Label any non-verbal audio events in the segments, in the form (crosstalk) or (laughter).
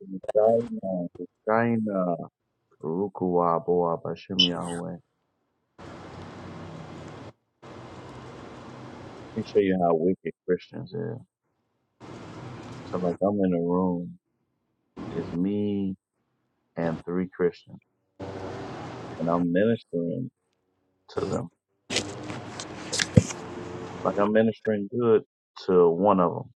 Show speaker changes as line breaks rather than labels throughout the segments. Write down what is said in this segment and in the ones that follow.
China, China, Rukuwaboa Bashem Yahweh. Let me show you how wicked Christians are. So like I'm in a room, it's me and three Christians, and I'm ministering to them. Like I'm ministering good to one of them.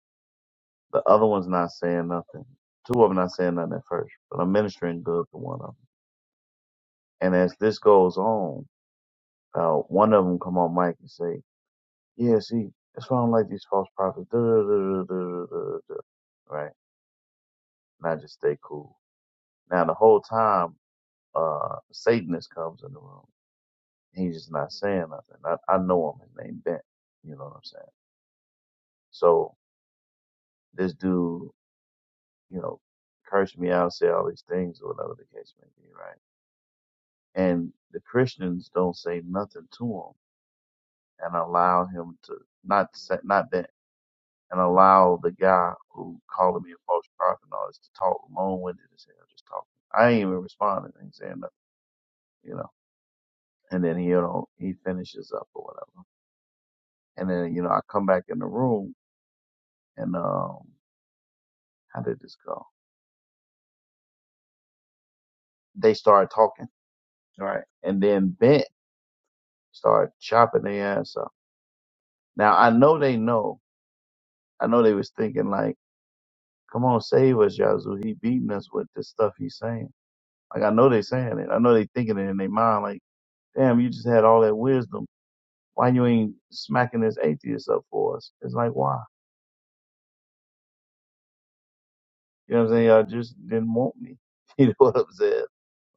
The other one's not saying nothing. Two of them not saying nothing at first, but I'm ministering good to one of them. And as this goes on, uh, one of them come on mic and say, "Yeah, see, that's why I don't like these false prophets." Duh, duh, duh, duh, duh, duh, duh, duh." Right? and I just stay cool. Now the whole time, uh, Satanist comes in the room. He's just not saying nothing. I, I know him. His name Bent. You know what I'm saying? So this dude, you know, cursed me out, say all these things or whatever the case may be, right? And the Christians don't say nothing to him and allow him to not say, not Bent and allow the guy who called me a false prophet and all this to talk long winded as hell, just talking. I ain't even responding. I ain't saying nothing, you know. and then he you know he finishes up or whatever. And then you know I come back in the room and um how did this go? They started talking, right? And then Bent started chopping their ass up. Now I know they know. I know they was thinking like, come on, save us, Yazoo. He beating us with this stuff he's saying. Like I know they saying it. I know they thinking it in their mind. Like, damn, you just had all that wisdom. Why you ain't smacking this atheist up for us? It's like why? You know what I'm saying? Y'all just didn't want me. (laughs) You know what I'm saying?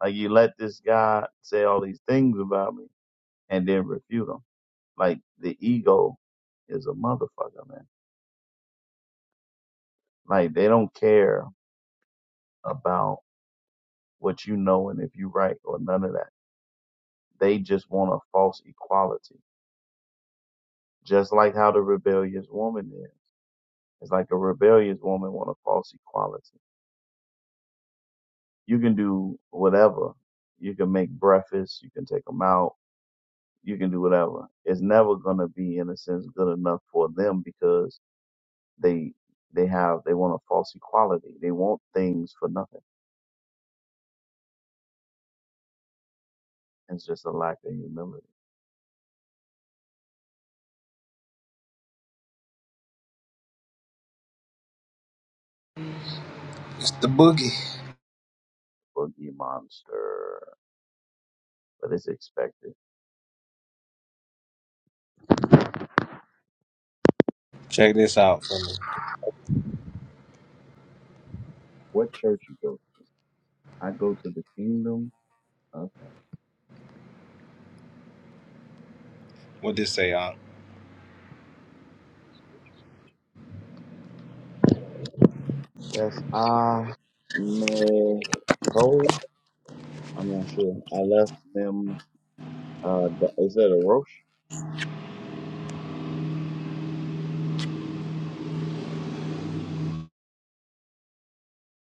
Like you let this guy say all these things about me and then refute them. Like the ego is a motherfucker, man. Like they don't care about what you know and if you're right or none of that. They just want a false equality. Just like how the rebellious woman is. It's like a rebellious woman want a false equality. You can do whatever. You can make breakfast. You can take them out you can do whatever. It's never gonna be in a sense good enough for them because they they have they want a false equality. They want things for nothing. It's just a lack of humility. Boogie monster. But it's expected. What church you go to? I go to the kingdom of heaven. That's ah Man, Cole? I'm not sure. I left them uh Da- is that a Roche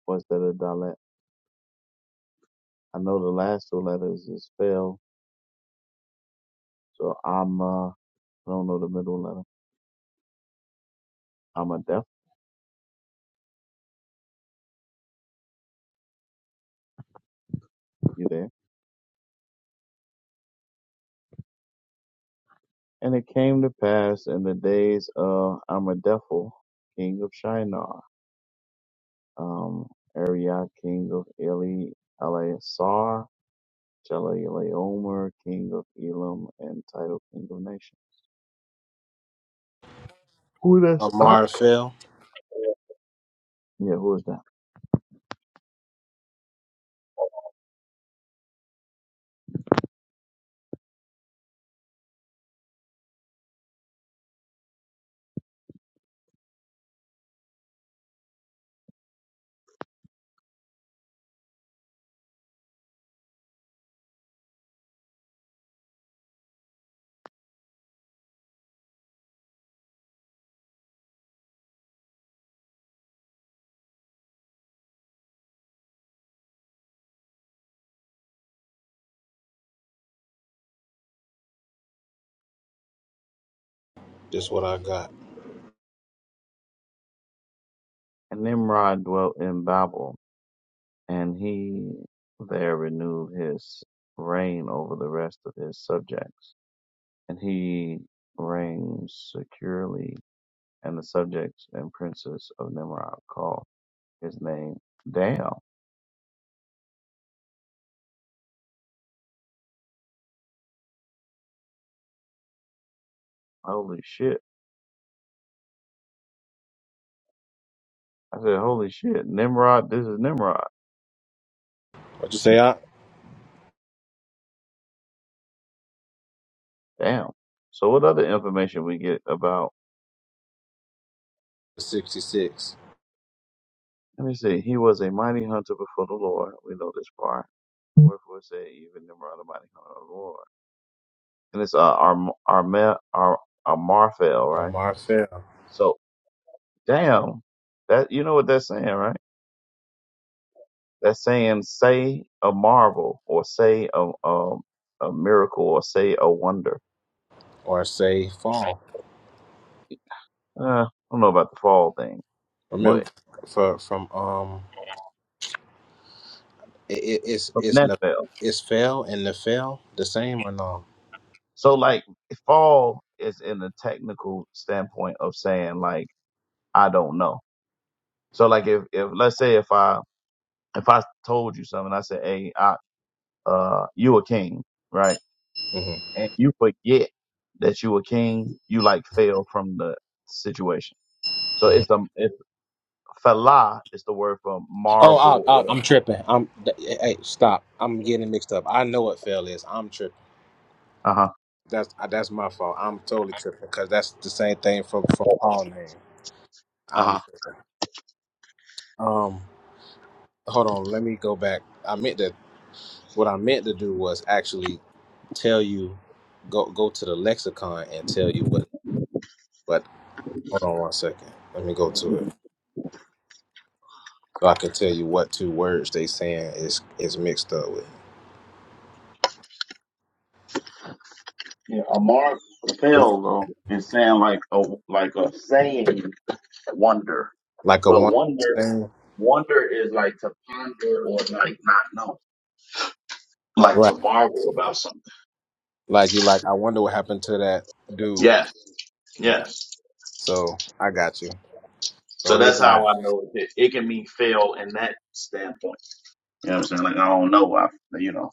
or is that a Dalet? I know the last two letters is spelled, so I'm Ama. I don't know the middle letter. Amadephel, you there? And it came to pass in the days of Amadephel, king of Shinar, um, Arioch, king of Eli, Eleasar, Chedorlaomer, king of Elam, and Tidal, king of Nation. Who that's? I? Yeah, who is that? And Nimrod dwelt in Babel, and he there renewed his reign over the rest of his subjects, and he reigned securely and the subjects and princes of Nimrod call his name. Damn. Holy shit. I said, holy shit. Nimrod, this is Nimrod. Damn. So what other information we get about, let me see, he was a mighty hunter before the Lord. We know this part. Wherefore say even Nimrod, a mighty hunter of the Lord. And it's uh, Arm, Armel, Ar, Armarfel, right? So damn. That, you know what that's saying, right? That saying, say a marvel or say a, a, a miracle or say a wonder. Uh, I don't know about the fall thing, but from Nephil. So like fall is in the technical standpoint of saying like, I don't know. So like if, if let's say if I, if I told you something, I said, Hey, I, uh, you a king, right? And you forget that you a king, you like fail from the situation. So it's a Falah is the word for marvel or uh-huh. Uh-huh. Yeah, a marvel fail though is saying like a like a saying wonder, but wonder wonder is like to ponder or like not know, like to marvel about something. Yes, yes. So that's how I know it. It can mean fail in that standpoint. You know what I'm saying? Like I don't know. I you know.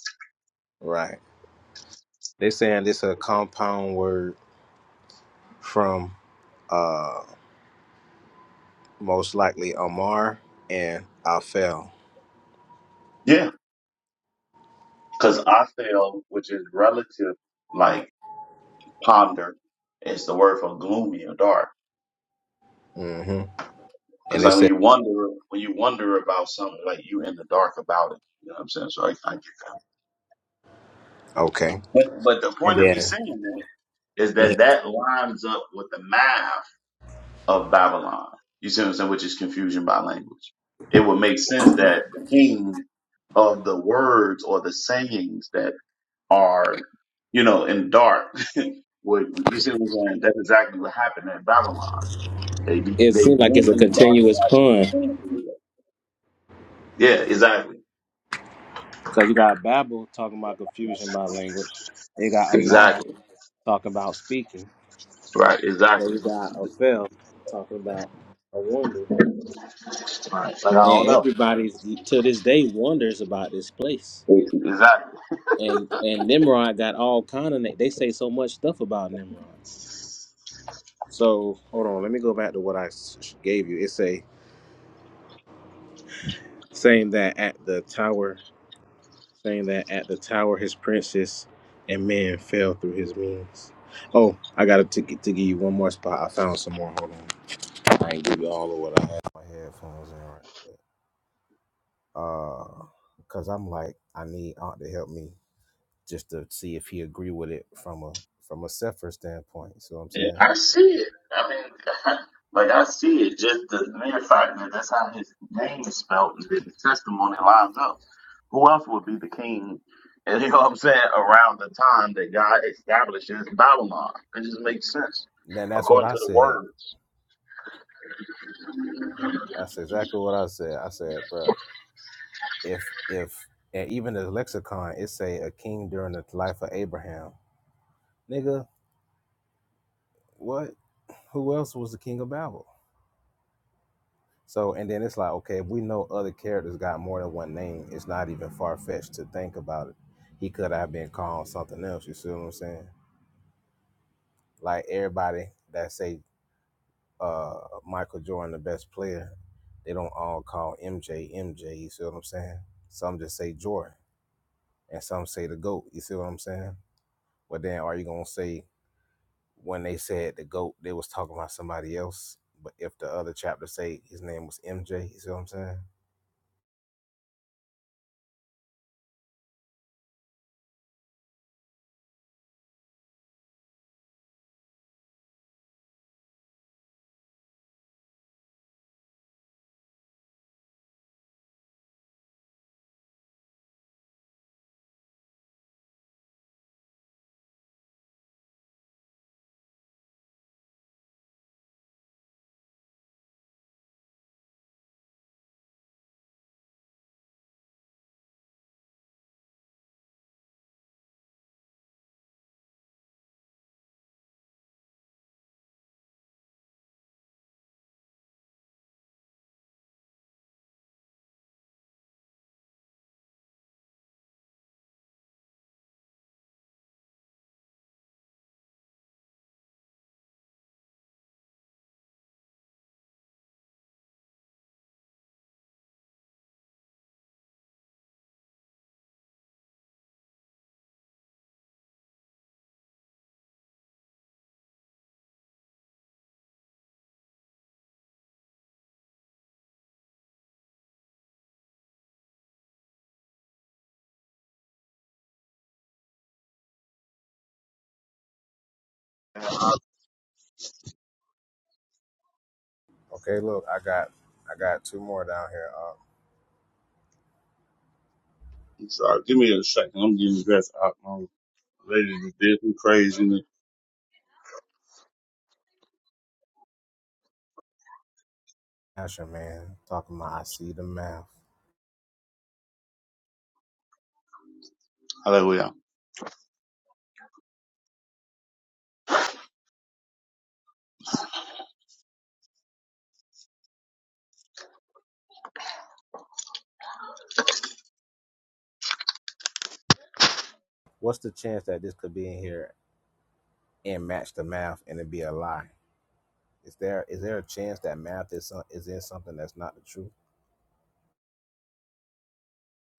Yeah, because I fail, which is relative, like ponder, is the word for gloomy or dark. Because like when you wonder, when you wonder about something, like you in the dark about it. You know what I'm saying? So I, I get that. But but the point of me saying that is that that lines up with the math of Babylon. You see what I'm saying? Which is confusion by language. It would make sense that the king of the words or the sayings that are, you know, in dark. (laughs) would you see what I'm saying? That's exactly what happened at Babylon. They be, they went in the dark. and out. Yeah, exactly, exactly. Right, exactly. Right. Like I don't know. Exactly. Yeah, I see it. I mean, (laughs) like I see it. Just the mere fact that that's how his name is spelled, and that his testimony lines up. Who else would be the king? (laughs) And you know what I'm saying? Around the time that God establishes Babylon, it just makes sense according to the words. And I- I'm sorry. Give me a second. I'm getting dressed up. My lady just did some crazy. Hallelujah.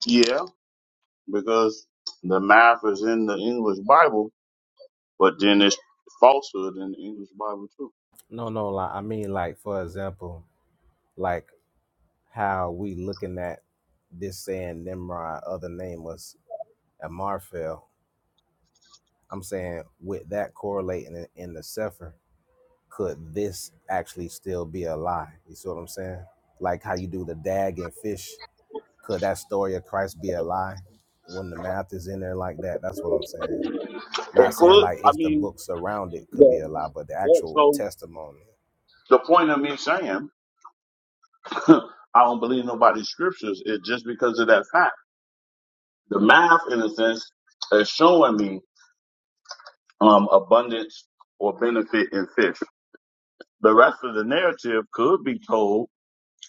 Yeah. because the math is in the English Bible, but then it's falsehood in the English Bible too. It could, I mean, the, yeah, so the point of me saying (laughs) I don't believe nobody's scriptures is just because of that fact. The math, in a sense, is showing me um, abundance or benefit in fish. The rest of the narrative could be told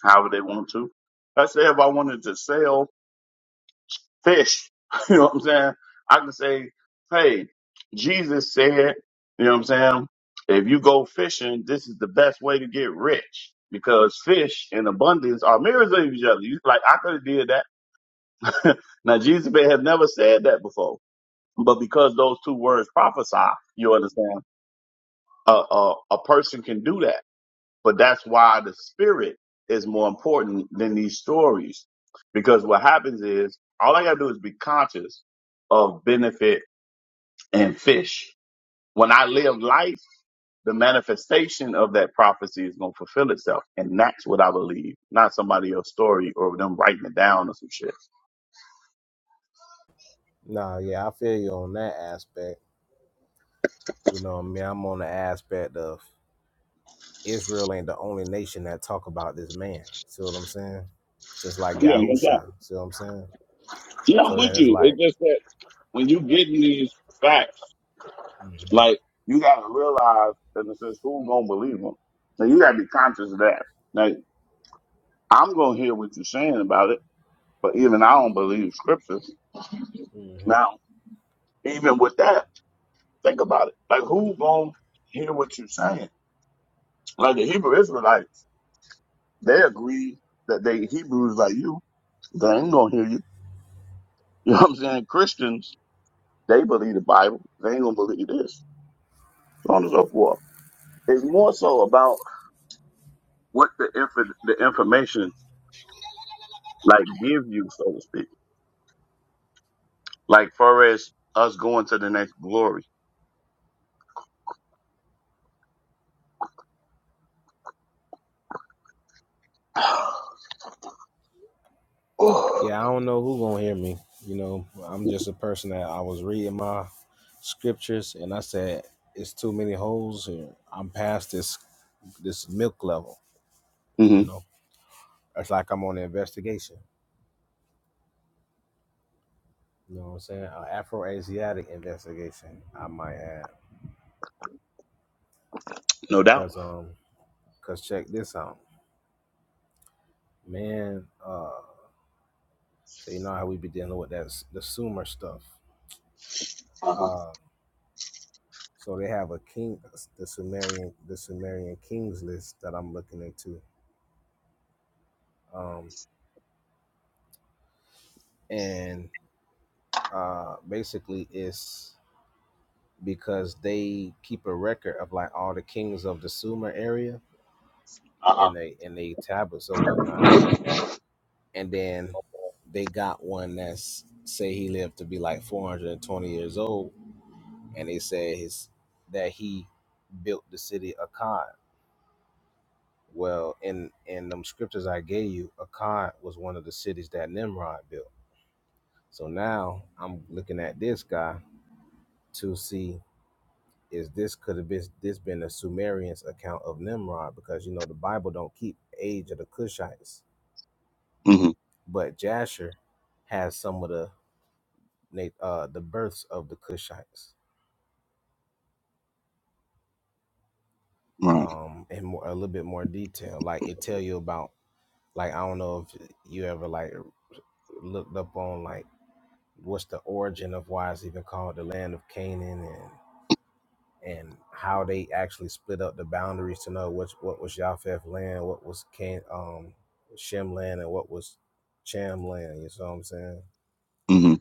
however they want to. Let's say if I wanted to sell fish. (laughs) You know what I'm saying? I can say, hey, Jesus said, you know what I'm saying? If you go fishing, this is the best way to get rich because fish in abundance are mirrors of each other. You like I could have did that. (laughs) now Jesus may have never said that before, but because those two words prophesy, you understand, a a, a person can do that. But that's why the spirit is more important than these stories. Because what happens is all I gotta do is be conscious of benefit and fish. When I live life, the manifestation of that prophecy is gonna fulfill itself. And that's what I believe, not somebody else's story or them writing it down or some shit. Yeah, yeah, I'm with you. It's just that when you get these facts, like you gotta realize in a sense who's gonna believe them. Now you gotta be conscious of that. I'm going to hear what you're saying about it, but even I don't believe scripture. Now, even with that, think about it. Like, who going to hear what you're saying? Like, the Hebrew Israelites, they agree that they Hebrews like you, they ain't going to hear you. (laughs) You know what I'm saying? Christians, they believe the Bible. They ain't going to believe this. So on and so forth. It's more so about what the, inf- the information, like, give you, so to speak. Like, far as us going to the next glory. (sighs) Oh. Mhm. No doubt. Uh huh. Uh huh. hmm Right. hmm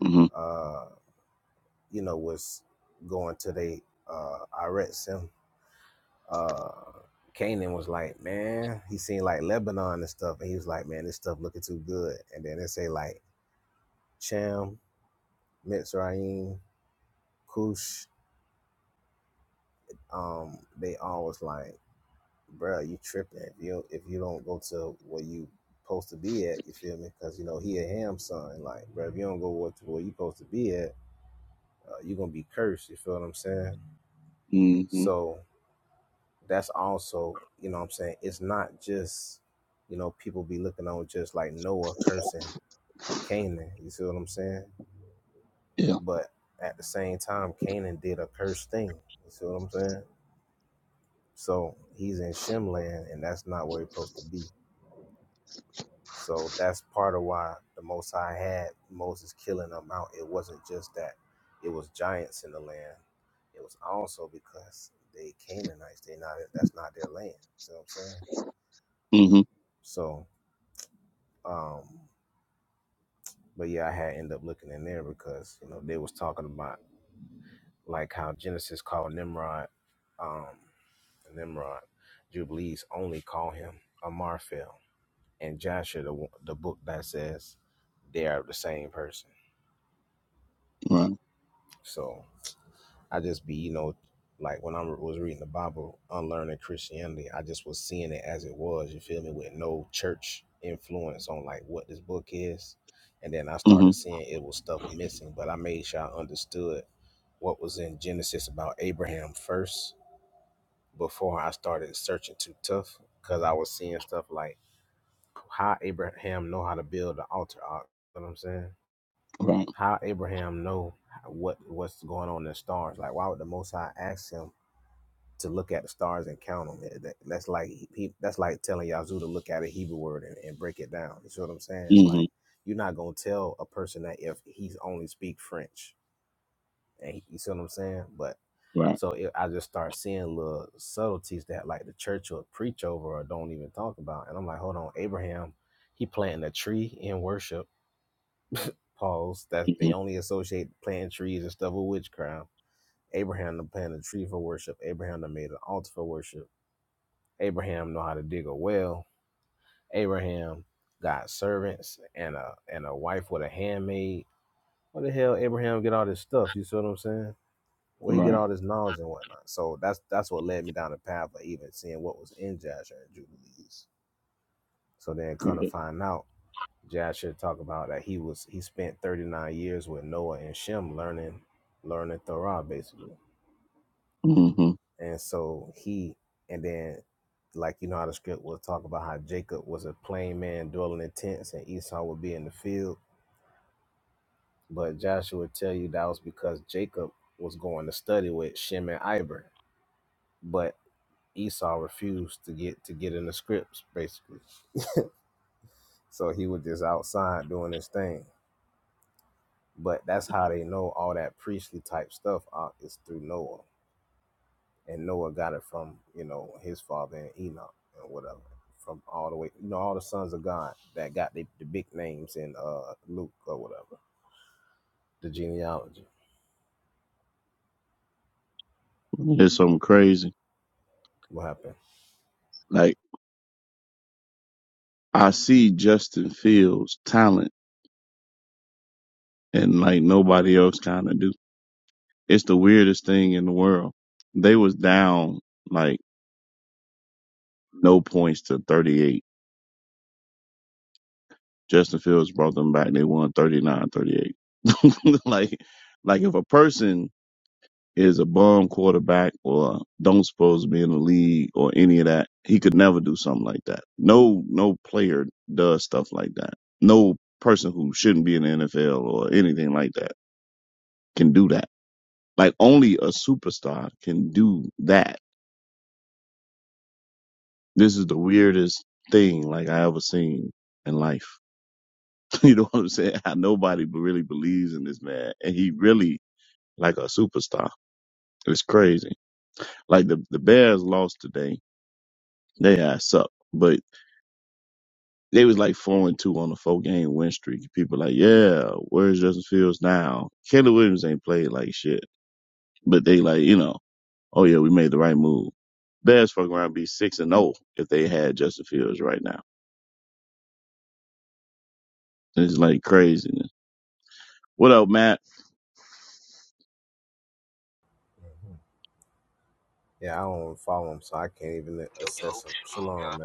hmm hmm Yeah. hmm Right. hmm Right. hmm Right. hmm Right. hmm It's something crazy. Like I see Justin Fields' talent, and like nobody else kind of do. It's the weirdest thing in the world. They was down like no points to 38. Justin Fields brought them back. They won thirty nine, thirty eight. (laughs) like, like if a person is a bum quarterback or don't supposed to be in the league or any of that. He could never do something like that. No, no player does stuff like that. No person who shouldn't be in the NFL or anything like that can do that. Like only a superstar can do that. This is the weirdest thing like I ever seen in life. (laughs) you know what I'm saying? How nobody b- really believes in this man and he really like a superstar. It's crazy. Like the, the Bears lost today. They ass up. but. They was like four and two on a four game win streak. People like, yeah, where's Justin Fields now? Caleb Williams ain't played like shit, but they like, you know, oh yeah, we made the right move. Bears fuck around be six and zero if they had Justin Fields right now. It's like craziness. What up, Matt?
Yo, yo, shalom, y'all.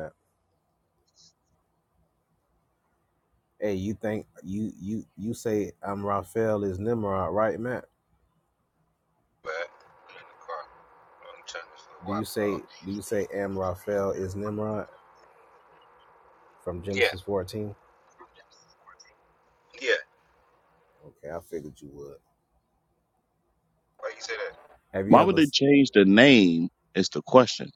But I'm in the car. I'm turning this little Wi-Fi off. Yeah. Yeah. Why you say that?
Why would they change the name? It's the question.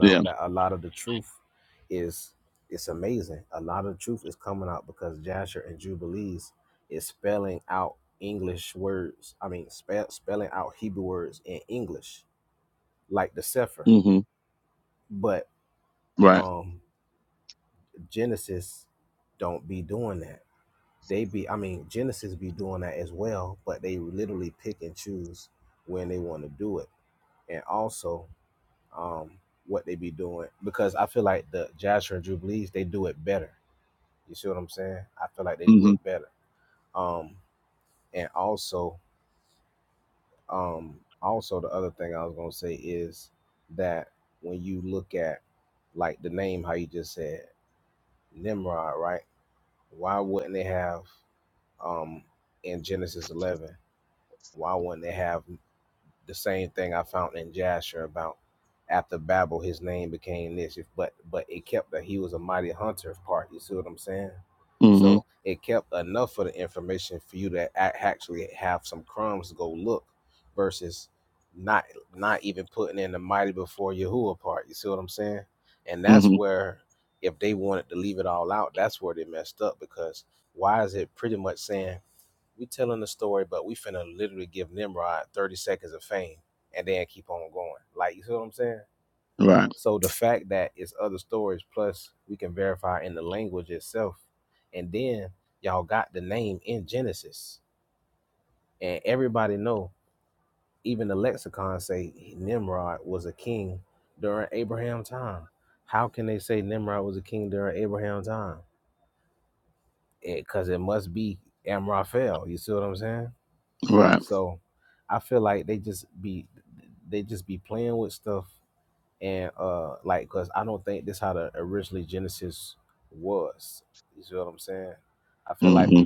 Yeah. hmm Right. hmm hmm hmm Right. Right. hmm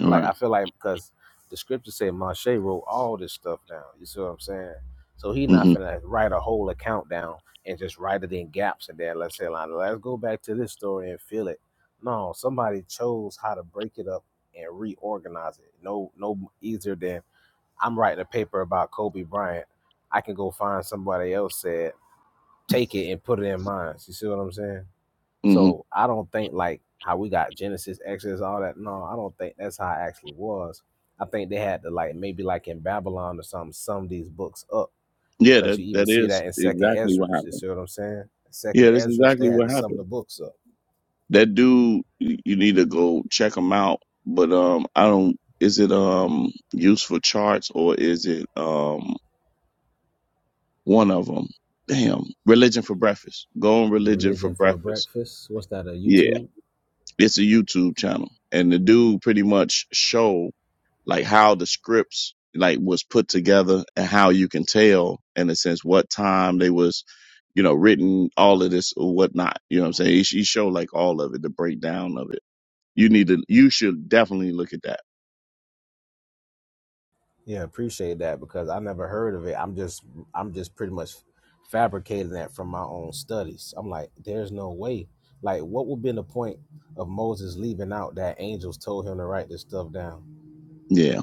Right. hmm hmm Yeah. That that is exactly what happened. Yeah, that's exactly what happened. That dude, you need to go check him out. But um, I don't. Is it um useful charts or is it um one of them? Damn, religion for breakfast. Go on religion for breakfast. Yeah, it's a YouTube channel, and the dude pretty much show like how the scripts like was put together and how you can tell in a sense what time they was you know written all of this or whatnot you know what i'm saying he, he showed like all of it the breakdown of it You need to. You should definitely look at that. Yeah.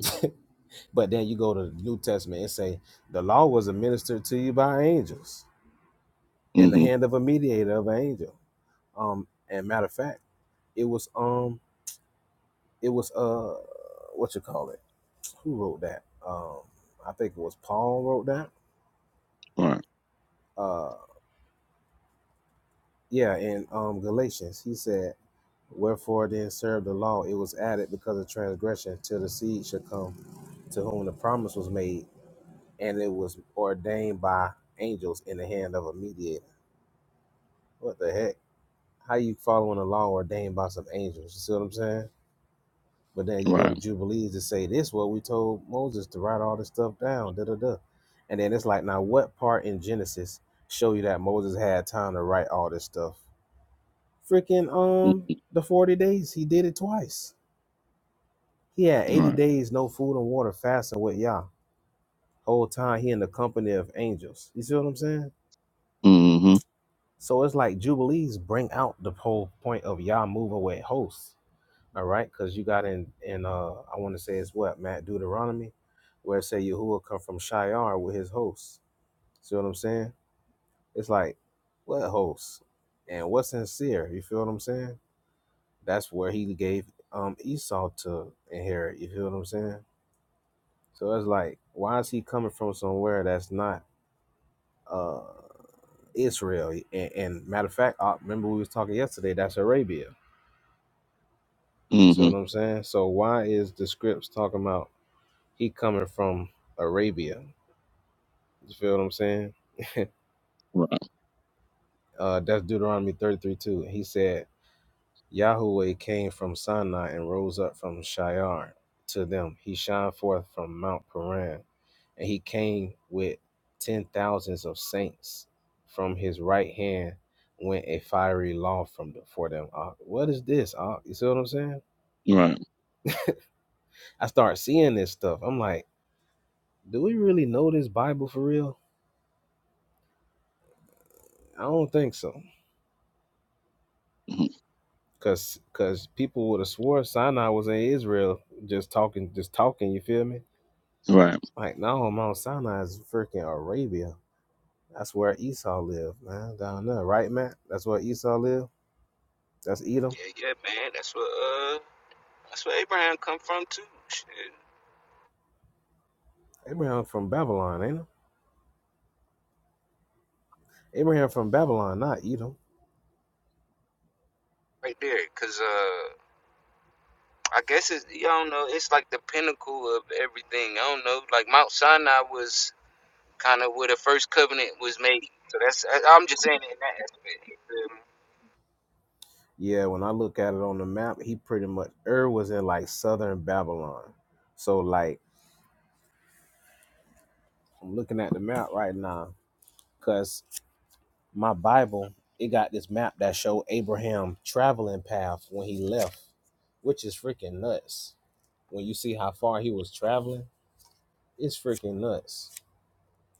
Mm-hmm. Right. Right. Mm-hmm. Right. Mm-hmm. Mm-hmm. Right. Right. Mm-hmm. Right.
Yeah, yeah, man. That's where uh, that's where Abraham come from too. Shit. Right there, cause uh, I guess it's you don't know. It's like the pinnacle of everything. I don't know. Like Mount Sinai was kind of where the first covenant was made. So that's I, I'm just saying it in that aspect. You feel me?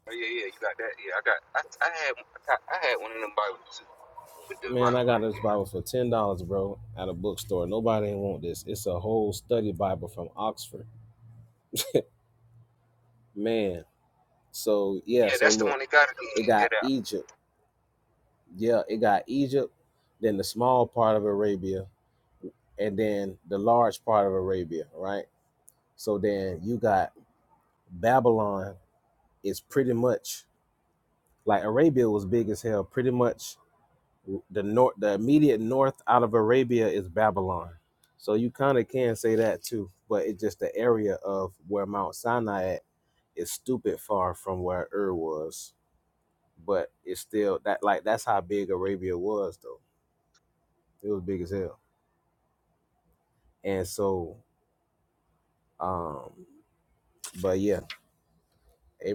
Oh yeah, yeah. You got that. Yeah, I got. I I had I, got, I had one of them Bibles too with the rock right there. Yeah, that's the one that got it. in. Yeah, that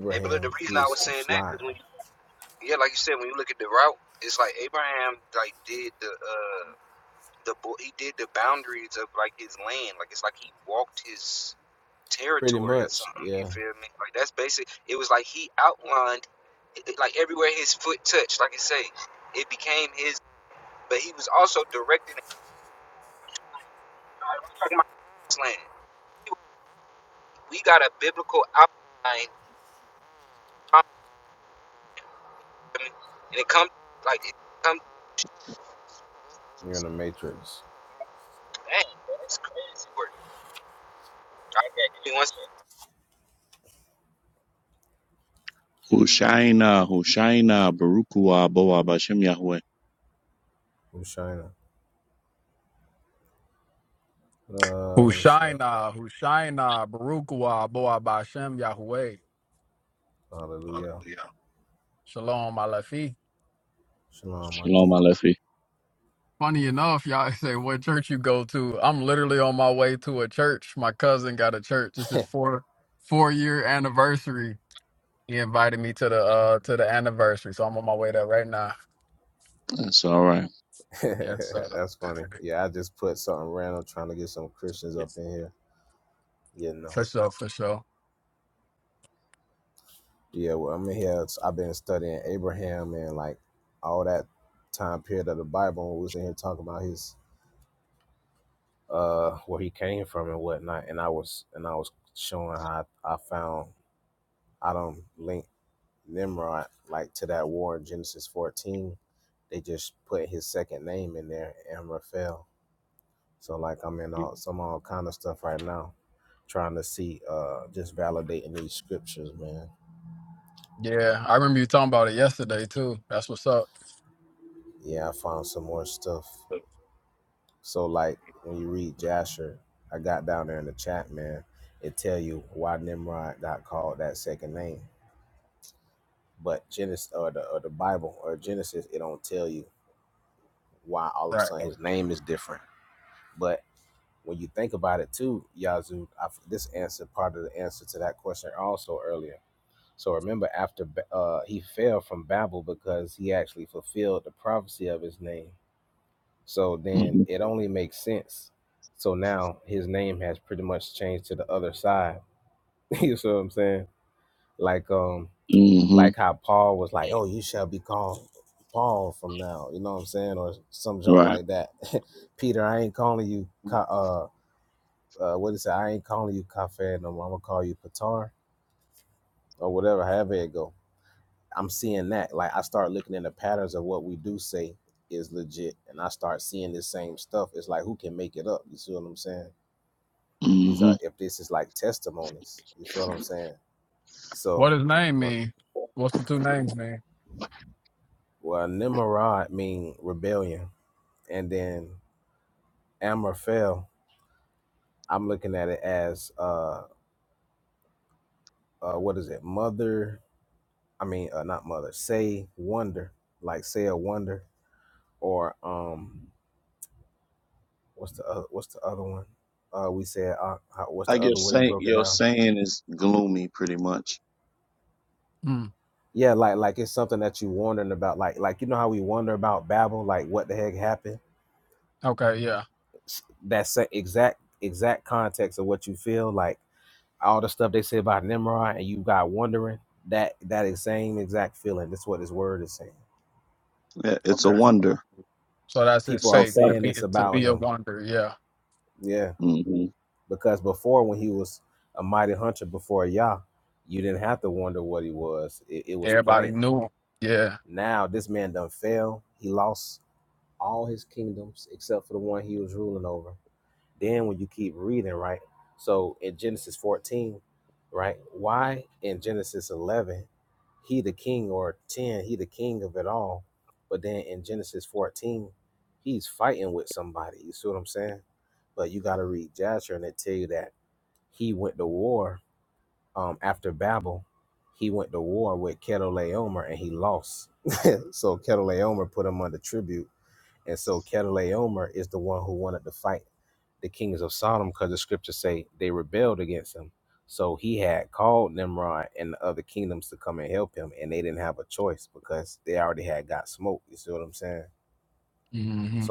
Hey, but look, the reason I was saying that because when you, yeah, like you said, when you look at the route, it's like Abraham like did the uh the bo- he did the boundaries of like his land, like it's like he walked his territory or something. You feel me? Like that's basic. It was like he outlined it, it- like everywhere his foot touched. Like I say, it became his. But he was also directing. it. We're talking about his land. We got a biblical outline, and it comes like it comes. Dang, that's crazy work. Okay, give me one second.
Hushaina, Hushaina, Barukua, Boa, Bashem Yahweh.
Hushaina, Hushaina, Barukwa, Boa Bashem, Yahweh. Shalom, Malafi.
Shalom, Alefi.
Funny enough, y'all (laughs) say what church you go to. I'm literally on my way to a church. My cousin got a church. This is four four year anniversary. He invited me to the uh to the anniversary, so I'm on my way there right now.
That's all right.
Yes, uh, yes. for sure, for sure. Yeah, I remember you talking about it yesterday too. That's what's up. Right.
Mm-hmm. Mm-hmm. Right. Mm-hmm.
What his name mean? What's the two names mean?
I guess saying your saying is gloomy, pretty much.
Hmm. Okay. Yeah.
Yeah, it's a
Okay.
wonder.
So that's his
So
fate
far.
to be to be a wonder. Yeah,
hmm
everybody knew him. Yeah, hmm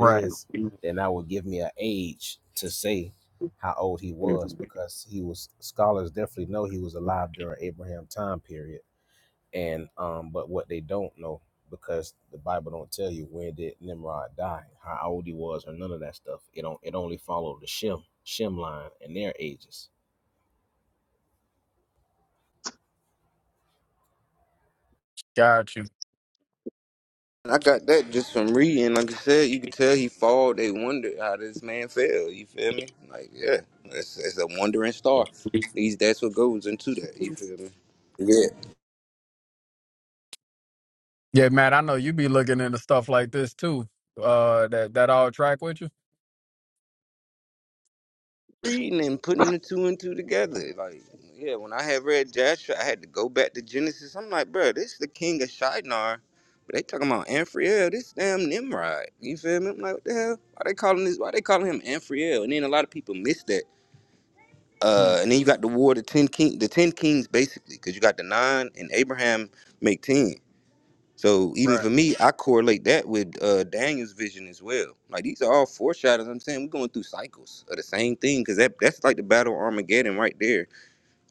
right. Got you.
I got that just from reading. Like I said, you could tell he fall. They wonder how this man fell. You feel me? Like, yeah, it's, it's a wandering star. At least that's what goes into that. You feel me? Yeah.
Yeah, man. I know you be looking into stuff like this too. Uh, that that all track with you,
Reading and putting the two and two together. Like, yeah, when I had read Joshua, I had to go back to Genesis. I'm like, bro, this the king of Shinar. But they talking about Amphriel, this damn Nimrod. You feel me? I'm like, what the hell? Why they calling this? Why they calling him Amphriel? And then a lot of people miss that. Uh,
Mm.
and then you got the war of the ten king, the ten kings basically, because you got the nine and Abraham make ten. So even
right?
for me, I correlate that with uh, Daniel's vision as well. Like these are all foreshadows. I'm saying we're going through cycles of the same thing because that that's like the battle of Armageddon right there,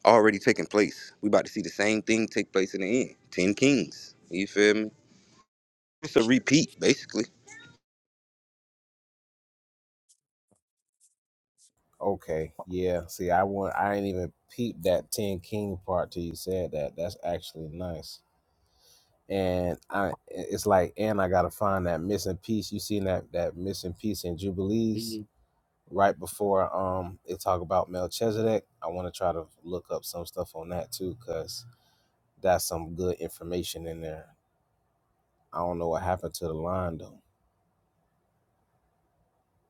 already taking place. We about to see the same thing take place in the end. Ten kings. You feel me? It's a repeat basically.
I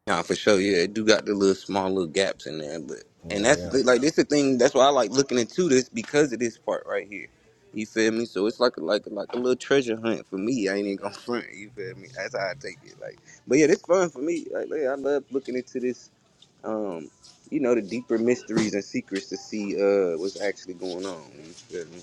Nah, for sure. Yeah, it do got the little small little gaps in there, but and that's the, thing, like this the thing. That's why I like looking into this because of this part right here. You feel me? So it's like a, like a, like a little treasure hunt for me. I ain't even gonna (laughs) front. You feel me? That's how I take it. Like, but yeah, it's fun for me. Like, yeah, I love looking into this. Um, you know, the deeper mysteries and secrets to see uh what's actually going on. You feel me?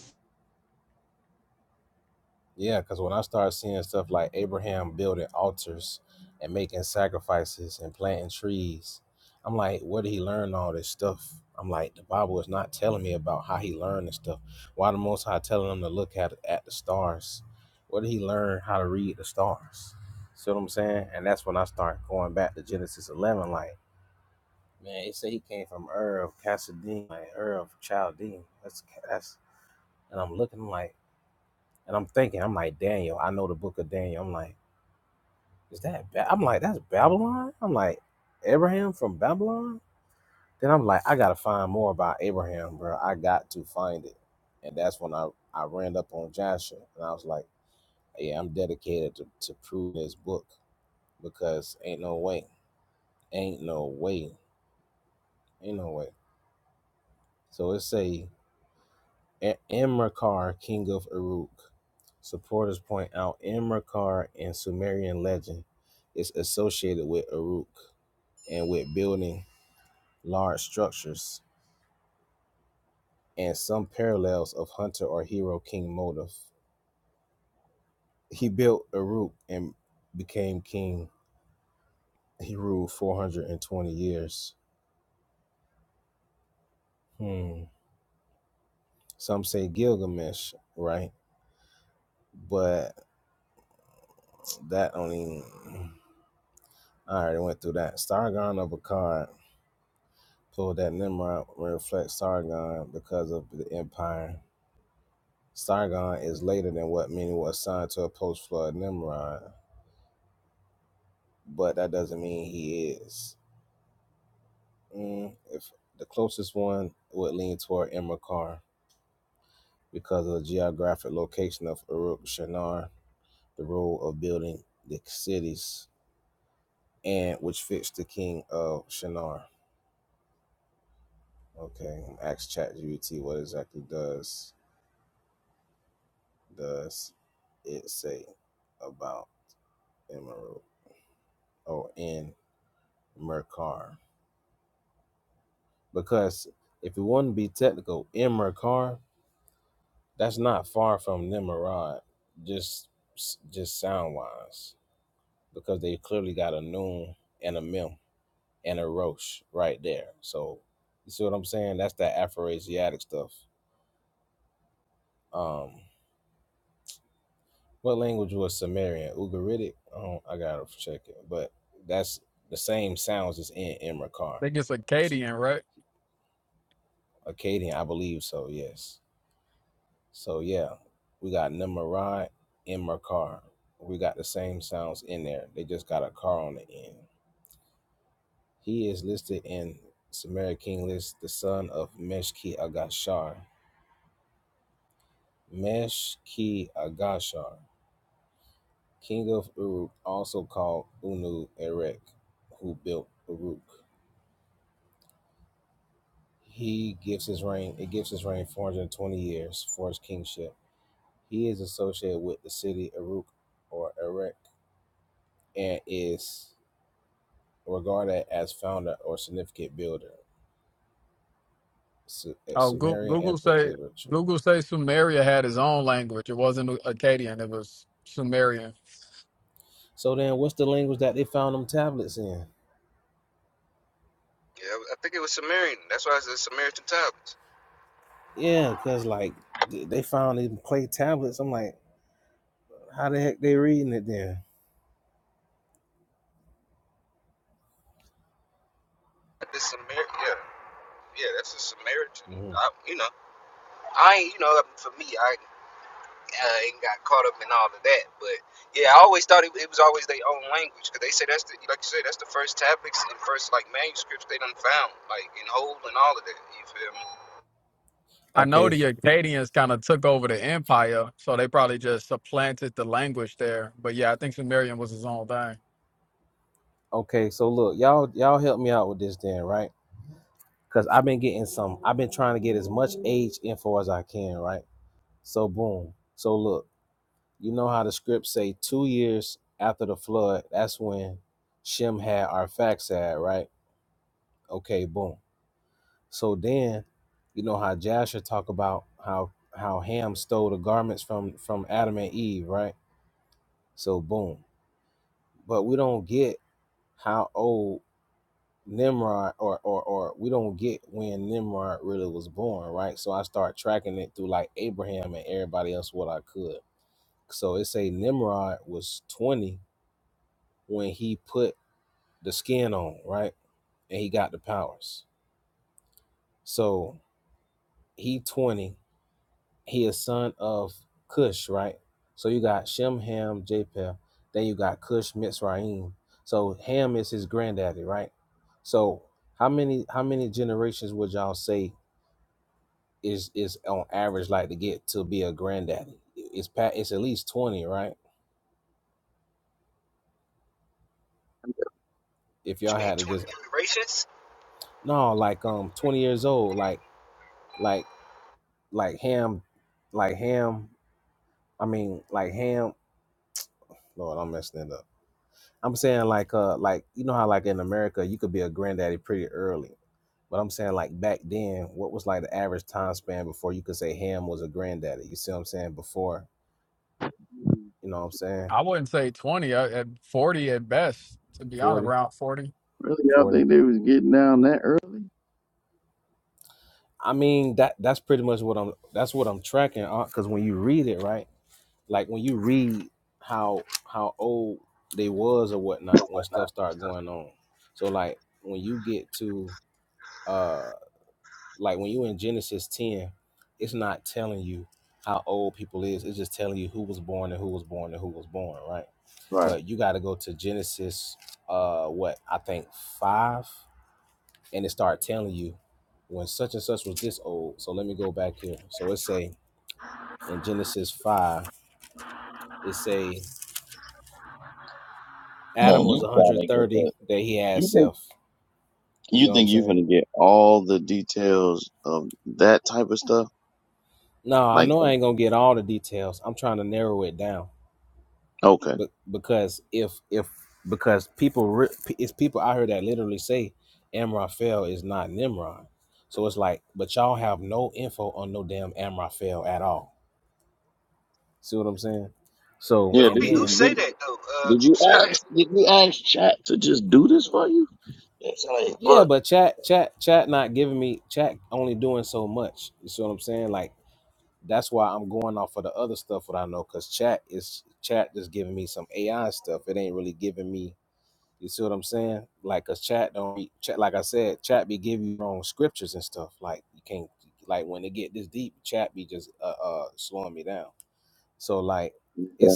think it's Akkadian, right? Oh, Google, Google say Google say Sumeria had his own language. It wasn't Akkadian. It was Sumerian.
Yeah, I think it was Samaritan. That's why it's the Samaritan tablets. The Samar, yeah, yeah, that's a Samaritan. I, you know. I ain't, you know, for me, I uh, ain't got caught up in all of that. But yeah, I always thought it, it was always their own language because they say that's the, like you said, that's the first tablets and first like manuscripts they done found, like in whole and all of that. You feel me?
I know the Acadians kind of took over the empire, so they probably just supplanted the language there. But yeah, I think Sumerian was his own thing.
What you mean twenty generations?
I wouldn't say 20, uh, at 40 at best, to be honest, around 40.
really, y'all think they was getting down that early? Right. Man, you trying to get that? You think you think you're gonna get all the details of that type of stuff? Like, okay, yeah.
But who
Did
be who
you
say
did,
that though? Uh,
did
who
you
say that?
ask did you ask Chat to just do this for you? It's like, look. Yeah,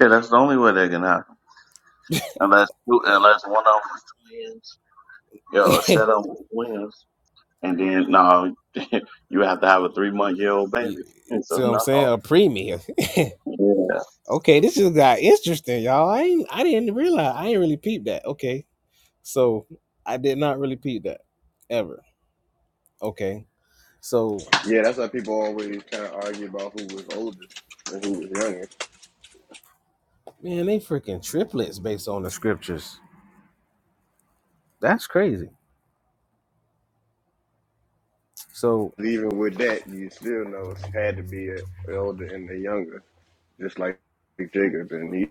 yeah that's the only way that can happen. Unless unless one of them was twins, yeah, a set of twins. And then no, (laughs) you have to have a three month year old baby. (laughs) And so no, yeah,
Yeah, that's why people always kind of argue about who was oldest and who was younger. Even with that, you still know it's had to be a elder and the younger, just like Jacob and he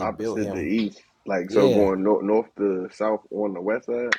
opposite the east. Like so, going north, north to south on the west side.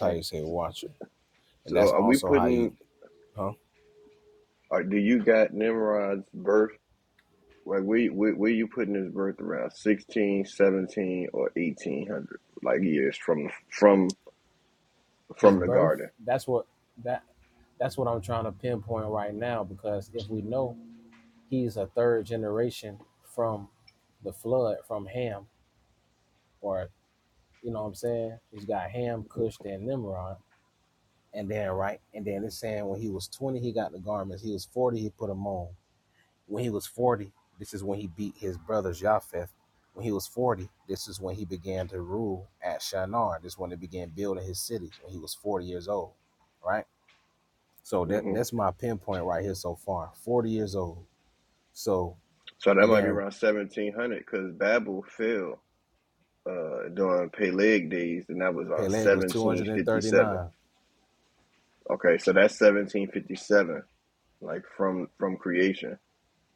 Hey, So, are we putting? Or do you got Nimrod's birth? Like, we, where, where you putting his birth around 16, 17, or eighteen hundred? Like years from from from the garden. hmm So that might be around seventeen hundred because Babel fell uh, during Peleg days, and that was on seventeen fifty seven. Okay, so that's seventeen fifty seven, like from from creation.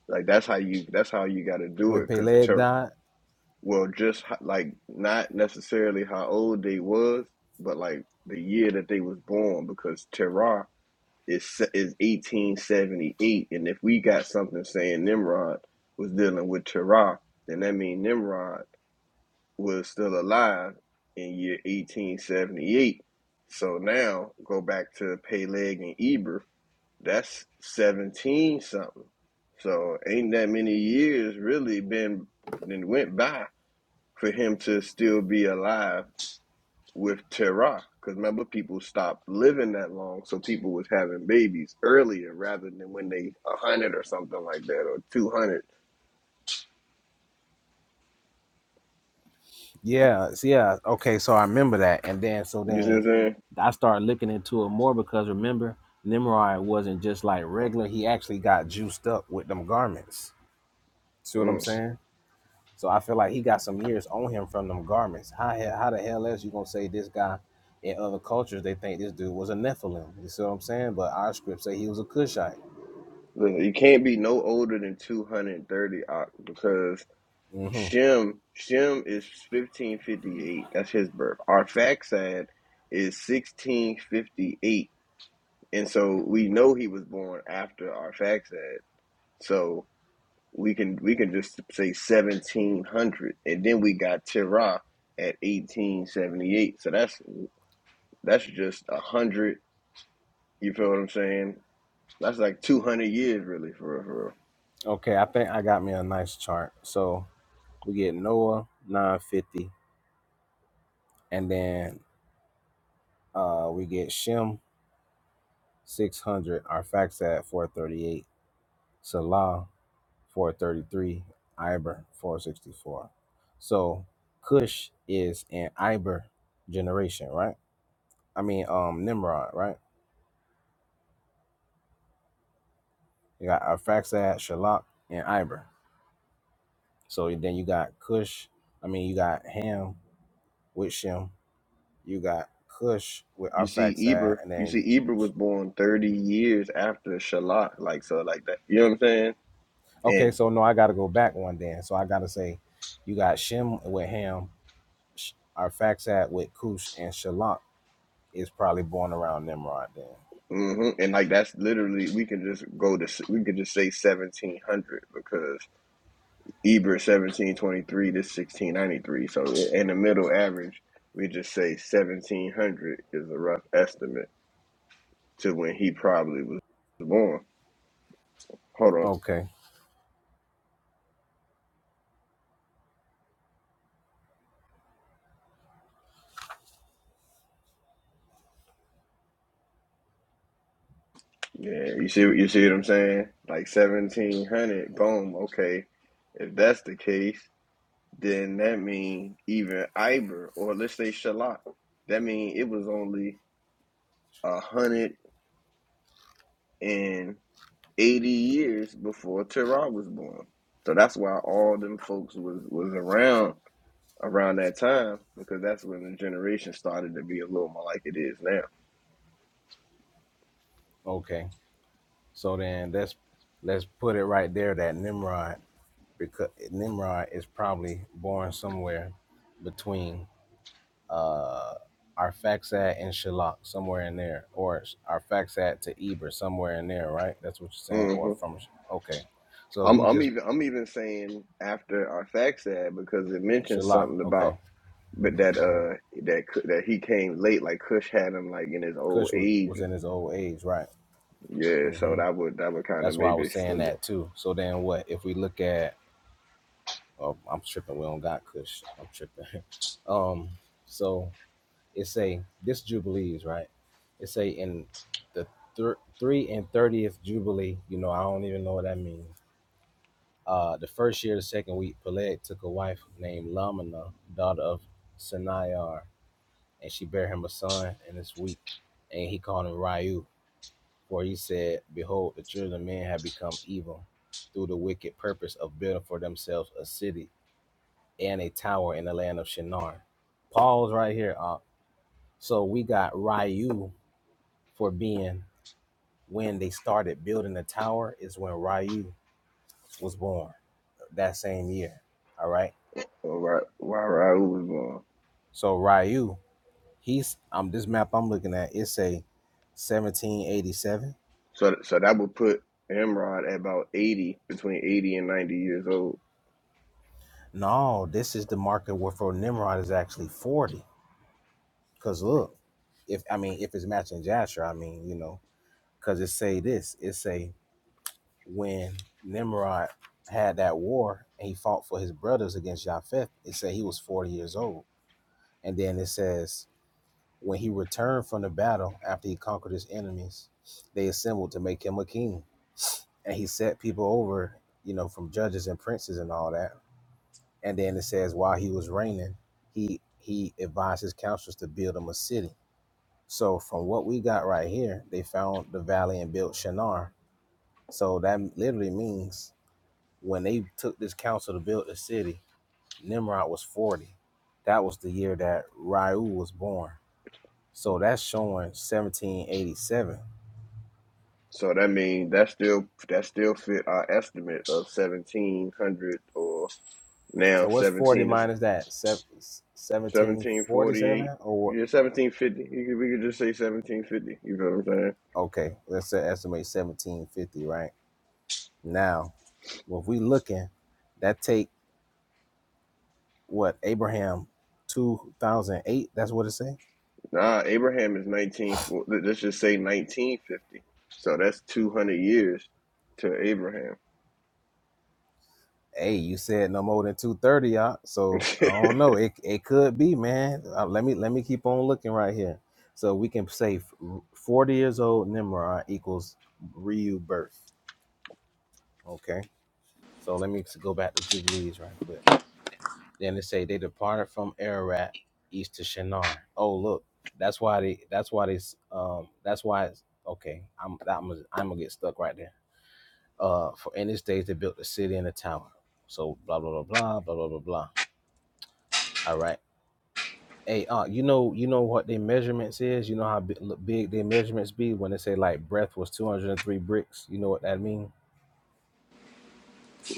Like that's how you that's how you got to do it because ter- well, just ho- like not necessarily how old they was, but like the year that they was born because Terah is se- is eighteen seventy eight, and if we got something saying Nimrod was dealing with Terah, then that means Nimrod. was still alive in year 1878. So now go back to Peleg and Eber. That's 17 something. So ain't that many years really been and went by for him to still be alive with Terah. Because remember, people stopped living that long, so people was having babies earlier rather than when they a hundred or something like that or two hundred. You see what I'm saying? Mm. Look, you can't be no older than 230 because Shem Shem is 1558. That's his birth. Our fact is 1658. And so we know he was born after our fact So we can we can just say 1700 and then we got Terah at 1878. So that's that's just a 100, you feel what I'm saying? That's like 200 years really for real, for real. You see, Eber, you see, Eber was born 30 years after Shalak, like so, like that. You know what I'm saying? And hmm and like that's literally we can just go to we could just say 1700 because Eber 1723 to 1693. So in the middle average, we just say 1700 is a rough estimate to when he probably was born. Hold on, yeah, you see, what you see what I'm saying? Like 1700, boom, okay. If that's the case. then that mean even Iber or let's say Shalak, that mean it was only a hundred and eighty years before Terah was born. So that's why all them folks was was around around that time because that's when the generation started to be a little more like it is now. hmm I'm I'm even I'm even saying after our facts because it mentions something about but that uh that that he came late like Cush had him like in his old age or Yeah, so that would that would kind of maybe extend it. All right, while Raul was gone, so so that would put Imran at about eighty, between eighty and ninety years old. So that means that still that still fit our estimate of seventeen hundred or now seventeen is seventeen forty eight. Yeah, seventeen fifty. You could, we could just say seventeen fifty. You know what I'm saying? Nah, Abraham is nineteen. four. Let's just say nineteen fifty. So that's two hundred years to Abraham. (laughs)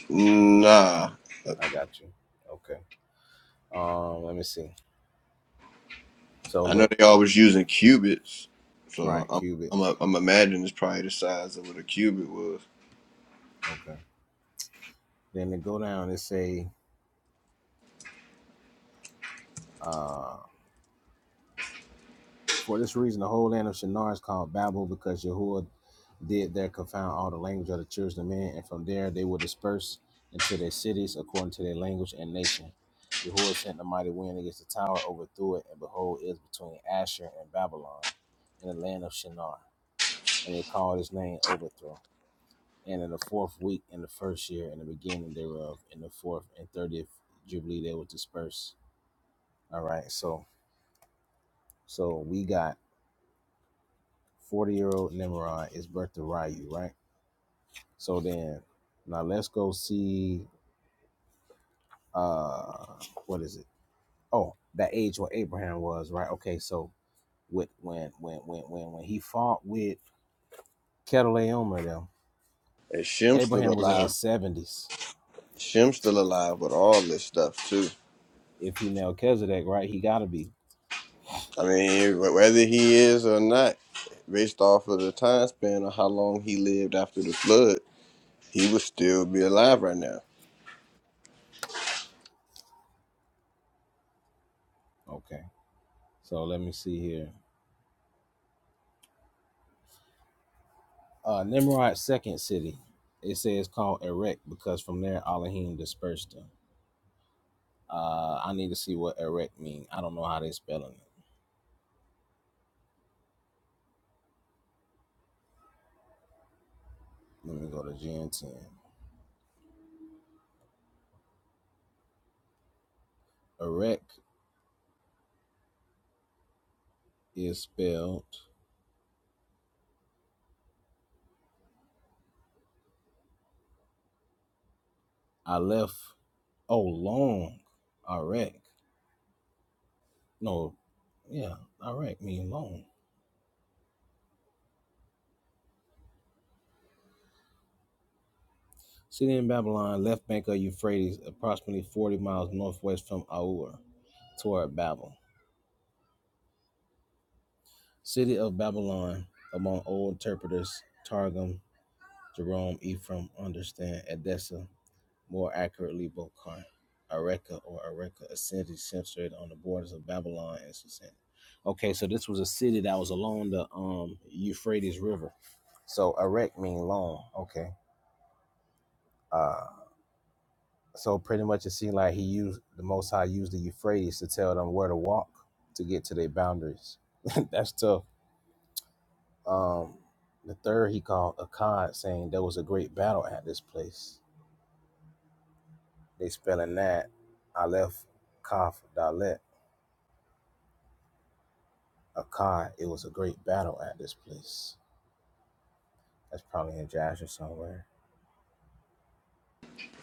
Nah, I know they always using cubits, so I'm I'm a, I'm imagining it's probably the size of what a cubit was. And Shem's still alive. Shem's still alive with all this stuff too. I mean, wh- whether he is or not, based off of the time span of how long he lived after the flood, he would still be alive right now.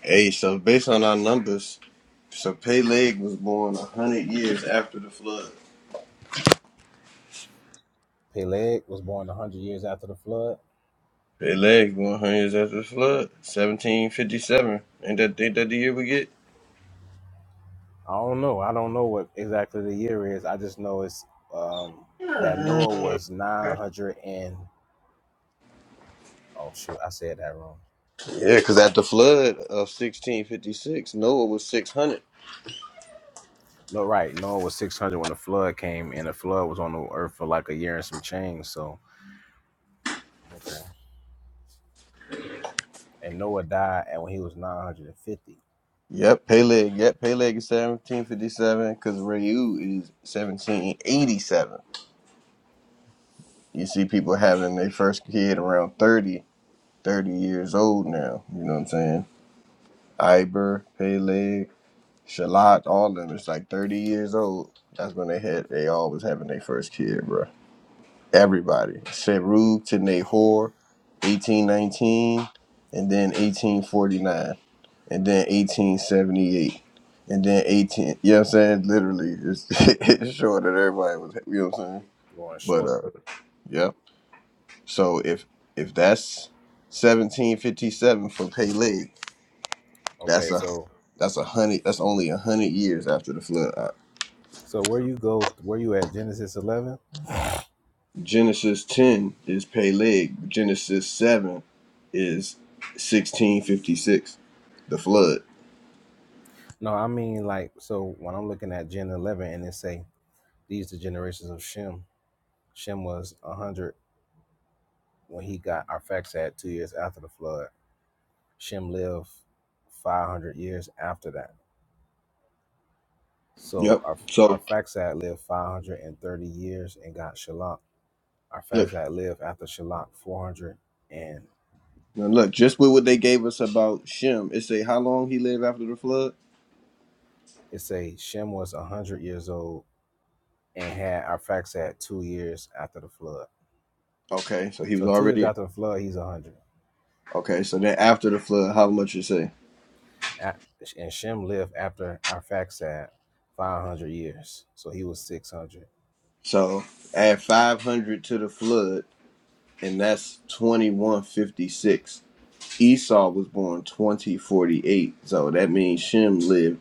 Hey, so based on our numbers, so Peleg was born a hundred years after the flood. They lagged 100 years after the flood, 1757. Ain't that, ain't that the year we get? Yeah, because at the flood of 1656, Noah was 600. Yep, Peleg. Yep, Peleg is 1757 because Reu is 1787. You see people having their first kid around 30, 30 years old now. You know what I'm saying? Iber, Peleg, Shalat, all of them. It's like 30 years old. That's when they had, they all was having their first kid, bro. everybody. Serug to Nahor, 1819, and then 1849, and then 1878, and then 18. You know what I'm saying? Literally, it's, (laughs) it's short that everybody was, you know what I'm saying? But, uh, yeah. So if if that's 1757 for Peleg, that's a that's a hundred. That's only a hundred years after the flood. Genesis 10 is Peleg. Genesis 7 is 1656, the flood. Yep. So look, now look, just with what they gave us about Shem, it say how long he lived after the flood. Okay, so he was already okay. So then after the flood, how much you say? So add 500 to the flood, and that's 2156. Esau was born 2048, so that means Shem lived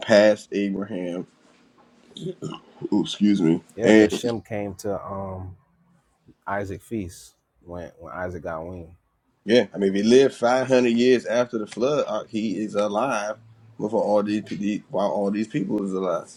past Abraham Ooh, excuse me. And yeah, I mean, if he lived 500 years after the flood, uh, he is alive before all these the- while all these people is alive.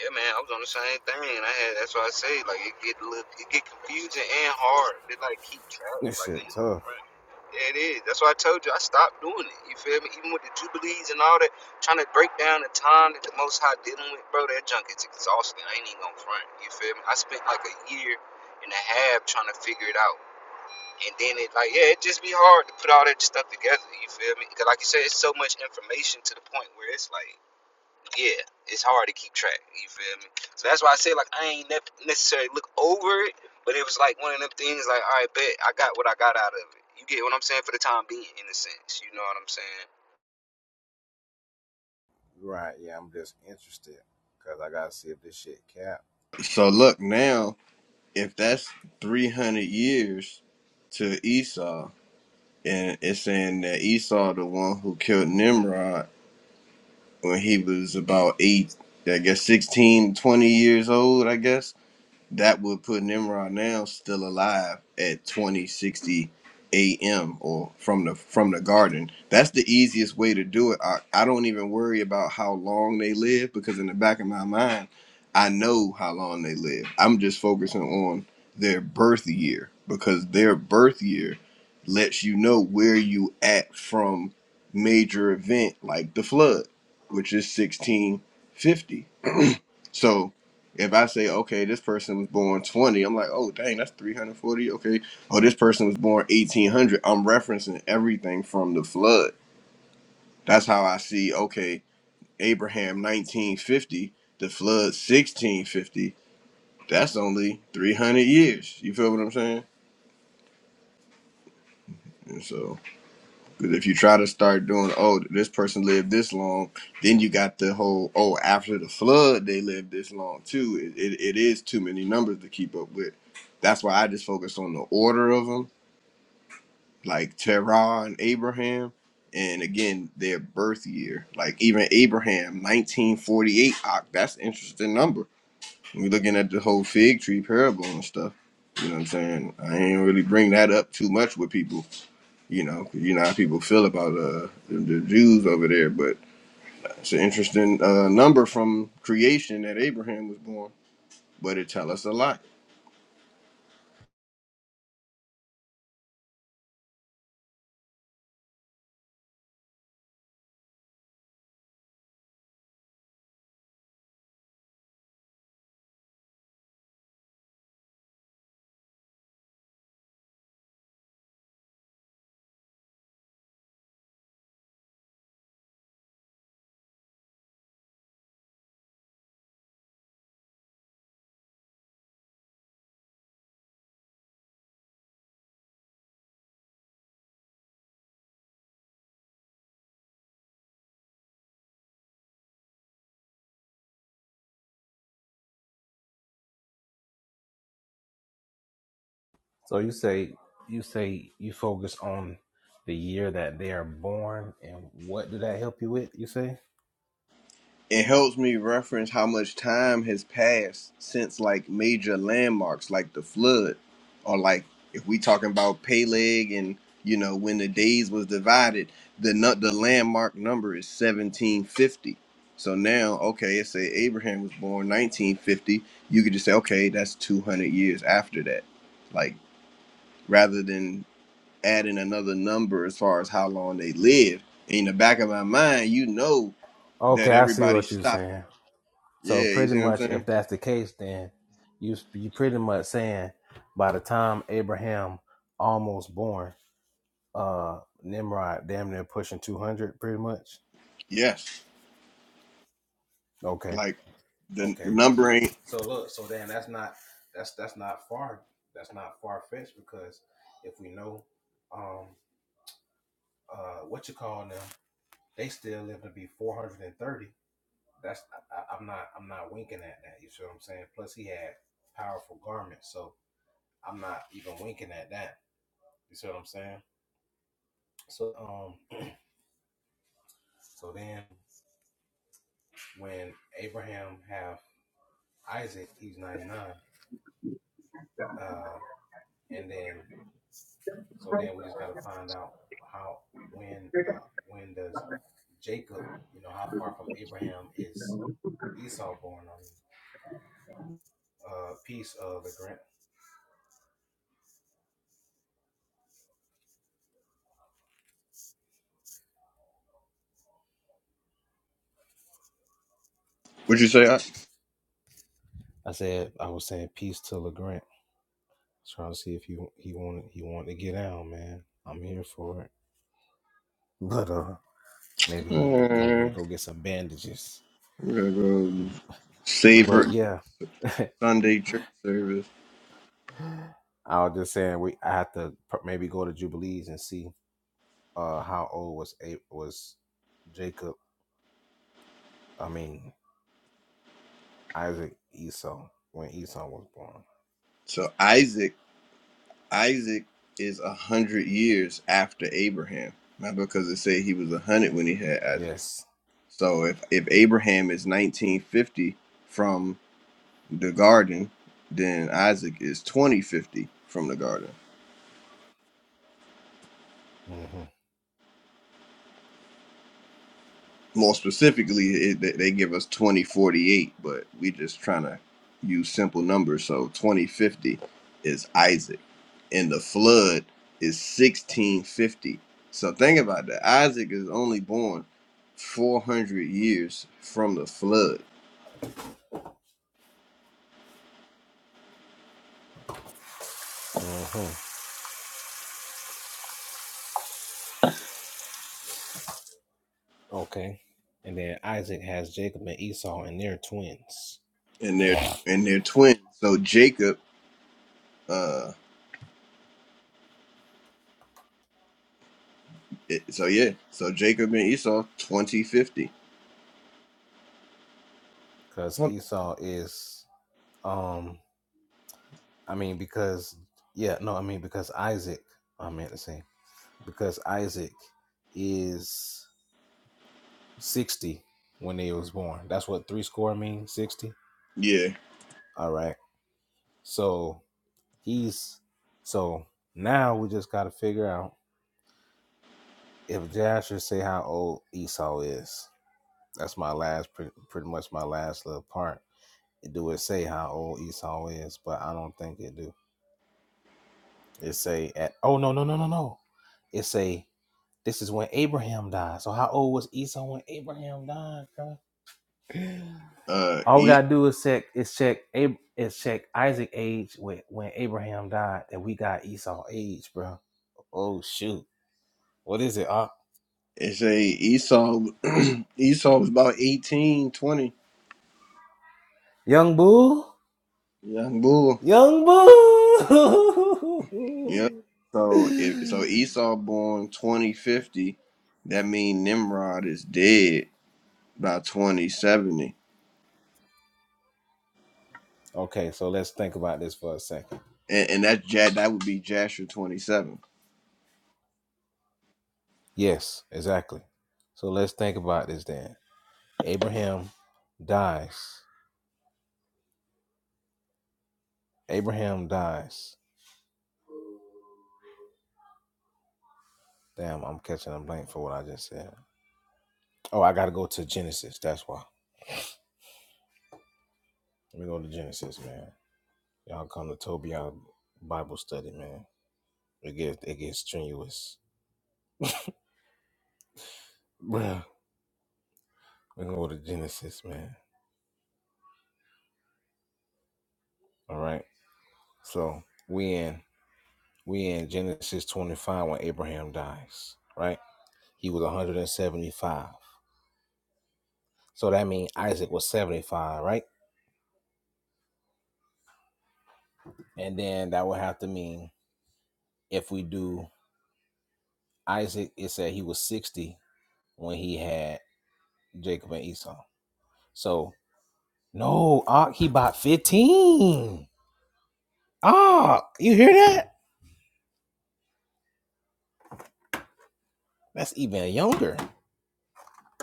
Yeah, man, I was on the same thing. and I had that's why I say like it get a little, it get confusing and hard. It like keep track, like. ain't no friend. It is. That's why I told you I stopped doing it. You feel me? Even with the jubilees and all that, trying to break down the time that the Most High dealing with, bro. That junk is exhausting. I ain't even gonna front. You feel me? I spent like a year and a half trying to figure it out, and then it like yeah, it just be hard to put all that stuff together. You feel me? Because like you said, it's so much information to the point where it's like yeah, it's hard to keep track. You feel me? So that's why I say like I ain't ne- necessarily look over it, but it was like one of them things like all right, bet I got what I got out of it. You get what I'm saying for the time being, in a sense. You know what I'm saying?
So look now, if that's 300 years to Esau, and it's saying that Esau, the one who killed Nimrod when he was about eight, I guess 16, 20 years old, I guess That would put Nimrod now still alive at 2060 AM or from the from the garden. That's the easiest way to do it. I, I don't even worry about how long they live because in the back of my mind, I know how long they live. I'm just focusing on their birth year because their birth year lets you know where you at from major event like the flood, which is 1650 so if I say, okay, this person was born 20, I'm like, oh, dang, that's 340. Okay. Oh, this person was born 1800. I'm referencing everything from the flood. That's how I see, okay, Abraham 1950, the flood 1650. That's only 300 years. You feel what I'm saying? And so. Because if you try to start doing, oh, this person lived this long, then you got the whole, oh, after the flood, they lived this long too. It, it, it is too many numbers to keep up with. That's why I just focus on the order of them, like Terah and Abraham. And again, their birth year. Like even Abraham, 1948, ah, that's an interesting number. We're looking at the whole fig tree parable and stuff. You know what I'm saying? I ain't really bring that up too much with people you know, you know how people feel about uh, the, the Jews over there. But it's an interesting uh, number from creation that Abraham was born, but it tell us a lot. it helps me reference how much time has passed since like major landmarks like the flood or like if we talking about Peleg and you know when the days was divided the nu- the landmark number is 1750 so now okay let's say Abraham was born 1950 you could just say okay that's 200 years after that like rather than adding another number as far as how long they lived in the back of my mind you know that everybody stopped yeah, you see what I'm saying? Yes. Like the number ain't. What'd you say? I, uh, we're gonna go savor Sunday church service. So Isaac, Isaac is a hundred years after Abraham. Not because it say he was a hundred when he had Isaac. So if if Abraham is 1950 from the garden, then Isaac is 2050 from the garden. More specifically, it, they give us 2048, but we just trying to use simple numbers. So 2050 is Isaac, and the flood is 1650. So think about that. Isaac is only born 400 years from the flood, and they're and they're twins. So Jacob, uh, it, so yeah, so Jacob and Esau 2050. Hold on. Yeah, uh, Esau. It say Esau. (clears throat) Esau was about 18, 20, young bull. Yep. So if so, Esau born twenty fifty. That mean Nimrod is dead by twenty seventy, and, and that's Ja- That would be Jasher twenty seven.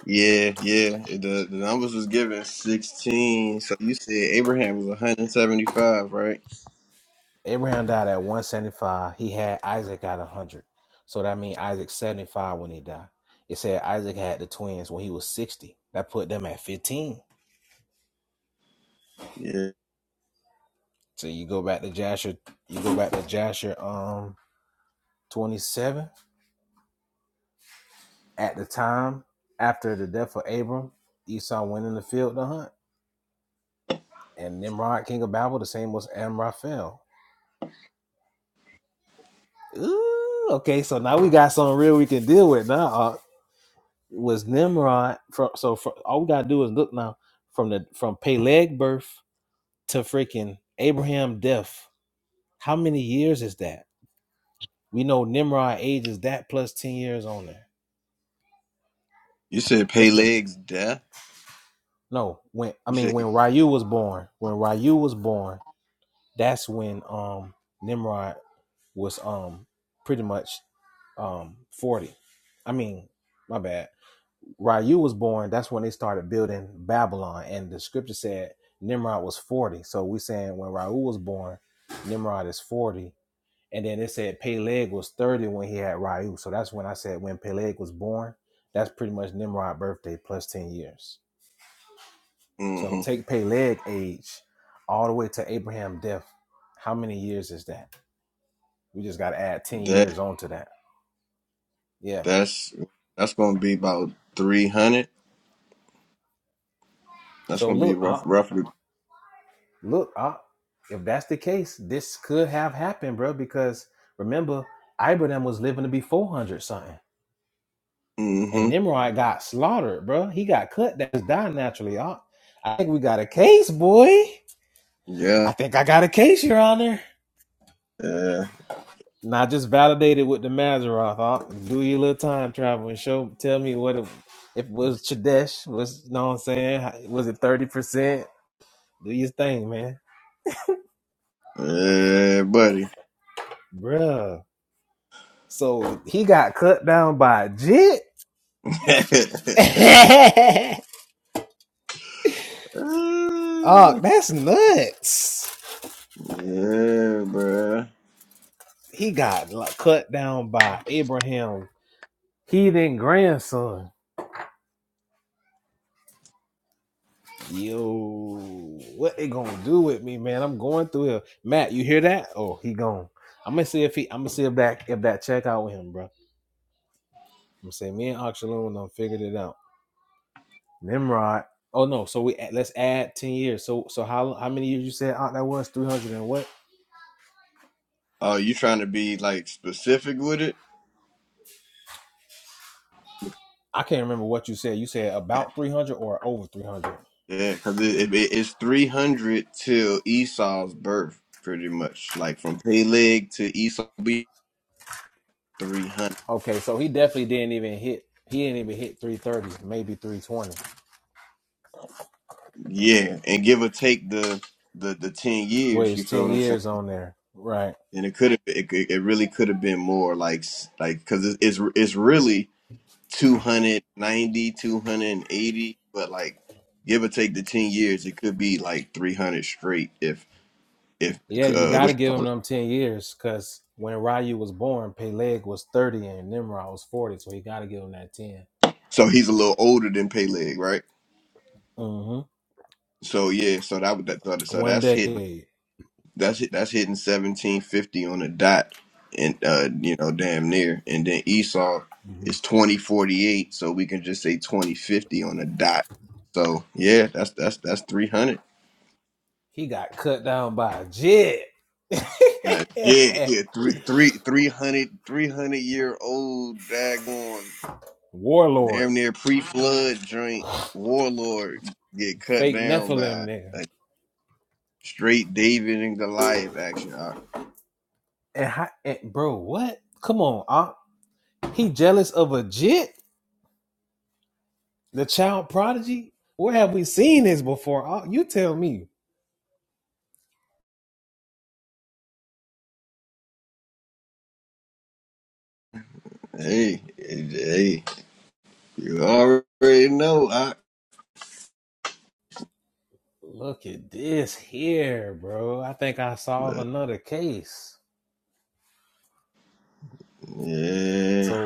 Yeah, yeah. The the numbers was given sixteen. So you said Abraham was one hundred seventy five, right? Yeah. You said Peleg's death. You said mm-hmm. That's that's gonna be about three hundred. That's gonna be rough, roughly. Mm-hmm. Yeah. Yeah. Yeah, buddy. (laughs) yeah, bruh. Oh, you trying to be like specific with it? Yeah, because it, it, it's three hundred till Esau's birth, pretty much. Like from Peleg to Esau, be three hundred. Yeah, and give or take the the the ten years. You feel what I'm saying? and it could have it, could- it really could have been more like s- like because it's, it's it's really 290, 280, but like give or take the 10 years it could be like 300 straight if if uh what you call it. so he's a little older than Peleg right so yeah so that would that so so that's hit That's hit- that's hitting seventeen fifty on the dot, and uh, you know, damn near. And then Esau is twenty forty eight, so we can just say twenty fifty on the dot. So yeah, that's that's that's three hundred. Man, yeah, yeah, three three three hundred three hundred year old daggone damn near pre flood joint warlord get cut down by a straight David and Goliath action. I- Hey, hey, hey, you already know. I. Yeah.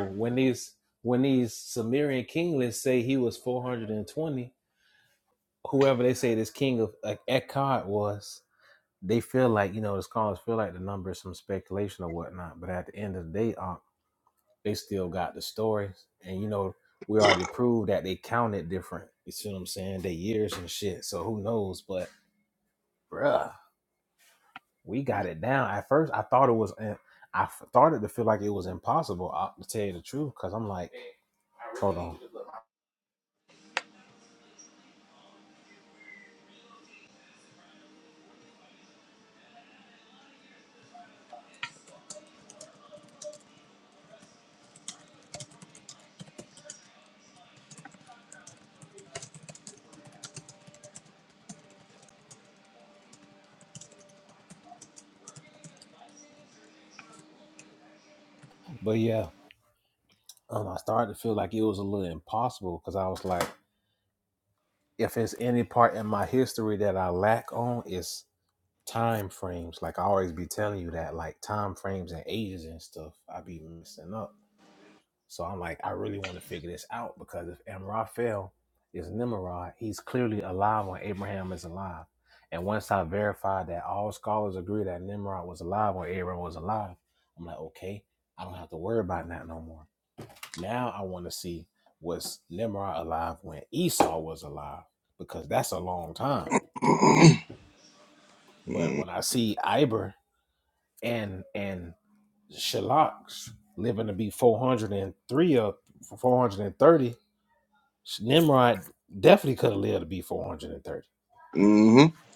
(clears throat) mm-hmm.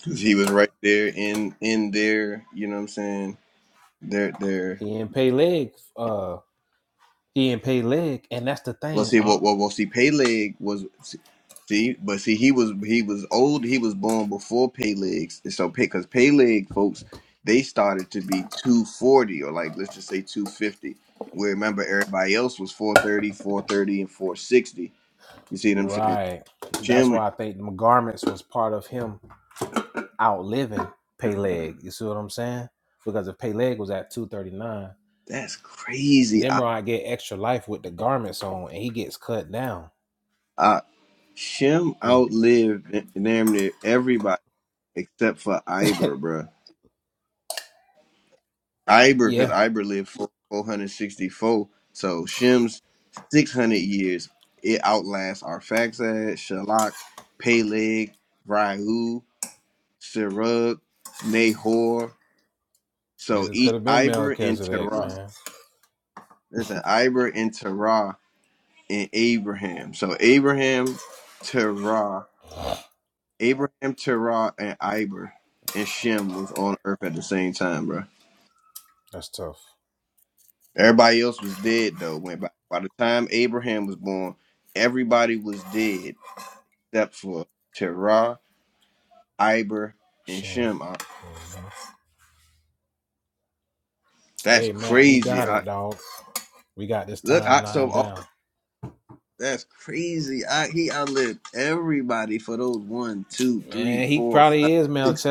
Cause he was right there in in there. You know what I'm saying? There, there. Well, see, what, well, well, well, see, Peleg was see, but see, he was he was old. He was born before Peleg's. So, because Peleg folks, they started to be 240 or like let's just say 250. Where remember everybody else was four thirty, four thirty, and 460. You see what I'm saying? Jim, that's crazy. I, I, Shem outlived damn near everybody except for Iber, bruh. Iber, because Iber lived four- 464, so Shem's 600 years, it outlasts Arphaxad, Shalak, Peleg, Rahu, Serug, Nahor. So e- Iber and Terah. Listen, Iber and Terah and Abraham. So Abraham, Terah. Abraham, Terah, and Iber and Shem was on earth at the same time, bro. Everybody else was dead though. When by, by the time Abraham was born, everybody was dead except for Terah, Iber, and Shem. I- that's crazy. I, look, I, so all- that's crazy. I, he outlived everybody for those one, two, three, four, five, six.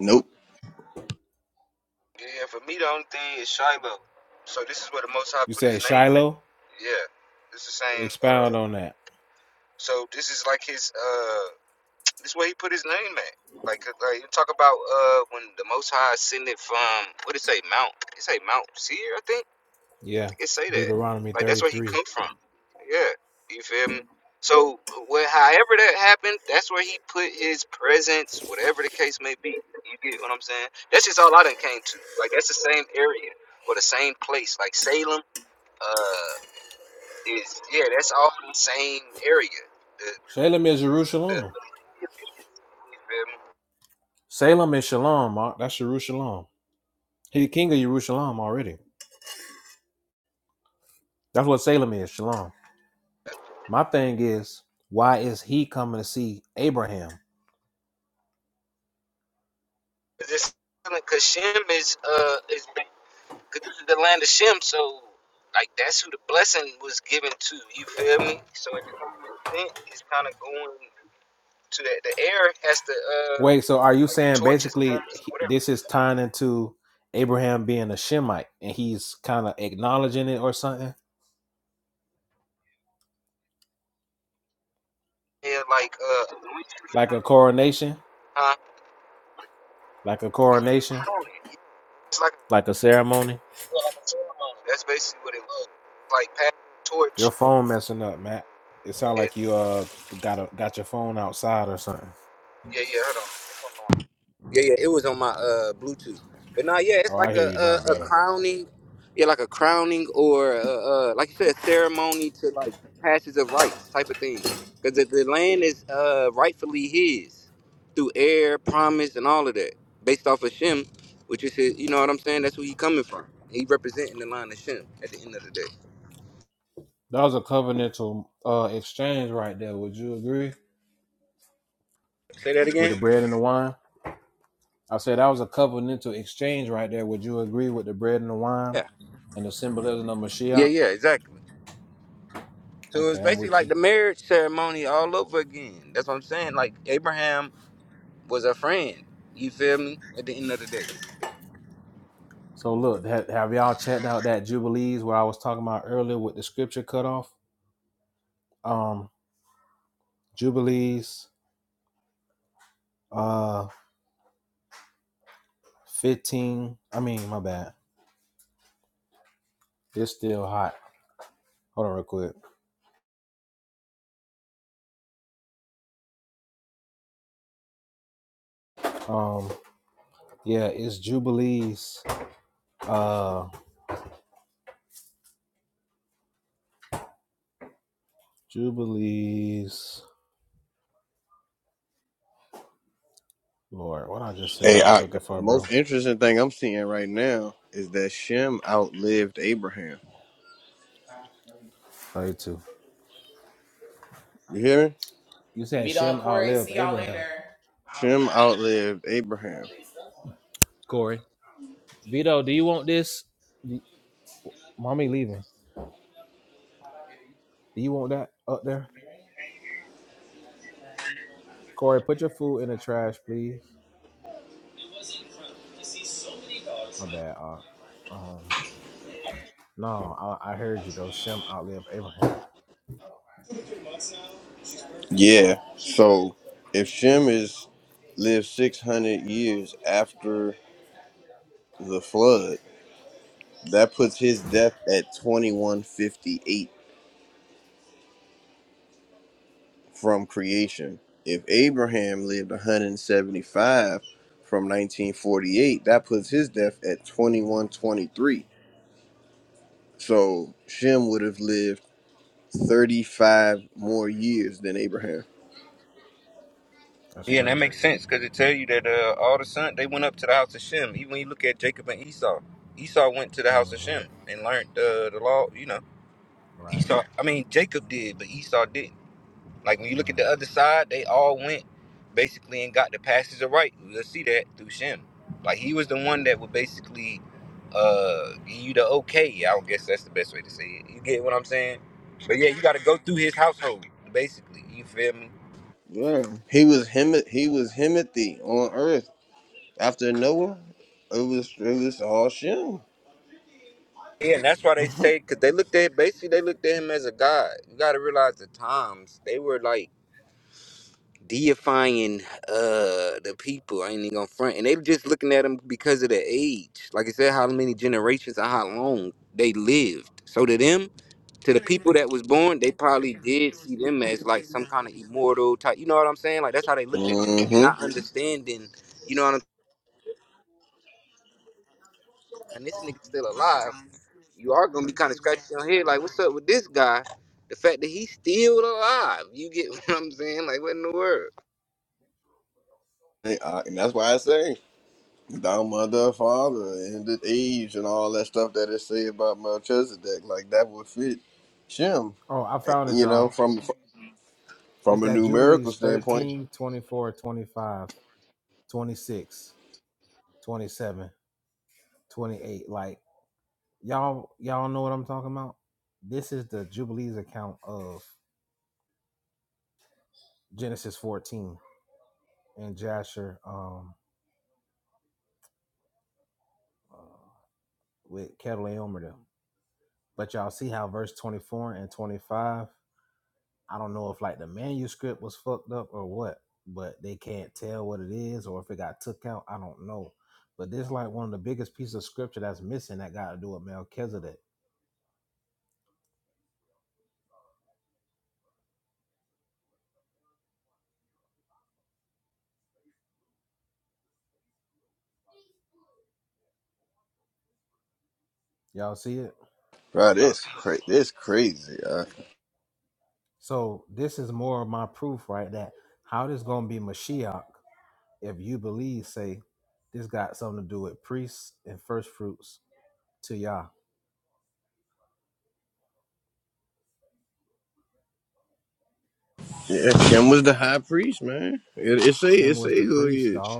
Nope.
Yeah. For me, the only thing is Shiloh. So this is where the Most High put his name in. Yeah. It's the same. Uh, so this is like his. Uh, this is where he put his name at. Like, uh, like you talk about uh, when the Most High ascended from what did it say Mount? It say Mount Seir, I think I think it say that. Like that's where he come from. Yeah. You feel me? So where however that happened, that's where he put his presence, whatever the case may be. You get what I'm saying? That's just all I done came to. Like that's the same area or the same place. Like Salem, uh is yeah, that's all the same area. The the the you feel me? it's- 'cause Shem is uh is Cause this is the land of Shem, so like that's who the blessing was given to. You feel me? So if it's only sent, it's kind of going to that. The air has to, uh, like the torch is passed, or whatever. You feel me? And like, uh, huh? It's like well, like That's basically what it was. Like pass the torch. And, yeah, yeah. Hold on. Yeah, yeah, it was on my uh Bluetooth. But now, yeah, it's like a, a a crowning, yeah, like a crowning or a, uh like you said, ceremony to like passes of rights type of thing. Because the, the land is uh rightfully his through air, promise, and all of that, based off of Shem, which is his. You know what I'm saying? That's where he coming from. He representing the line of Shem at the end of the day. Say that again. Yeah, yeah, yeah, exactly. So it's basically like the marriage ceremony all over again. That's what I'm saying. Like Abraham was a friend. You feel me? At the end of the day.
Hey, I, the the most interesting thing I'm seeing right now is that Shem outlived Abraham. You hear me? Shem outlived Abraham. Yeah. So if Shem is lived six hundred years after the flood, that puts his death at twenty one fifty eight from creation. If Abraham lived one hundred and seventy five from nineteen forty eight, that puts his death at twenty one twenty three. So Shem would have lived thirty five more years than Abraham.
Yeah, and that makes sense because it tell you that uh, all the sons they went up to the house of Shem. Even when you look at Jacob and Esau, Esau went to the house of Shem and learned uh, the law. You know, Esau. I mean, Jacob did, but Esau didn't. Like when you look at the other side, they all went basically and got the passage of right. You'll see that through Shem. Like he was the one that would basically uh, give you the okay. I would guess that's the best way to say it. You get what I'm saying? But yeah, you got to go through his household basically. You feel me?
Yeah. He was him he was Himothy on earth After Noah, it was it was all Shem.
Yeah, and that's why they say because they looked at basically they looked at him as a god. You got to realize the times they were like deifying uh the people. I ain't even gonna front, and they were just looking at him because of their age. Like I said, how many generations and how long they lived. So to them, to the people that was born, they probably did see them as like some kind of immortal type. You know what I'm saying? Like that's how they looked at them,
Mm-hmm.
not understanding. You know what I'm saying? This nigga's still alive. you are gonna be kind of scratching your head, like, what's up with this guy? The fact that he's still alive, you get (laughs) what I'm saying? Like, what in the world?
And, I, and that's why I say thou mother, father, and the age and all that stuff that it say about Melchizedek, like that would fit Shem. eh, You know, from from a numerical standpoint. Right, this cra- this crazy. Uh, yeah, Shem was the high priest, man. It, it say it say who he is.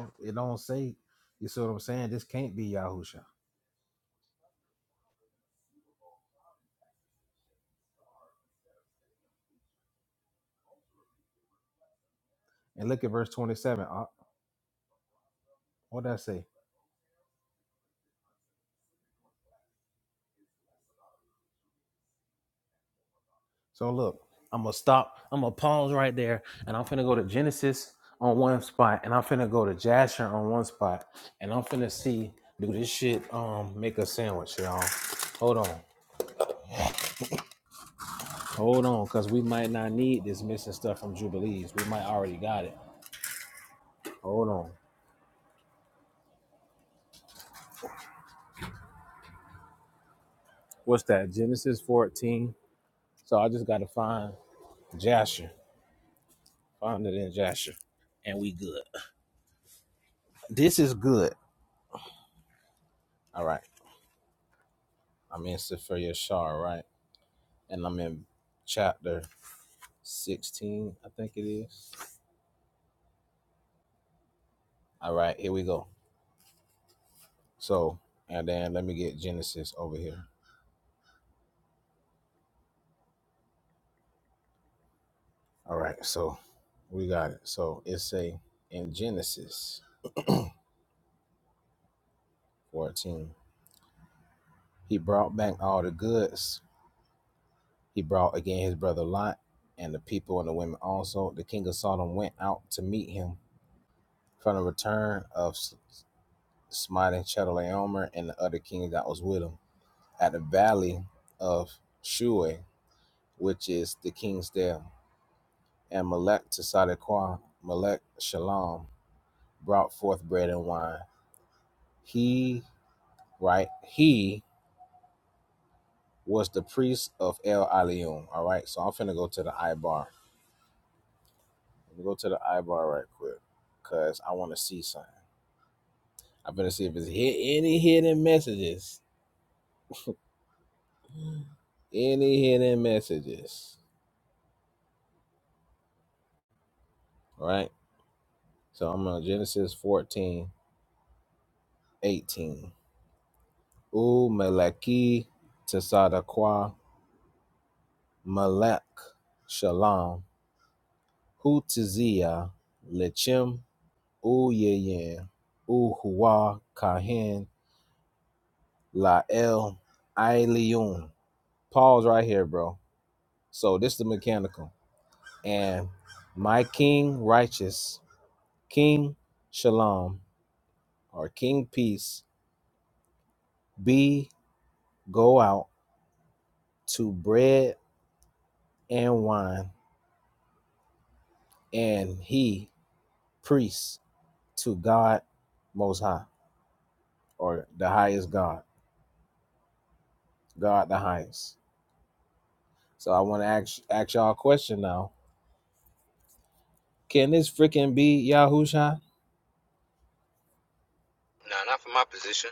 No, nah, not for my position.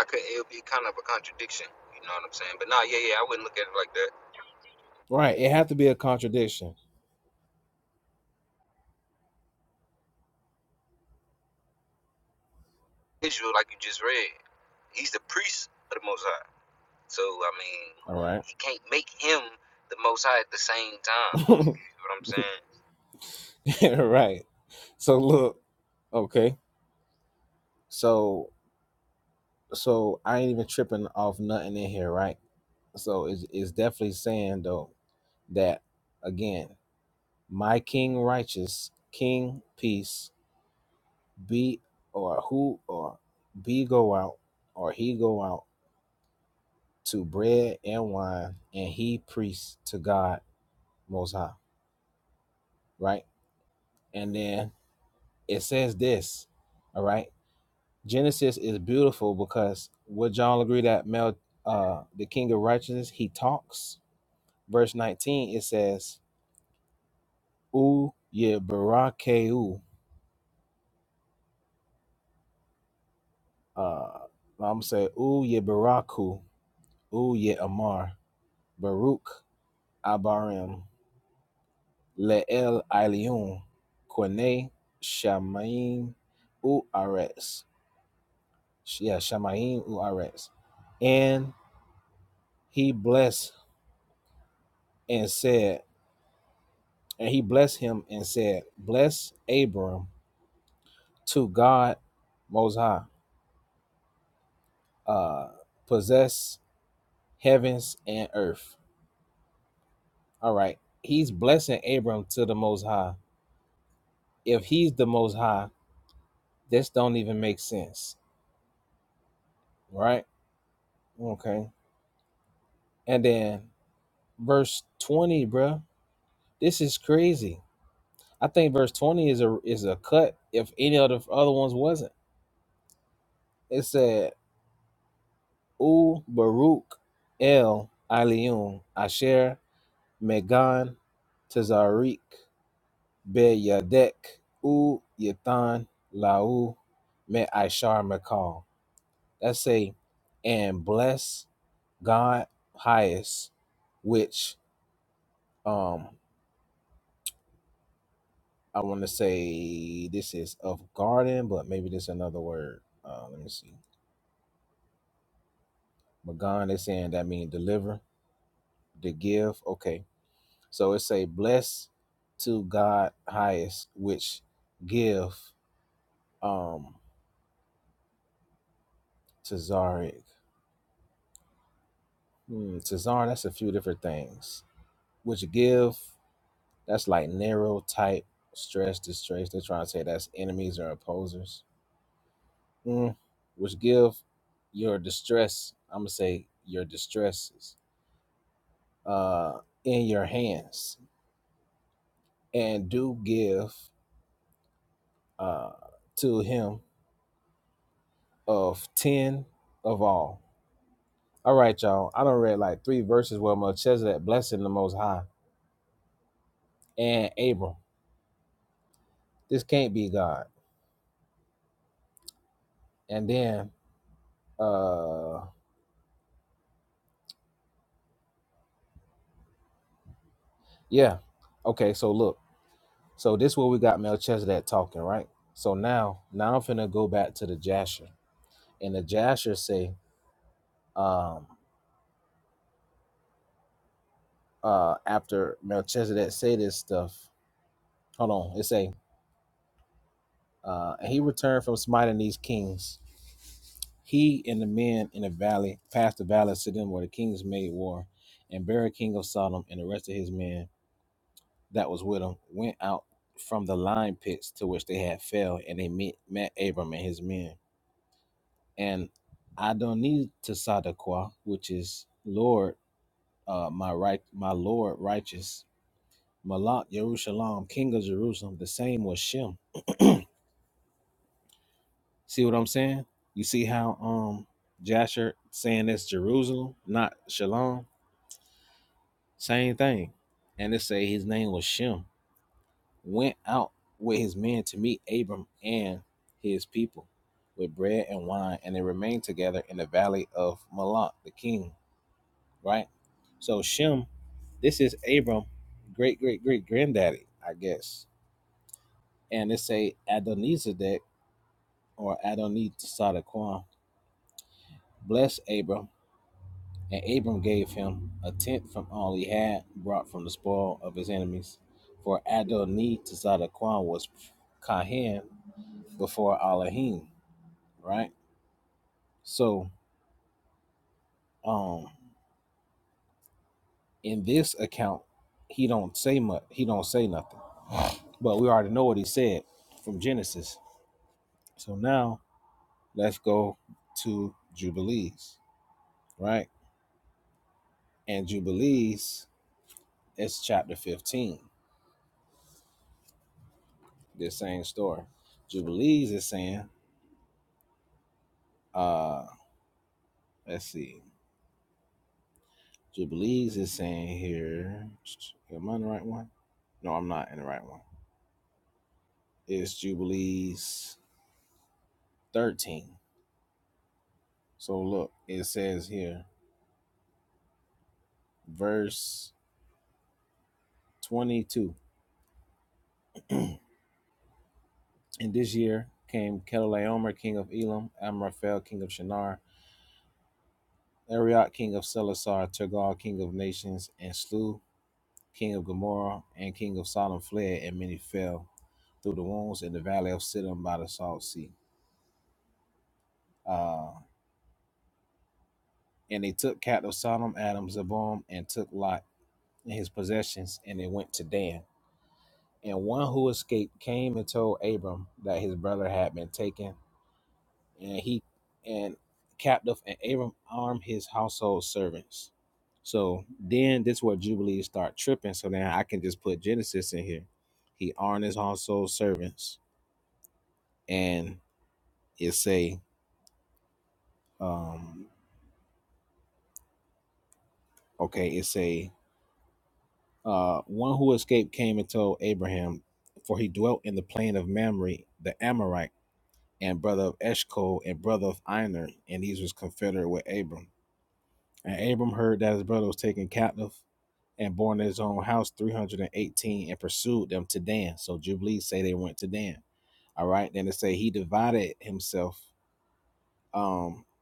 I could. It would be kind of a contradiction. You know what I'm saying? But nah, yeah, yeah, I wouldn't look at it like that. Israel, like you just read, he's the priest of the Most High. So I mean, he can't make him the Most High at the same time. You know what I'm saying?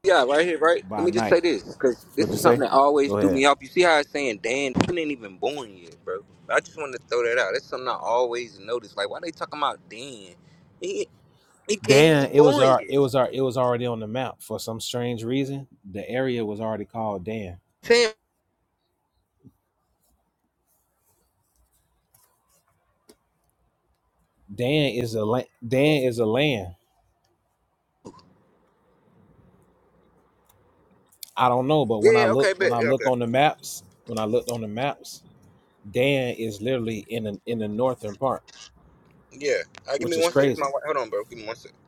Yeah, right here, right. Let me just say this, because this is something that always threw me off. You see how it's saying Dan Dan ain't even born yet, bro. I just wanted to throw that out. That's something I always noticed. Like, why they talking about Dan? He he can't even born yet. Sam, yeah, okay, bet, yeah, okay, yeah. I give me one second. It's my wife. Hold on, bro. Give me one second.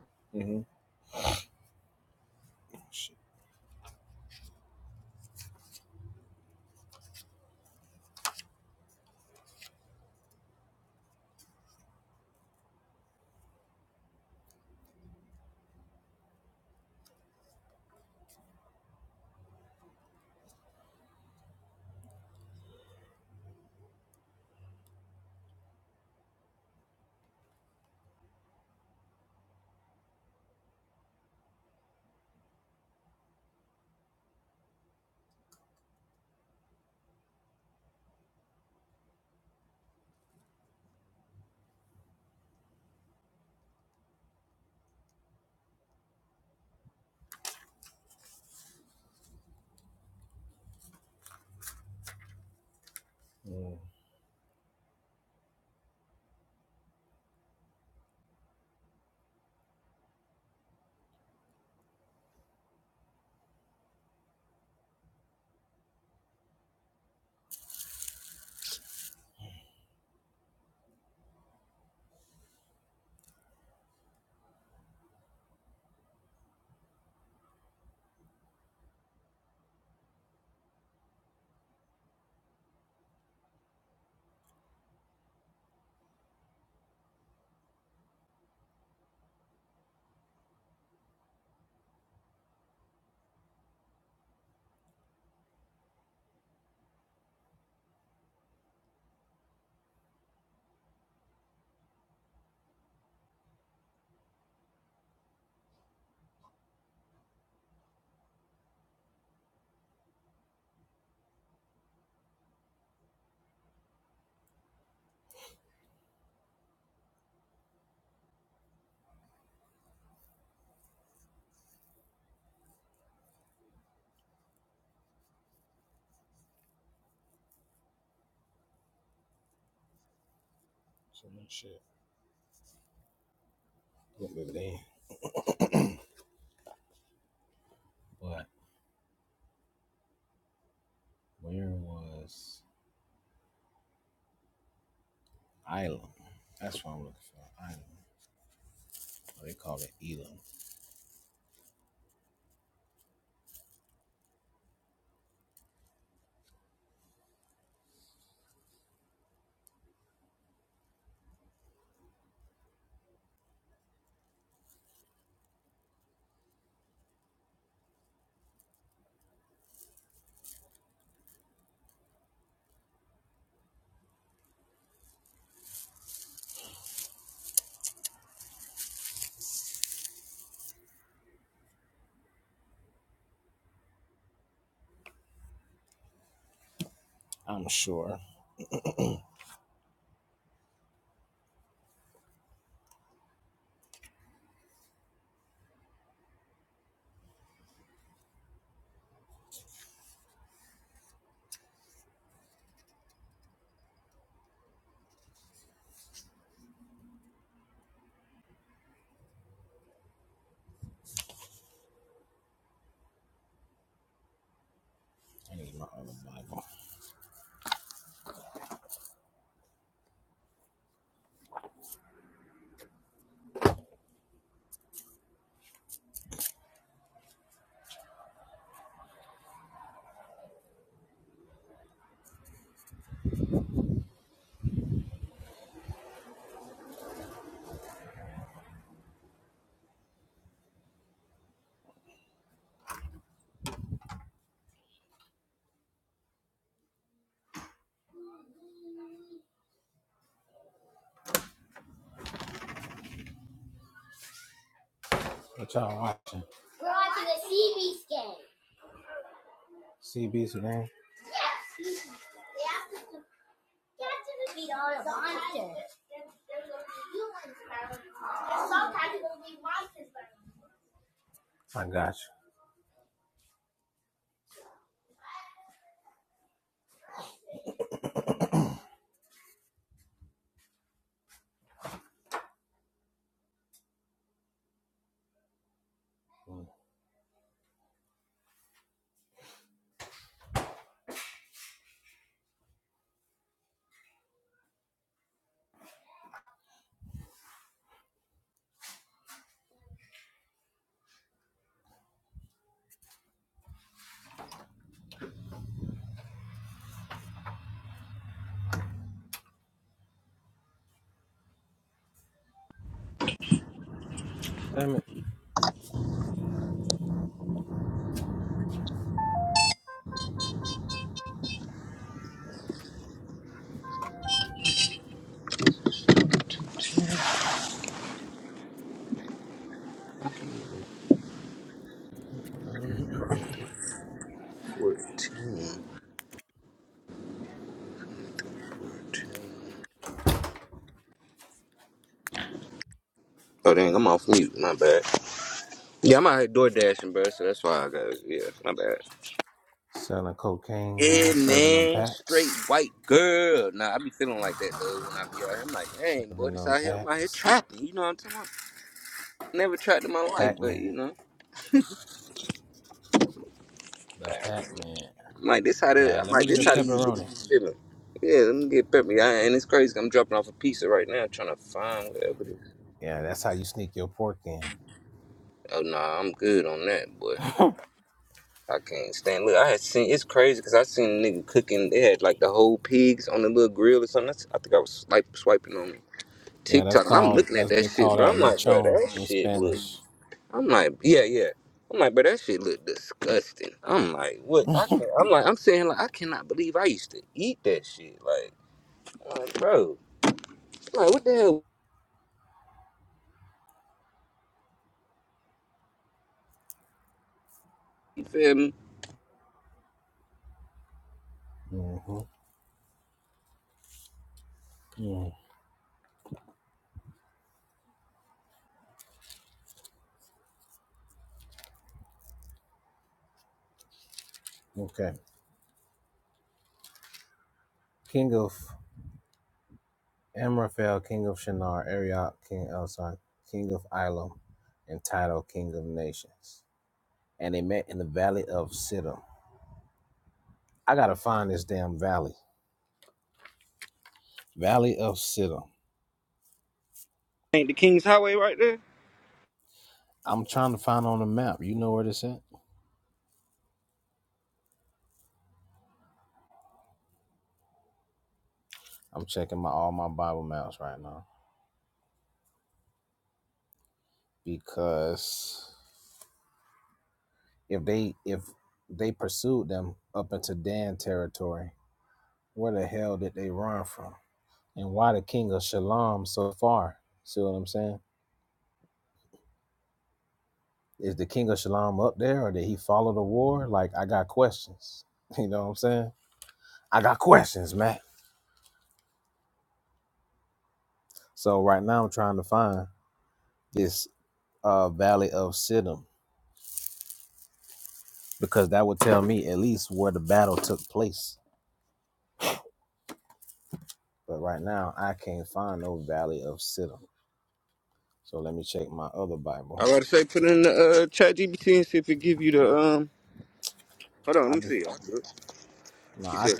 Oh dang, I'm off mute. My bad. Yeah, I'm out here door dashing, bro. So that's why I got. Yeah, my bad. Yeah, man, straight white girl. Nah, I be feeling like that though when I be out here. I'm like, dang, boy, this out here. I'm out here trapping. You know what I'm talking about? Never trapped in my life, but you know, I'm like this how the I'm like this how these niggas be feeling. Yeah, let me get peppy. I, and it's crazy. I'm dropping off a pizza right now, trying to find whatever. It is. Oh nah, I'm good on that, boy. I can't stand. Look, I had seen. It's crazy because I seen a nigga cooking. They had like the whole pigs on the little grill or something. That's, I think I was like swiping on TikTok, and I'm looking at that shit, bro. I'm like, bro, that shit look. I'm like, yeah, yeah. I'm like, but that shit look disgusting. I'm like, what? I can't. I'm like, I'm saying like, I cannot believe I used to eat that shit. Like, I'm like bro, I'm like what the hell? You feel me? Ain't the King's Highway right there? I about to say, put in the uh, chat GPT and see if it give you the um. Hold on, let me see. I'll do it. He said,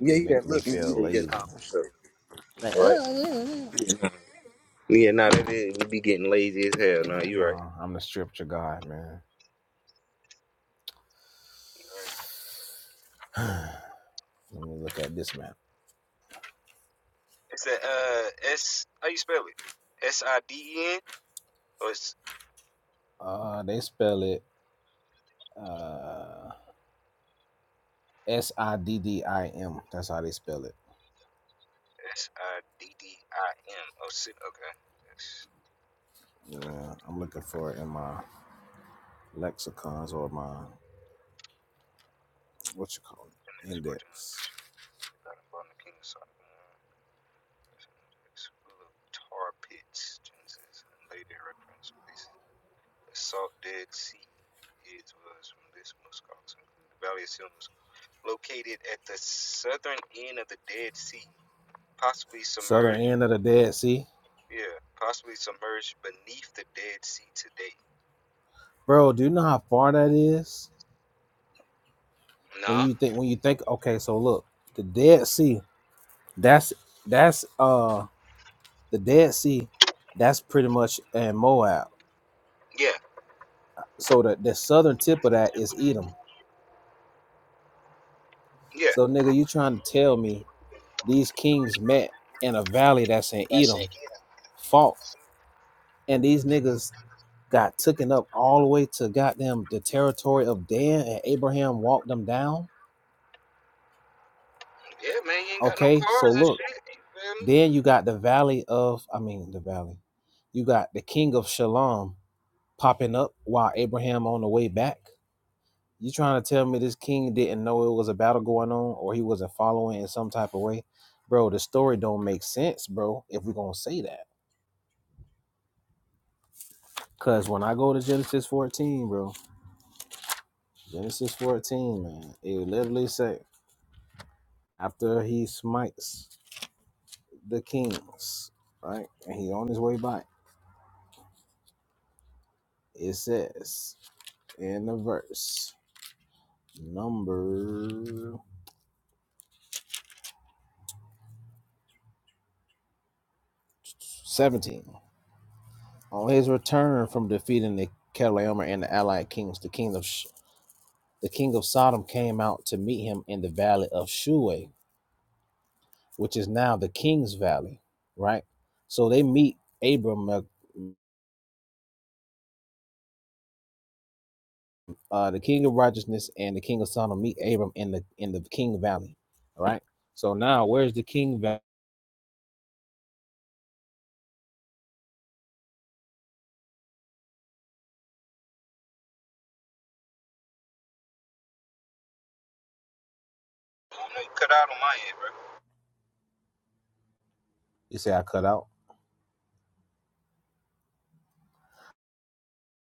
yeah, yeah, look, yeah, yeah, yeah, nah, for sure. All right. Yeah, nah, that is. We be getting lazy as hell. Nah, you right. It's a uh S. How you spell it? S I D E N S I D D I M. Oh, Sid. Okay. That's uh, in his original language. The God the King of Sodom and Gomorrah. That's Full of tar pits, Genesis, and later reference places. The Salt Dead Sea is was from this most scholars include the Valley of Sin was located at the southern end of the Dead Sea, possibly submerged. Yeah, possibly submerged beneath the Dead Sea today. Nah. Yeah. Yeah. Yeah, man, you ain't got no cars and shit. You feel me? I don't know you cut out on my end, bro.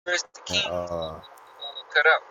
Chris the King cut out.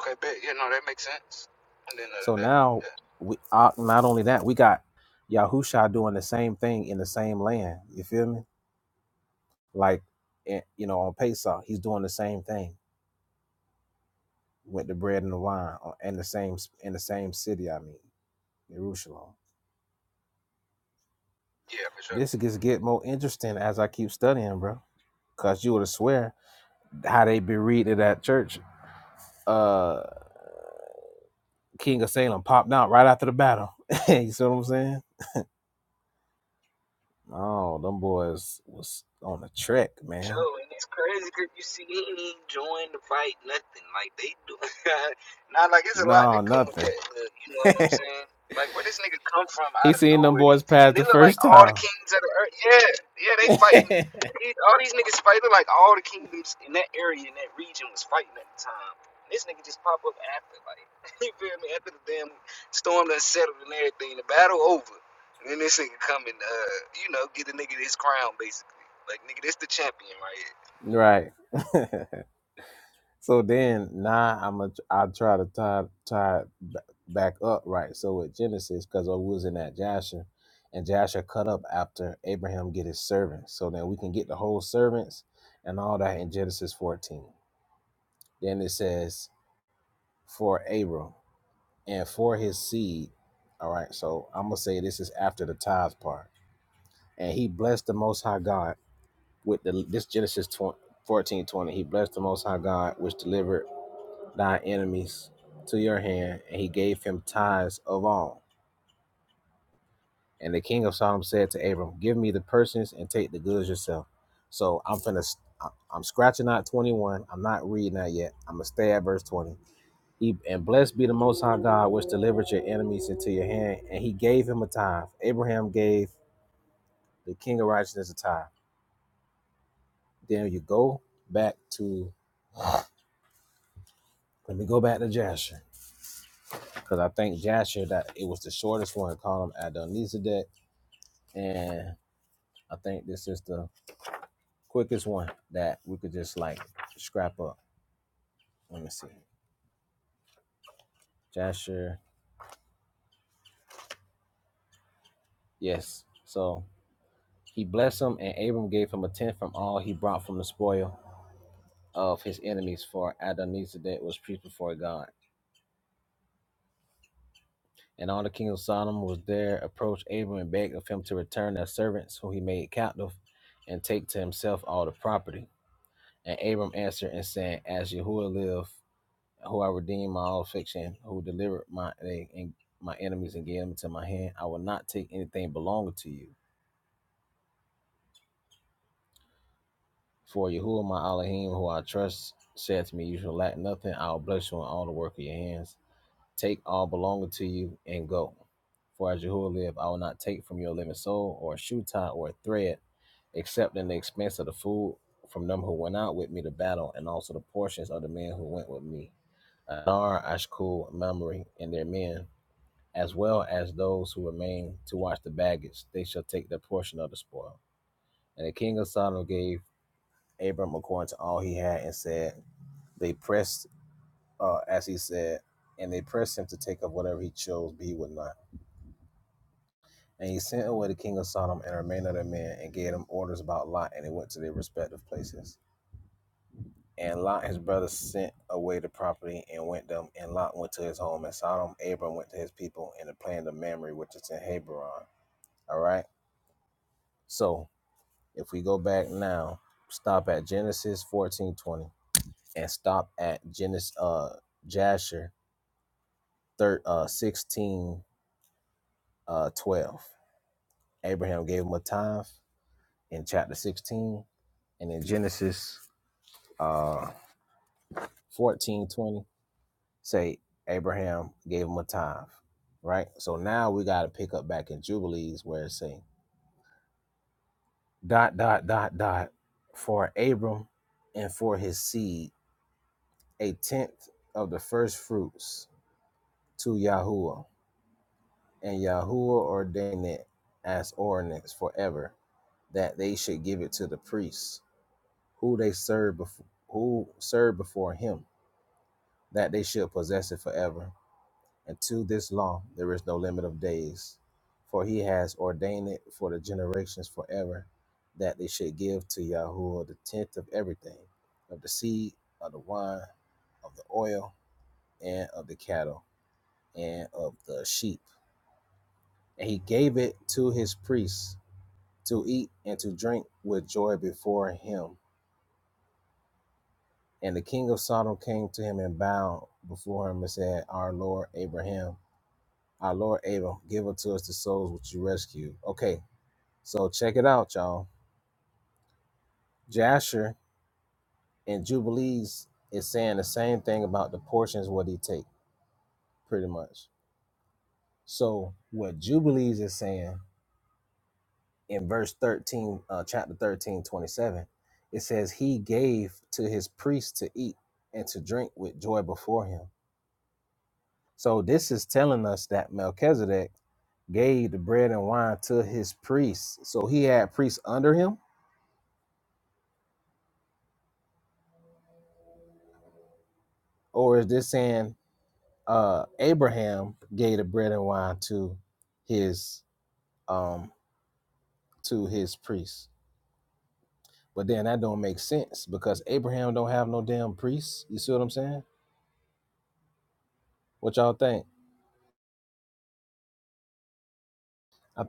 Okay, bet. Yeah, no, that makes sense. And then the other day, yeah, yeah, for sure. Joe, and it's crazy 'cause you see, he ain't even join the fight, nothing. Like, they do. (laughs) Not like it's a lot that come with that. Look, you know what I'm saying? Like, where this nigga come from out of nowhere? These, and they look like all the kings of the earth. Yeah, yeah, they fighting. These, all these niggas fight. Look like all the kingdoms in that area, in that region was fighting at the time. This nigga just pop up after, like, (laughs) you feel me? After the damn storm done settled and everything, the battle over. And then this nigga come and, uh, you know, get the nigga his crown, basically. Like nigga, this the champion right here.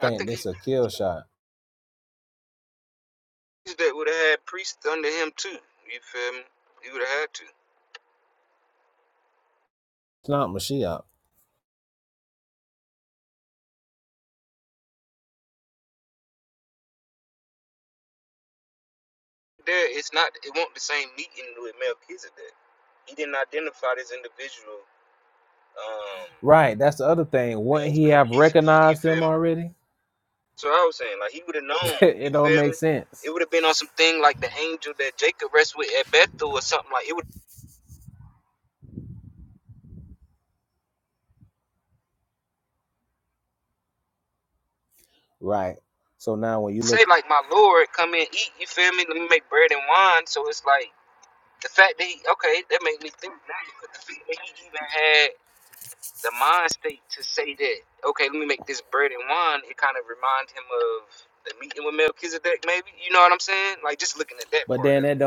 I think he that would have had priests under him too. You feel me? He would have had to. There, it's not. It won't the same meeting with Melchizedek. He didn't identify this individual um, as Melchizedek. You feel me? So I was saying, like he would have known. You feel me? It would have been on some thing like the angel that Jacob rests with at Bethel or something like. It would say like, "My Lord, come and eat." You feel me? Let me make bread and wine. So it's like. the fact that he okay, that made me think now. But the fact that he even had the mind state to say that okay, let me make this bread and wine. It kind of reminded him of the meeting with Melchizedek, maybe. You know what I'm saying? Like just looking at that part of it.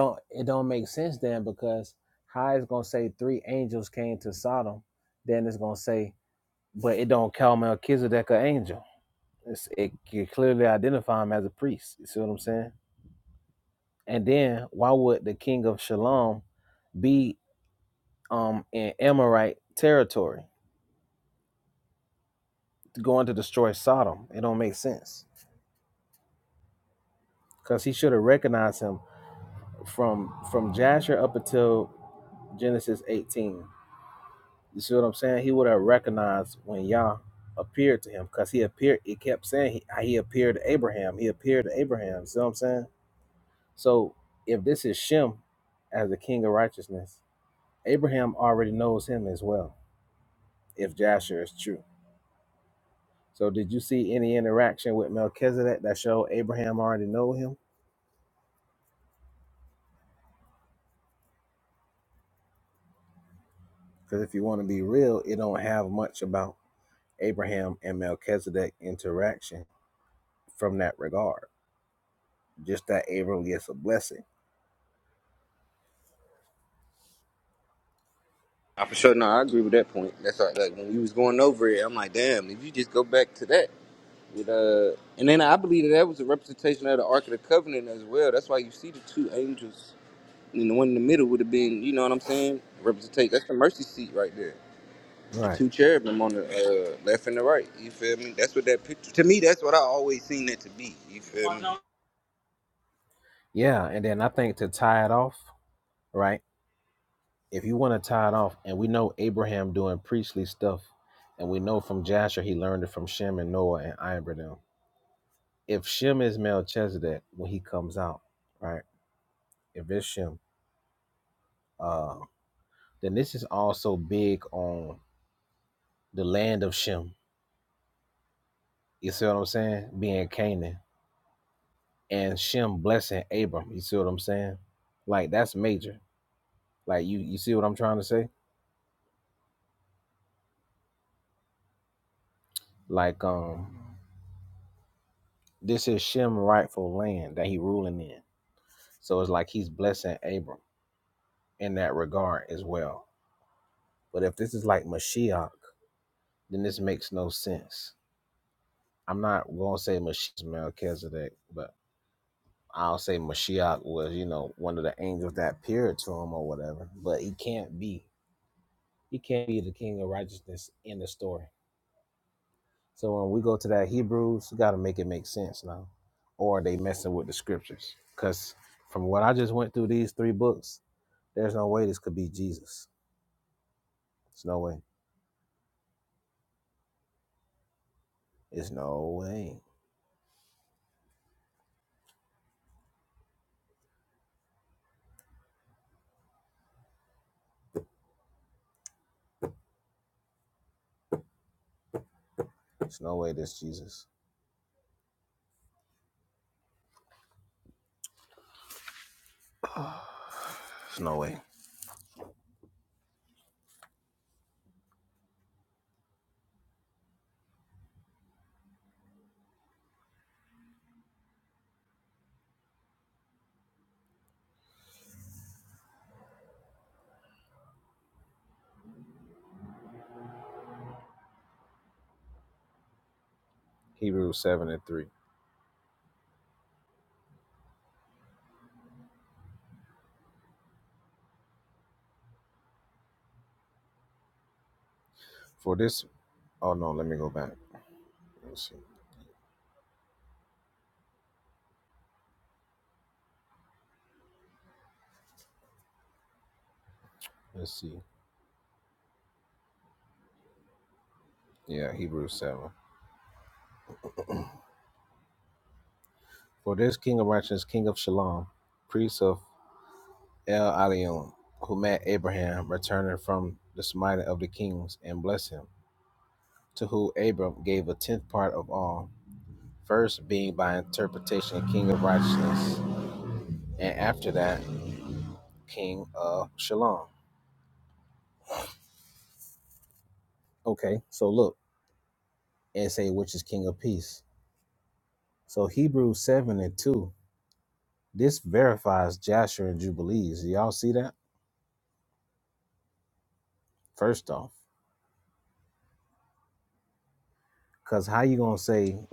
I for sure no, I agree with that point. That's like, like when we was going over it, I'm like, damn, if you just go back to that with uh and then I believe that, that was a representation of the Ark of the Covenant as well. That's why you see the two angels and the one in the middle would have been, you know what I'm saying? Representate that's the mercy seat right there. the two cherubim on the uh, left and the right. You feel me? That's what that picture. To me, that's what I always seen it to be. You feel me? So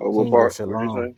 Oh, what part? What'd you say?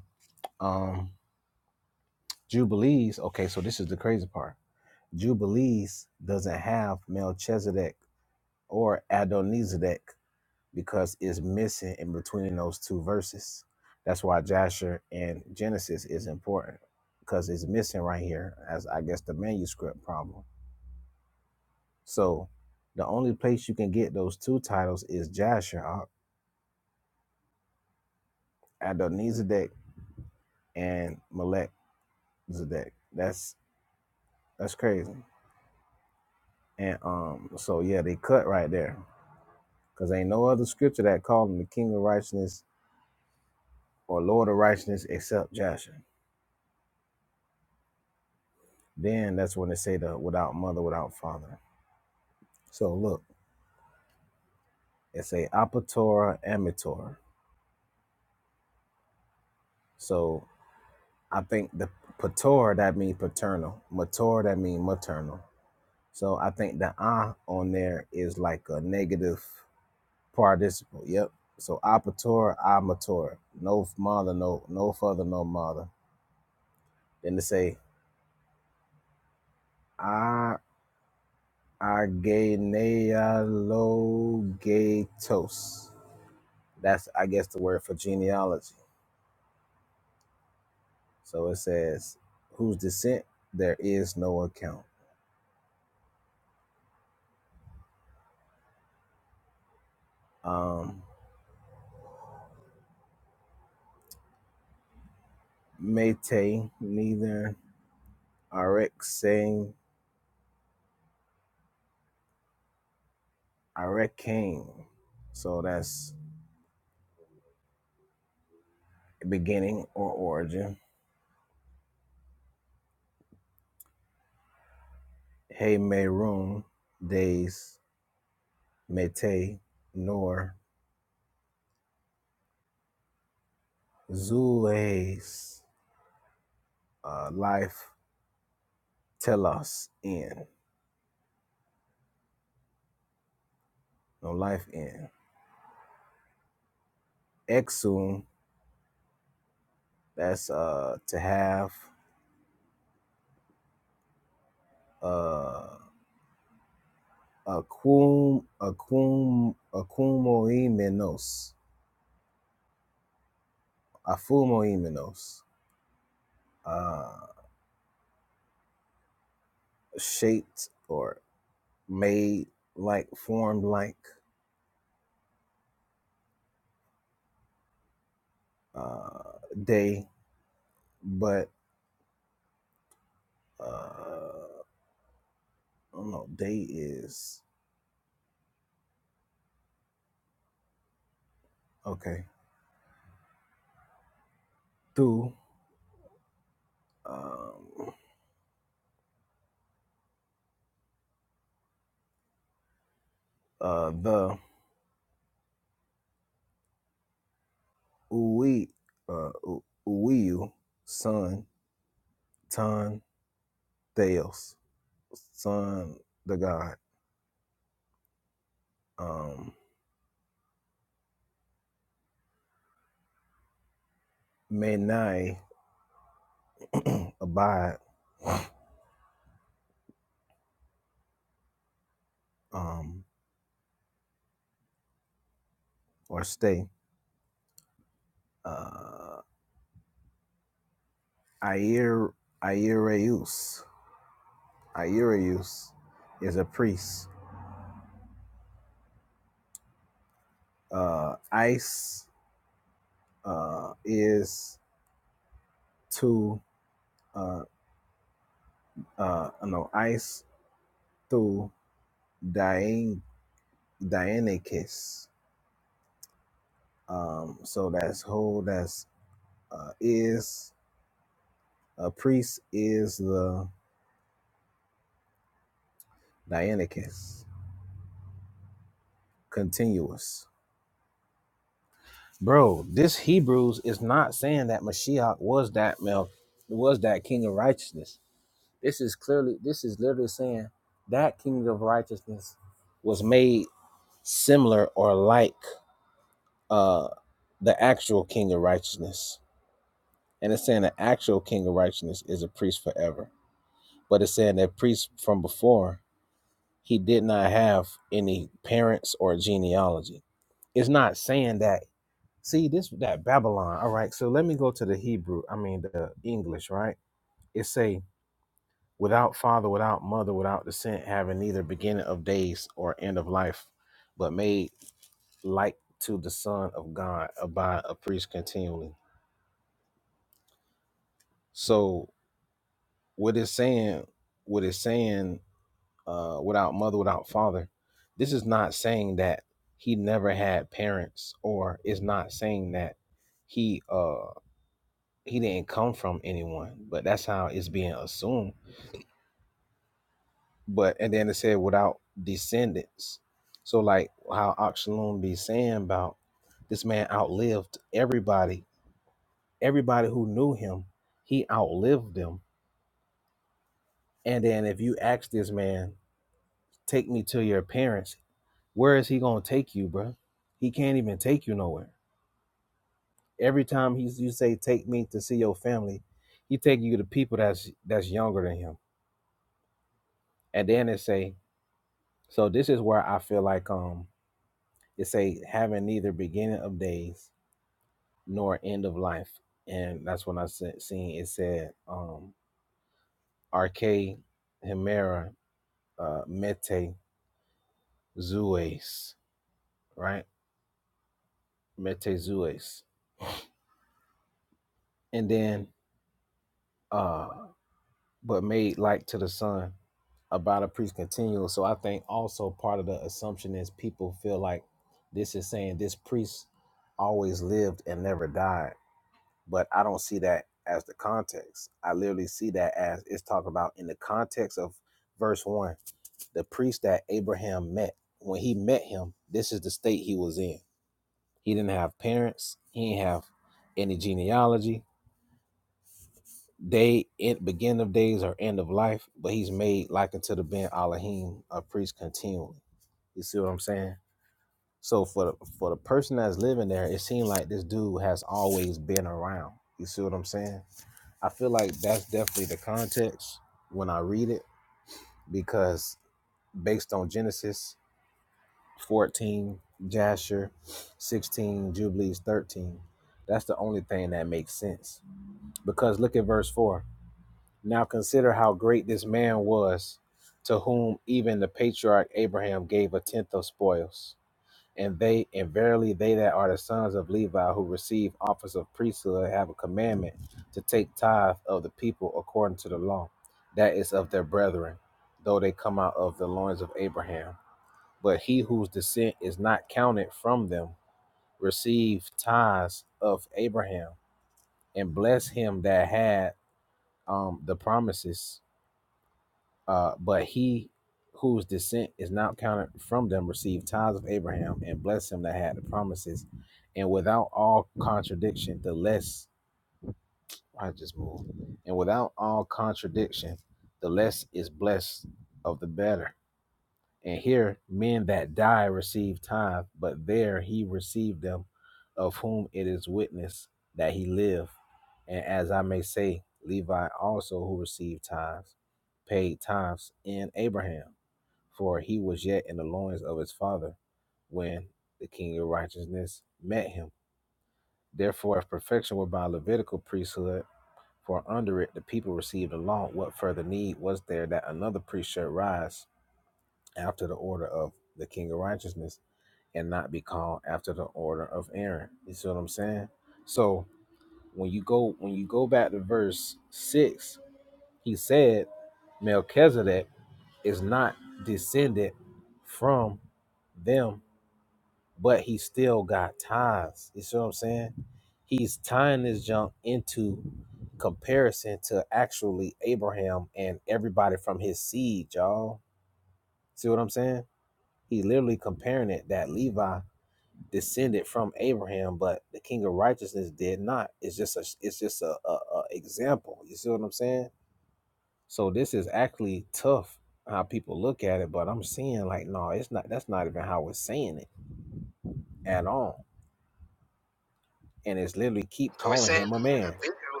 it's saying the individual.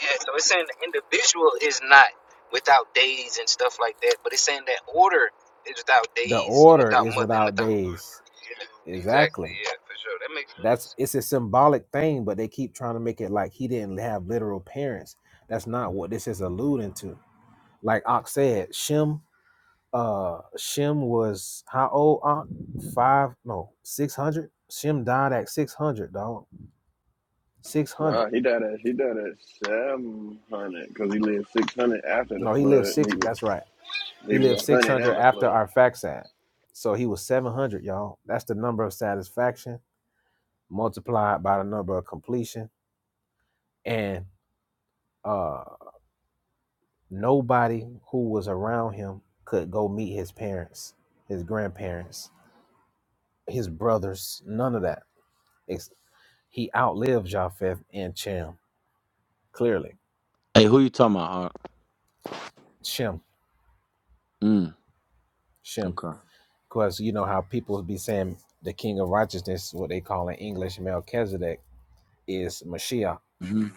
Yeah. So it's saying the individual is not without days and stuff like that, but it's saying that order is without days and without mother and without. Yeah, exactly. Yeah, for sure. That makes sense.
Nah, he died at he died at seven hundred because he lived six hundred after the flood. They was a hundred at the flood.
Hey, who you talking about? Art? Mm, okay. hmm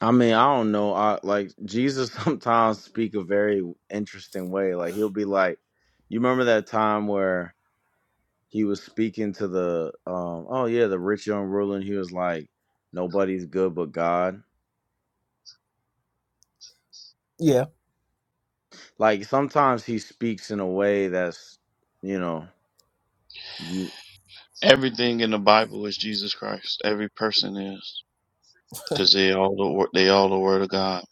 I mean, I don't know. I like Jesus (laughs) sometimes speak a very interesting way. Like he'll be like, you remember that time where he was speaking to the um oh yeah, the rich young ruler and he was like, Nobody's good but God. Like sometimes he speaks in a way that's you know you-
Everything in the Bible is Jesus Christ. Every person is, because they all the wor- they all the Word of God.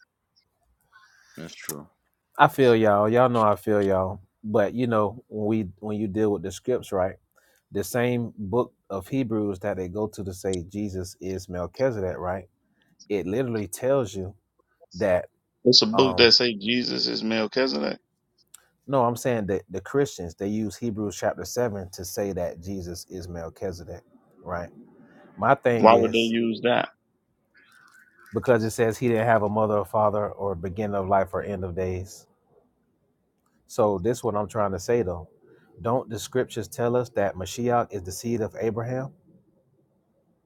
That's true.
It's a book that say Jesus is Melchizedek. Why would they use that?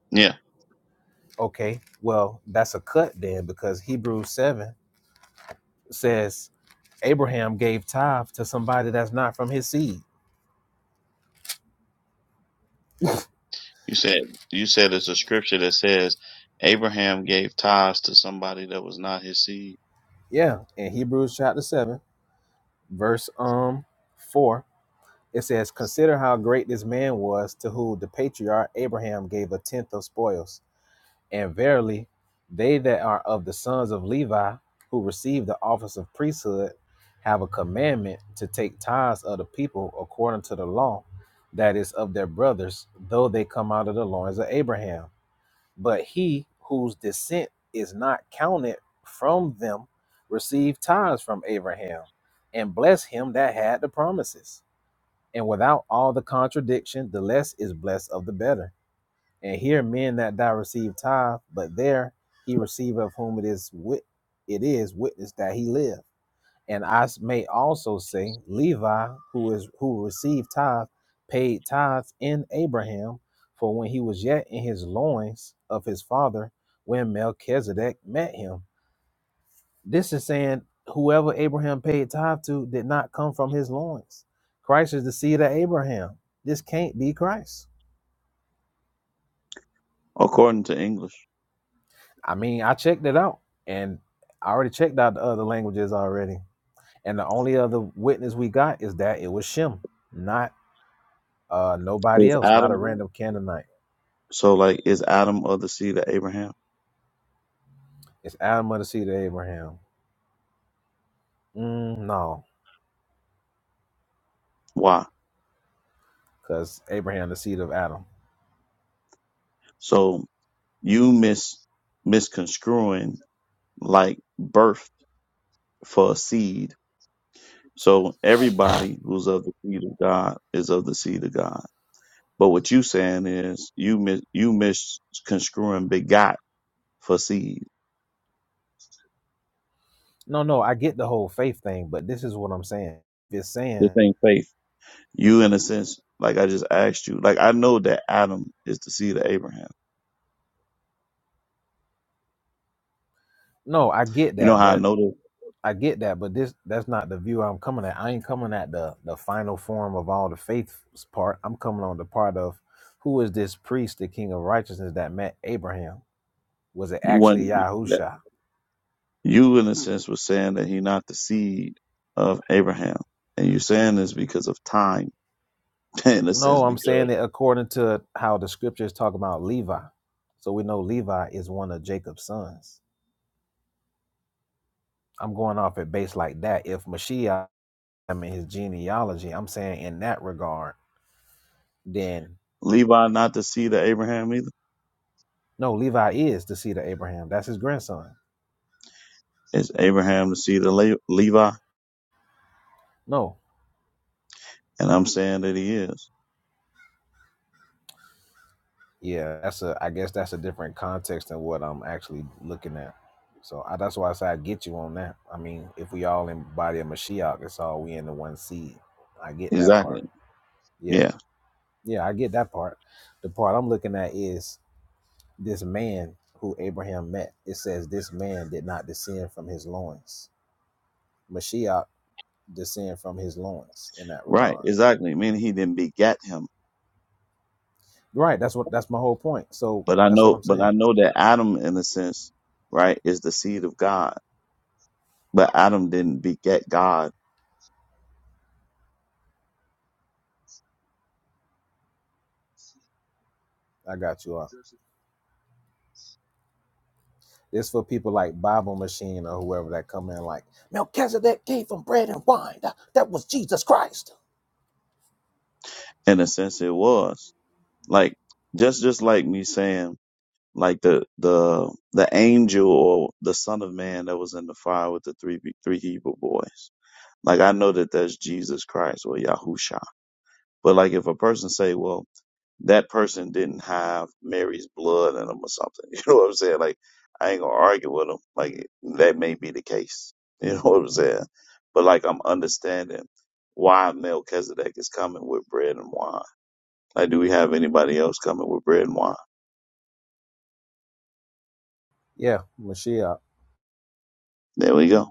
Yeah, you said you said it's a scripture that says Abraham gave tithes to somebody that was not his seed. According to English, is Adam so like is Adam of the seed of Abraham? Why? So You mis misconstruing like birth for a seed. So everybody who's of the seed of God is of the seed of God. But what you saying is you mis you misconstruing begot for seed. This ain't faith. You in a sense, like I just asked you, like I know that Adam is the seed of Abraham. You know how I know that you want that you in a sense was saying that he not the seed of Abraham. And you saying this because of time, (laughs) in a sense, because Levi not the seed of Abraham either? Is Abraham the seed of Le- Levi? And I'm saying that he is. Exactly. Yeah. Right. Exactly. Meaning he didn't beget him. But I know, but I know that Adam, in a sense, right, is the seed of God. But Adam didn't beget God. In a sense, it was like just just like me saying like the the the angel or the son of man that was in the fire with the three three Hebrew boys. Like I know that that's Jesus Christ or Yahusha But like if a person say, well, that person didn't have Mary's blood in them or something, (laughs) you know what I'm saying? Like I ain't gonna argue with them. Like that may be the case, (laughs) you know what I'm saying? But like I'm understanding why Melchizedek is coming with bread and wine. Like, do we have anybody else coming with bread and wine? There we go.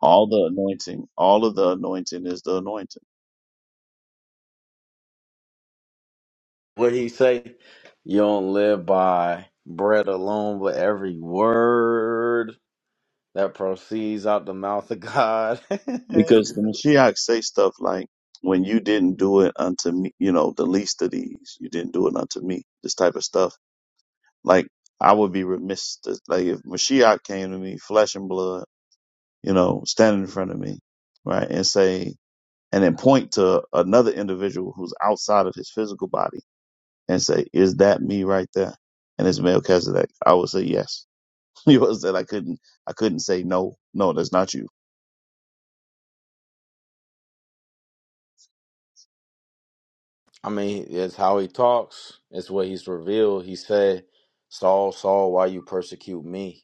All the anointing, all of the anointing is the anointing.
what he say? You don't live by bread alone, but every word. that proceeds out the mouth of God. (laughs) I
Because the Mashiach say stuff like, when you didn't do it unto me, you know, the least of these, you didn't do it unto me, this type of stuff Like I would be remiss to, like if Mashiach came to me, flesh and blood, you know, standing in front of me, right, and say, and then point to another individual who's outside of his physical body and say, "Is that me right there?" And it's Melchizedek. I would say yes. (laughs) You understand? I couldn't. I couldn't say no. No, that's not you.
mean, it's how he talks. It's what he's revealed. He said, "Saul, Saul, why you persecute me?"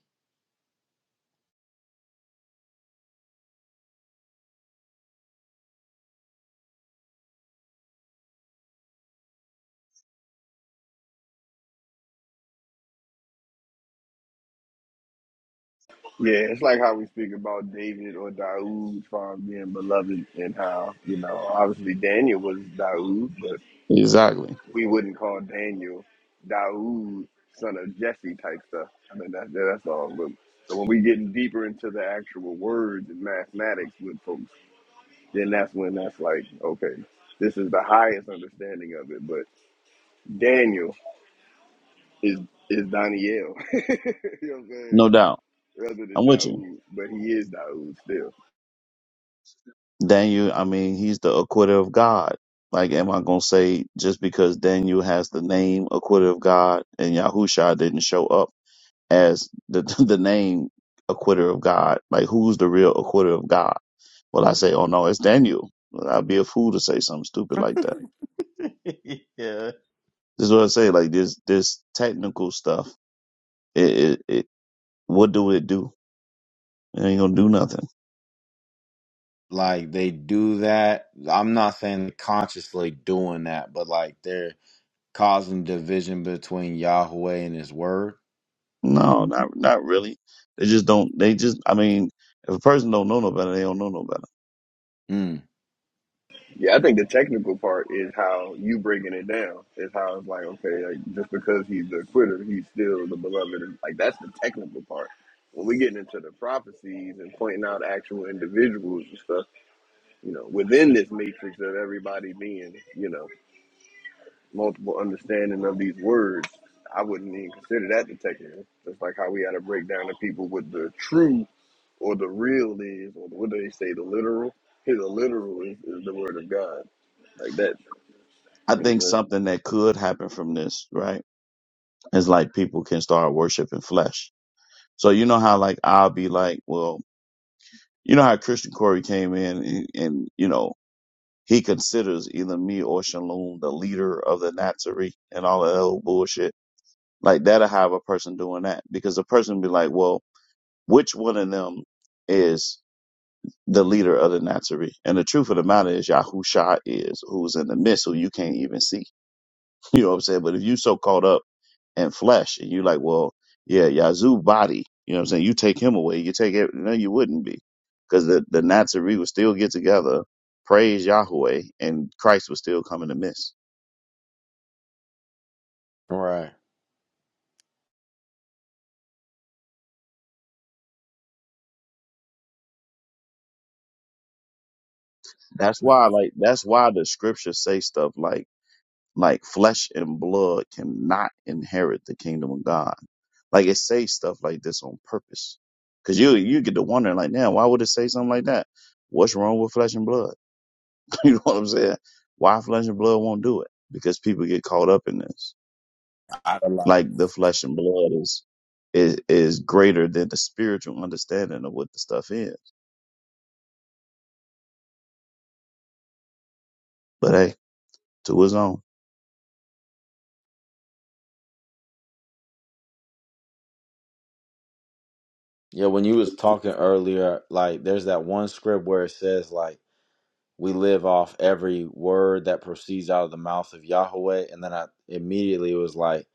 Yeah, it's like how we speak about David or Daoud from being beloved and how, you know, obviously Daniel was Daoud, but
Exactly.
we wouldn't call Daniel Daoud, son of Jesse type stuff. I mean, that, that's all. But, so when we getting deeper into the actual words and mathematics with folks, then that's when that's like, okay, this is the highest understanding of it. But Daniel is is Daniel. (laughs) you know what I'm saying?
No doubt.
rather than
I'm with you.
Daoud, but he is Daoud still.
Daniel, I mean, he's the acquitter of God. Like, am I going to say just because Daniel has the name acquitter of God and Yahusha didn't show up as the, (laughs) the name acquitter of God? Like, who's the real acquitter of God? Well, I say, oh no, it's Daniel. Well, I'd be a fool to say something stupid like that.
(laughs) yeah.
This is what I say. Like this, this technical stuff, it, it, it what do it do? It ain't going to do nothing.
Like they do that. I'm not saying consciously doing that, but like they're causing division between Yahweh and His Word.
No, not, not really. They just don't, they just, I mean, if a person don't know no better, they don't know no better.
Mm.
Yeah, I think the technical part is how you breaking it down. Is how it's like, okay, like just because he's the quitter, he's still the beloved. And, Like that's the technical part. When we get into the prophecies and pointing out actual individuals and stuff, you know, within this matrix of everybody being, you know, multiple understanding of these words, I wouldn't even consider that the technical. It's like how we had to break down the people with the true or the real is, or what do they say, the literal? Here, the literal is, is the word of God. Like that.
I
You know what I'm
think
saying?
something that could happen from this, right, is like people can start worshiping flesh. So you know how like I'll be like, well, you know how Christian Corey came in and, and you know he considers either me or Shalom the leader of the Nazarene and all of that old bullshit. Like that'll have a person doing that because the person be like, well, which one of them is the leader of the Nazarene? And the truth of the matter is, Yahusha is who's in the midst, who you can't even see. (laughs) You know what I'm saying? But if you so caught up and flesh. And you like, well, yeah, Yazoo body. You know what I'm saying? You take him away, you take it. No, you wouldn't be, because the the Nazarene would still get together, praise Yahweh, and Christ would still come in the midst.
Right.
That's why, like, that's why the scriptures say stuff like like flesh and blood cannot inherit the kingdom of God. Like it says stuff like this on purpose, because you you get to wondering like, now why would it say something like that? What's wrong with flesh and blood? (laughs) You know what I'm saying? Why flesh and blood won't do it? Because people get caught up in this.
I, like,
Like the flesh and blood is is is greater than the spiritual understanding of what the stuff is. But hey, to his own,
yeah. When you was talking earlier, like there's that one script where it says like we live off every word that proceeds out of the mouth of Yahweh. And then I immediately it was like,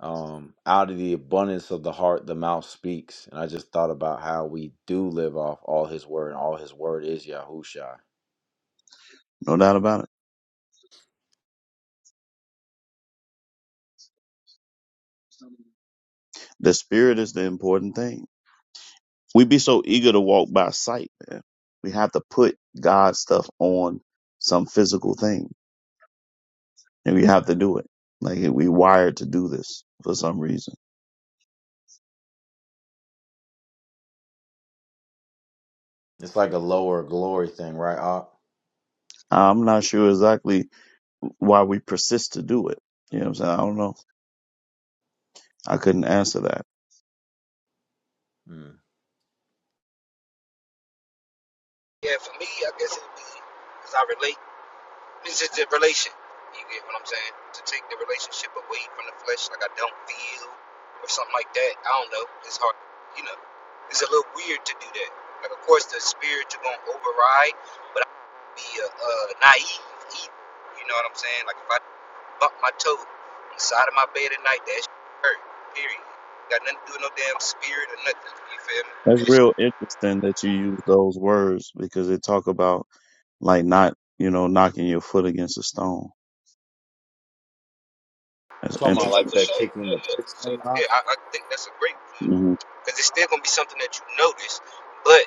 um, out of the abundance of the heart, the mouth speaks. And I just thought about how we do live off all his word, and all his word is Yahusha.
no doubt about it. The spirit is the important thing. We be so eager to walk by sight, man. We have to put God's stuff on some physical thing, and we have to do it. Like we wired to do this for some reason.
It's like a lower glory thing, right, Op?
I'm not sure exactly why we persist to do it. You know what I'm saying? I don't know. I couldn't answer that.
Mm.
Yeah, for me, I guess it'd be because I relate. It's just a relation. You get what I'm saying? To take the relationship away from the flesh, like I don't feel or something like that. I don't know. It's hard. You know, it's a little weird to do that. Like, of course, the spirit you're gonna override, but I be a uh, naive either. You know what I'm saying? Like if I bump my toe on the side of my bed at night, that shit hurt. Period. Got nothing to do with no damn spirit or nothing. You feel me?
That's
That shit.
real interesting that you use those words because they talk about like not, you know, knocking your foot against a stone.
You
That's
talking
So
about
yeah,
interesting.
like
for
that
sure.
kicking the
Yeah, yeah.
pricks
So
thing, Op?
yeah, I, I think that's a great. thing.
hmm
because it's still gonna be something that you notice, but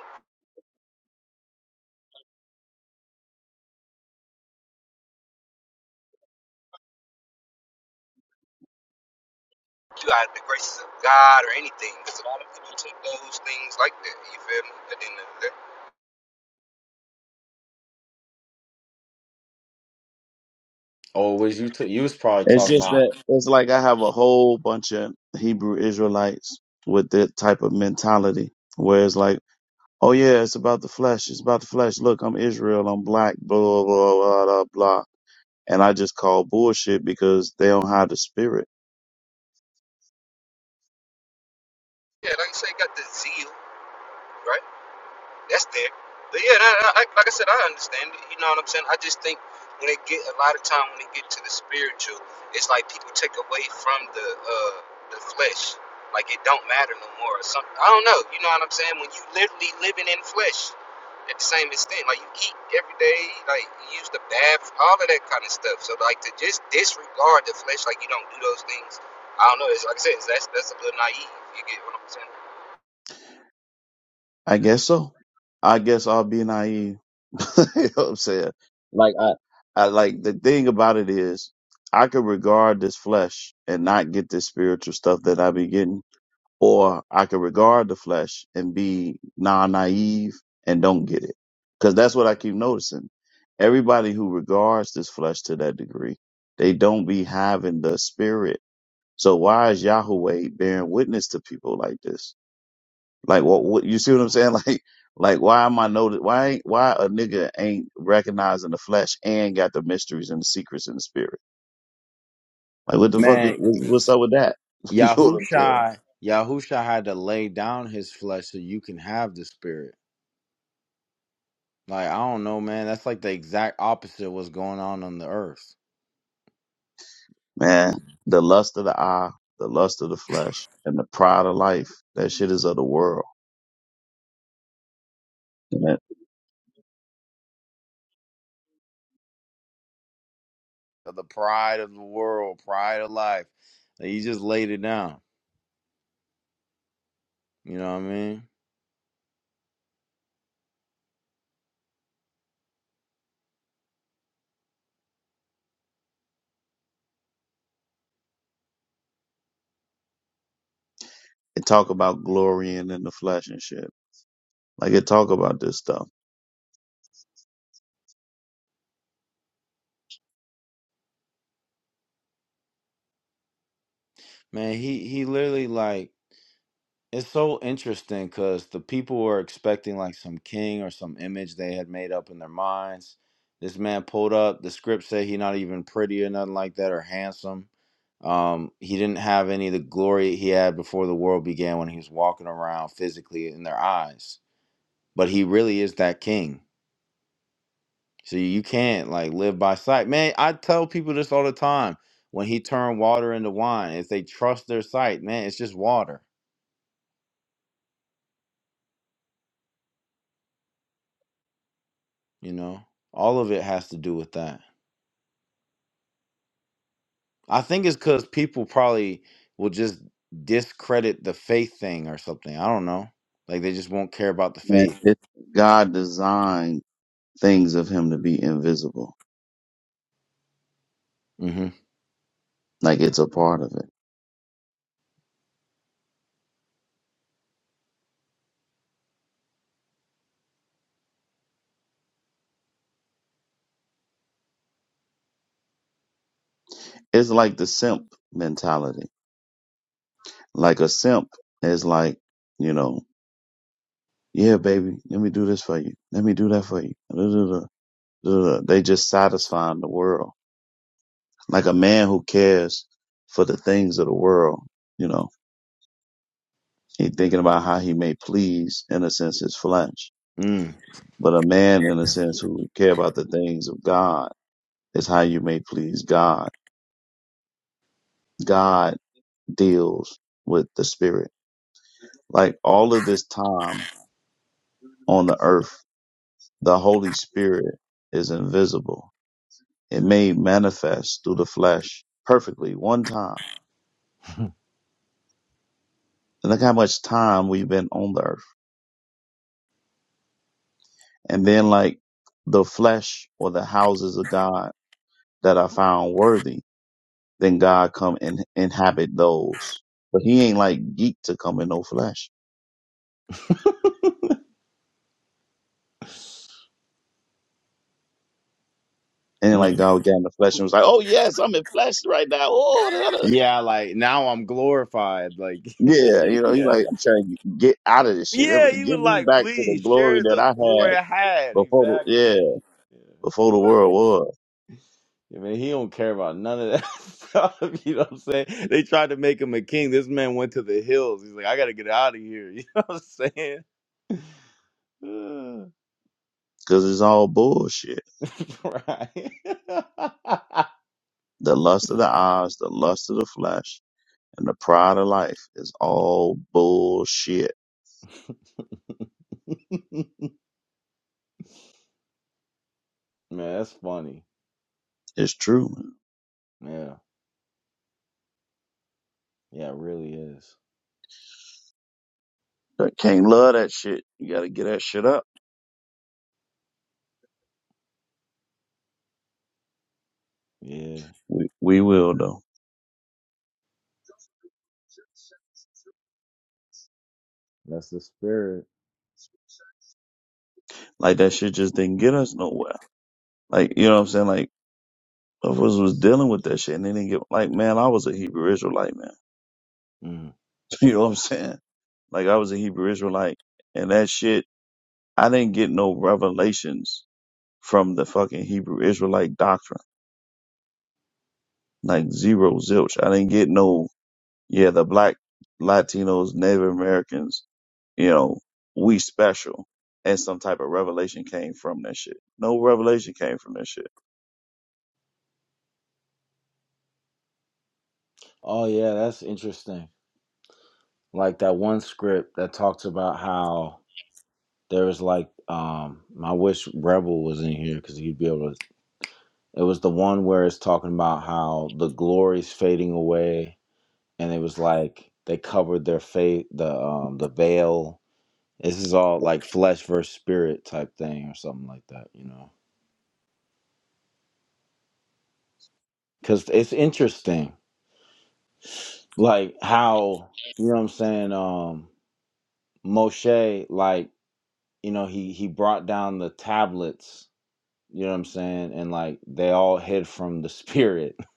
you out of the graces of God or anything, because a lot of people took those things like that. You feel me? But then, the, the,
Oh, was you t- you was probably
It's
talking
just
about
that it's like I have a whole bunch of Hebrew Israelites with that type of mentality where it's like, oh yeah, it's about the flesh. It's about the flesh. Look, I'm Israel. I'm black, blah, blah, blah, blah, blah. And I just call bullshit because they don't have the spirit.
yeah, like you say, got the zeal, right? that's there. But yeah, that, I, I- like I said, I understand it. You know what I'm saying? I just think when it get a lot of time when it get to the spiritual, it's like people take away from the uh, the flesh. Like it don't matter no more or something. I don't know. You know what I'm saying? When you literally living in flesh at the same extent, like you eat every day, like you use the bath, all of that kind of stuff. So like to just disregard the flesh, like you don't do those things. I don't know. It's like I said, it's, that's that's a little naive. You get what I'm saying?
I guess so. I guess I'll be naive. (laughs) you know what I'm saying? Like I, I like the thing about it is I could regard this flesh and not get this spiritual stuff that I be getting. Or I could regard the flesh and be non naive and don't get it. Cause that's what I keep noticing. Everybody who regards this flesh to that degree, they don't be having the spirit. So why is Yahweh bearing witness to people like this? Like what, what you see what I'm saying? (laughs) Like like why am I notice why ain't why a nigga ain't recognizing the flesh and got the mysteries and the secrets in the spirit? Like what the fuck is,
Man,
wh- what's up with that? (laughs) you know what I'm saying?
Yahusha Yahusha had to lay down his flesh so you can have the spirit. Like I don't know, man. That's like the exact opposite of what's going on on the earth.
Man, the lust of the eye, the lust of the flesh, and the pride of life, that shit is of the world. And it,
The pride of the world, pride of life. Like, he just laid it down. You know what I mean?
it talk about glorying in the flesh and shit. Like it talk about this stuff.
Man, he he literally like it's so interesting because the people were expecting like some king or some image they had made up in their minds. This man pulled up. The script said he not even pretty or nothing like that or handsome. Um, he didn't have any of the glory he had before the world began when he was walking around physically in their eyes but he really is that king. So you can't like live by sight. Man, I tell people this all the time. When he turned water into wine, if they trust their sight, man, it's just water, you know? All of it has to do with that. I think it's because people probably will just discredit the faith thing or something. I don't know. Like they just won't care about the
Man,
faith.
it, God designed things of him to be invisible.
Mm-hmm.
Like it's a part of it. it's like the simp mentality. Like a simp is like, you know, yeah, baby, let me do this for you. Let me do that for you. Duh, duh, duh, duh, duh. They just satisfying the world. Like a man who cares for the things of the world, you know, he thinking about how he may please, in a sense, his flesh.
Mm.
But a man, in a sense, who care about the things of God is how you may please God. God deals with the spirit. Like all of this time on the earth The Holy Spirit is invisible. It made manifest through the flesh perfectly one time. And look how much time we've been on the earth. And then like the flesh or the houses of God that are found worthy, then God come and inhabit those. But he ain't like geek to come in no flesh. And like
Mm.
God got in the flesh and was like, Oh yes, I'm in flesh right now. Oh, da, da, da.
Yeah, like now I'm glorified. Like,
yeah. You
(laughs)
know, he
yeah.
like, I'm trying to get out of this shit.
Yeah, he was
Give me
like,
back to the
please
glory
share
that
the,
I
the glory
had
I had.
before. The,
Exactly.
Yeah.
Yeah.
before the world was,
yeah, man, he don't care about none of that (laughs) stuff. You know what I'm saying? They tried to make him a king. This man went to the hills. He's like, I got to get out of here. (laughs) You know what I'm saying? Ugh.
because it's all bullshit.
(laughs) right.
The lust of the eyes, the lust of the flesh, and the pride of life is all bullshit.
(laughs) man, that's funny.
It's true. Man.
Yeah. Yeah, it really is.
That can't love that shit. You gotta get that shit up.
Yeah.
We, we will though.
That's the spirit.
Like that shit just didn't get us nowhere. Like you know what I'm saying? Like of us was dealing with that shit and they didn't get like man, I was a Hebrew Israelite man.
Mm.
(laughs) you know what I'm saying? Like I was a Hebrew Israelite and that shit I didn't get no revelations from the fucking Hebrew Israelite doctrine. Like zero zilch. I didn't get no, yeah, the black Latinos, Native Americans, you know, we special. And some type of revelation came from that shit. No revelation came from that shit.
Oh, yeah, that's interesting. like that one script that talks about how there was like um I wish Rebel was in here because he'd be able to. It was the one where it's talking about how the glory's fading away, and it was like they covered their face, the um the veil. This is all like flesh versus spirit type thing or something like that, you know? Because it's interesting, like how you know what I'm saying. Um, Moshe, like you know, he he brought down the tablets You know what I'm saying? And like they all hid from the spirit. (laughs)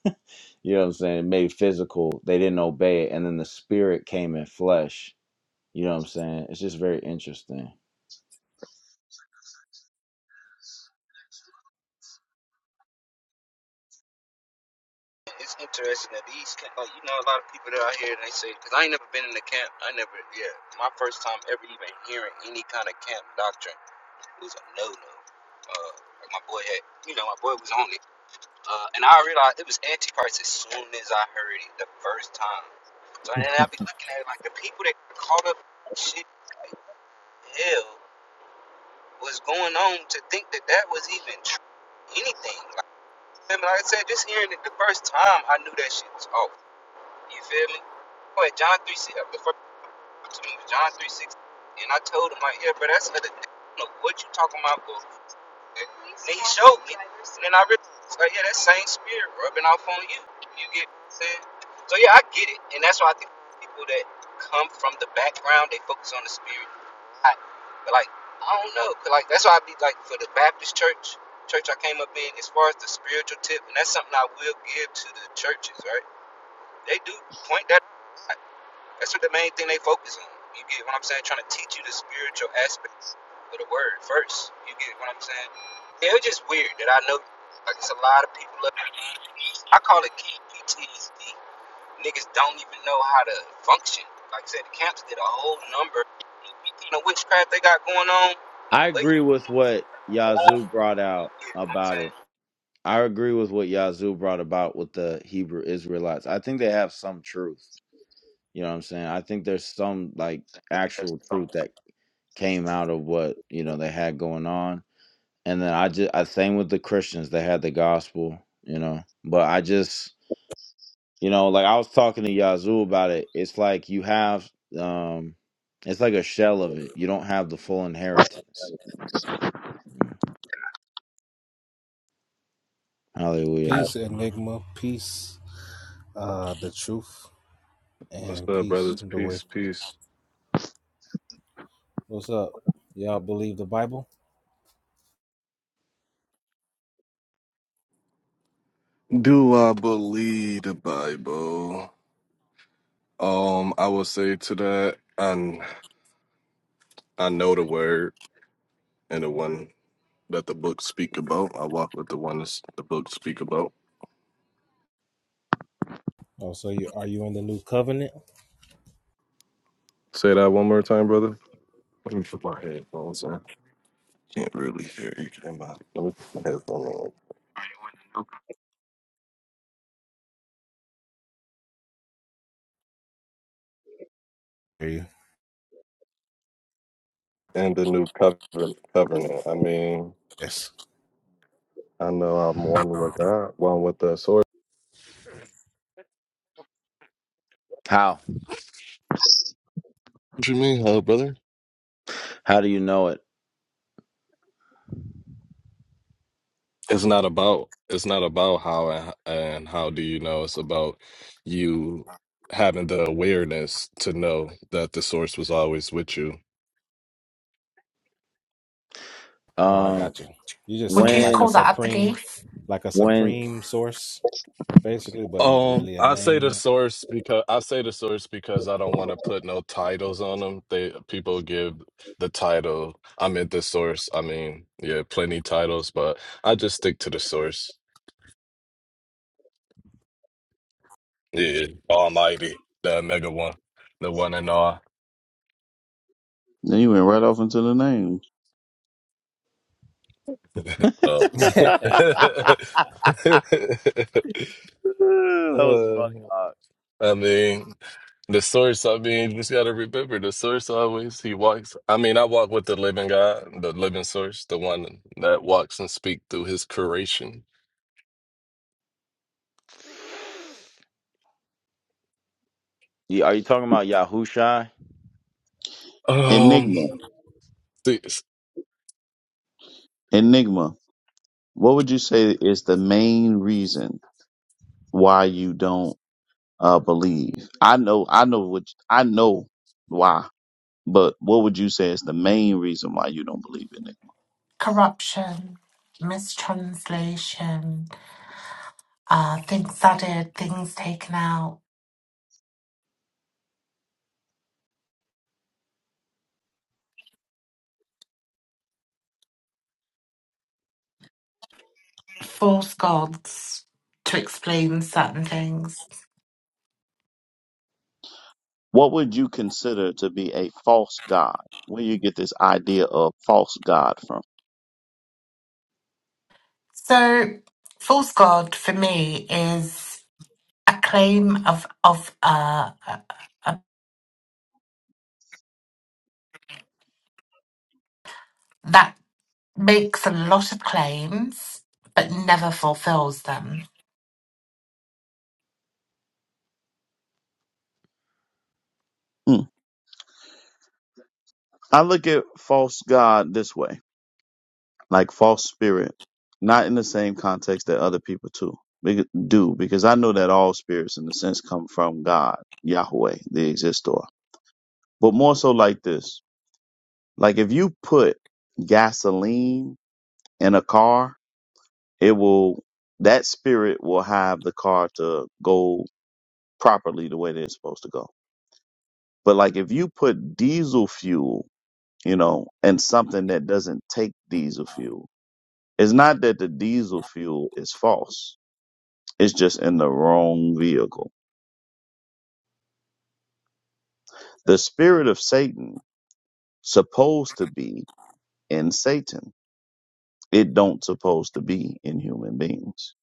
You know what I'm saying? Made physical. They didn't obey it. And then the spirit came in flesh. You know what I'm saying? It's just very interesting.
It's interesting that these camp, like you know, a lot of people that are out here and they say, because I ain't never been in a camp. I never, yeah, my first time ever even hearing any kind of camp doctrine it was a no no. Uh, like my boy had, you know, my boy was on it, uh, and I realized it was antichrist as soon as I heard it the first time. So then I would be looking at it like the people that caught up shit, like hell, was going on to think that that was even true, anything. Like, remember, like I said, just hearing it the first time, I knew that shit was off. You feel me? But John 3 six. the first to me was John 3 six, And I told him, like, yeah, bro, that's another thing. I don't know what you talking about, bro. And I realized, like, yeah, that same spirit rubbing off on you. You get what I'm saying? So, yeah, I get it. And that's why I think people that come from the background, they focus on the spirit. I, but, like, I don't know. 'Cause, like, that's why I be, like, for the Baptist church, church I came up in, as far as the spiritual tip, and that's something I will give to the churches, right? They do point that That's what the main thing they focus on. You get what I'm saying? Trying to teach you the spiritual aspects of the word first. You get what I'm saying? Yeah, it's just weird that I know, like, it's a lot of people. Up, I call it key PTSD. Niggas don't even know how to function. Like I said, the camps did a whole number. You know, witchcraft they got going on,
I
but you
agree with what Yazoo brought out
get what I'm
about
saying?
it. I agree with what Yazoo brought about with the Hebrew Israelites. I think they have some truth. You know what I'm saying? I think there's some like actual truth that came out of what, you know, they had going on and then I just I same with the Christians they had the gospel, you know. But I just you know, like I was talking to Yazoo about it. It's like you have um it's like a shell of it. You don't have the full inheritance. Yeah. Hallelujah.
What's up, brothers? Peace, peace. Do I believe the Bible? Um, I will say to that, I I know the word and the one that the book speak about. I walk with the one that's the book speak about. Say that one more time, brother. Let me put my headphones on. Can't really hear you. Can I? Let me put my headphones on. And the new covenant. covenant. I mean, I know I'm one with God, one with the source.
How?
What you mean, huh, brother?
How do you know it?
It's not about it's not about how and, and how do you know. It's about you having the awareness to know that the source was always with you.
Um
Would you
when
call that a belief?
when
Um, I say the source because I say the source because I don't want to put no titles on them. They people give the title. I'm at the source. I mean, yeah, plenty titles, but I just stick to the source. Yeah, Almighty, the mega one, the one and all.
Then you went right off into the names.
Oh.
(laughs) that
(laughs)
was funny.
Uh,
Uh,
I mean, the source, I mean, you just got to remember the source always, he walks. I mean, I walk with the living God, the living source, the one that walks and speak through his creation.
you- are you talking about Yahushai?
Um,
Enigma.
see, s-
Enigma. What would you say is the main reason why you don't uh believe. I know I know what I know why, but what would you say is the main reason why you don't believe in it?
Corruption, mistranslation, uh, things added, things taken out, false gods to explain certain things.
What would you consider to be a false god? Where you get this idea of false god from?
So, false god for me is a claim of of uh, uh, that makes a lot of claims but never fulfills them.
Hmm. I look at false god this way. like false spirit, not in the same context that other people too bec- do, because I know that all spirits, in a sense, come from God, Yahweh, the Existor. But more so like this: like if you put gasoline in a car, it will that spirit will have the car to go properly the way that it's supposed to go. But like if you put diesel fuel, you know, and something that doesn't take diesel fuel, it's not that the diesel fuel is false It's just in the wrong vehicle. The spirit of Satan supposed to be in Satan. It don't supposed to be in human beings.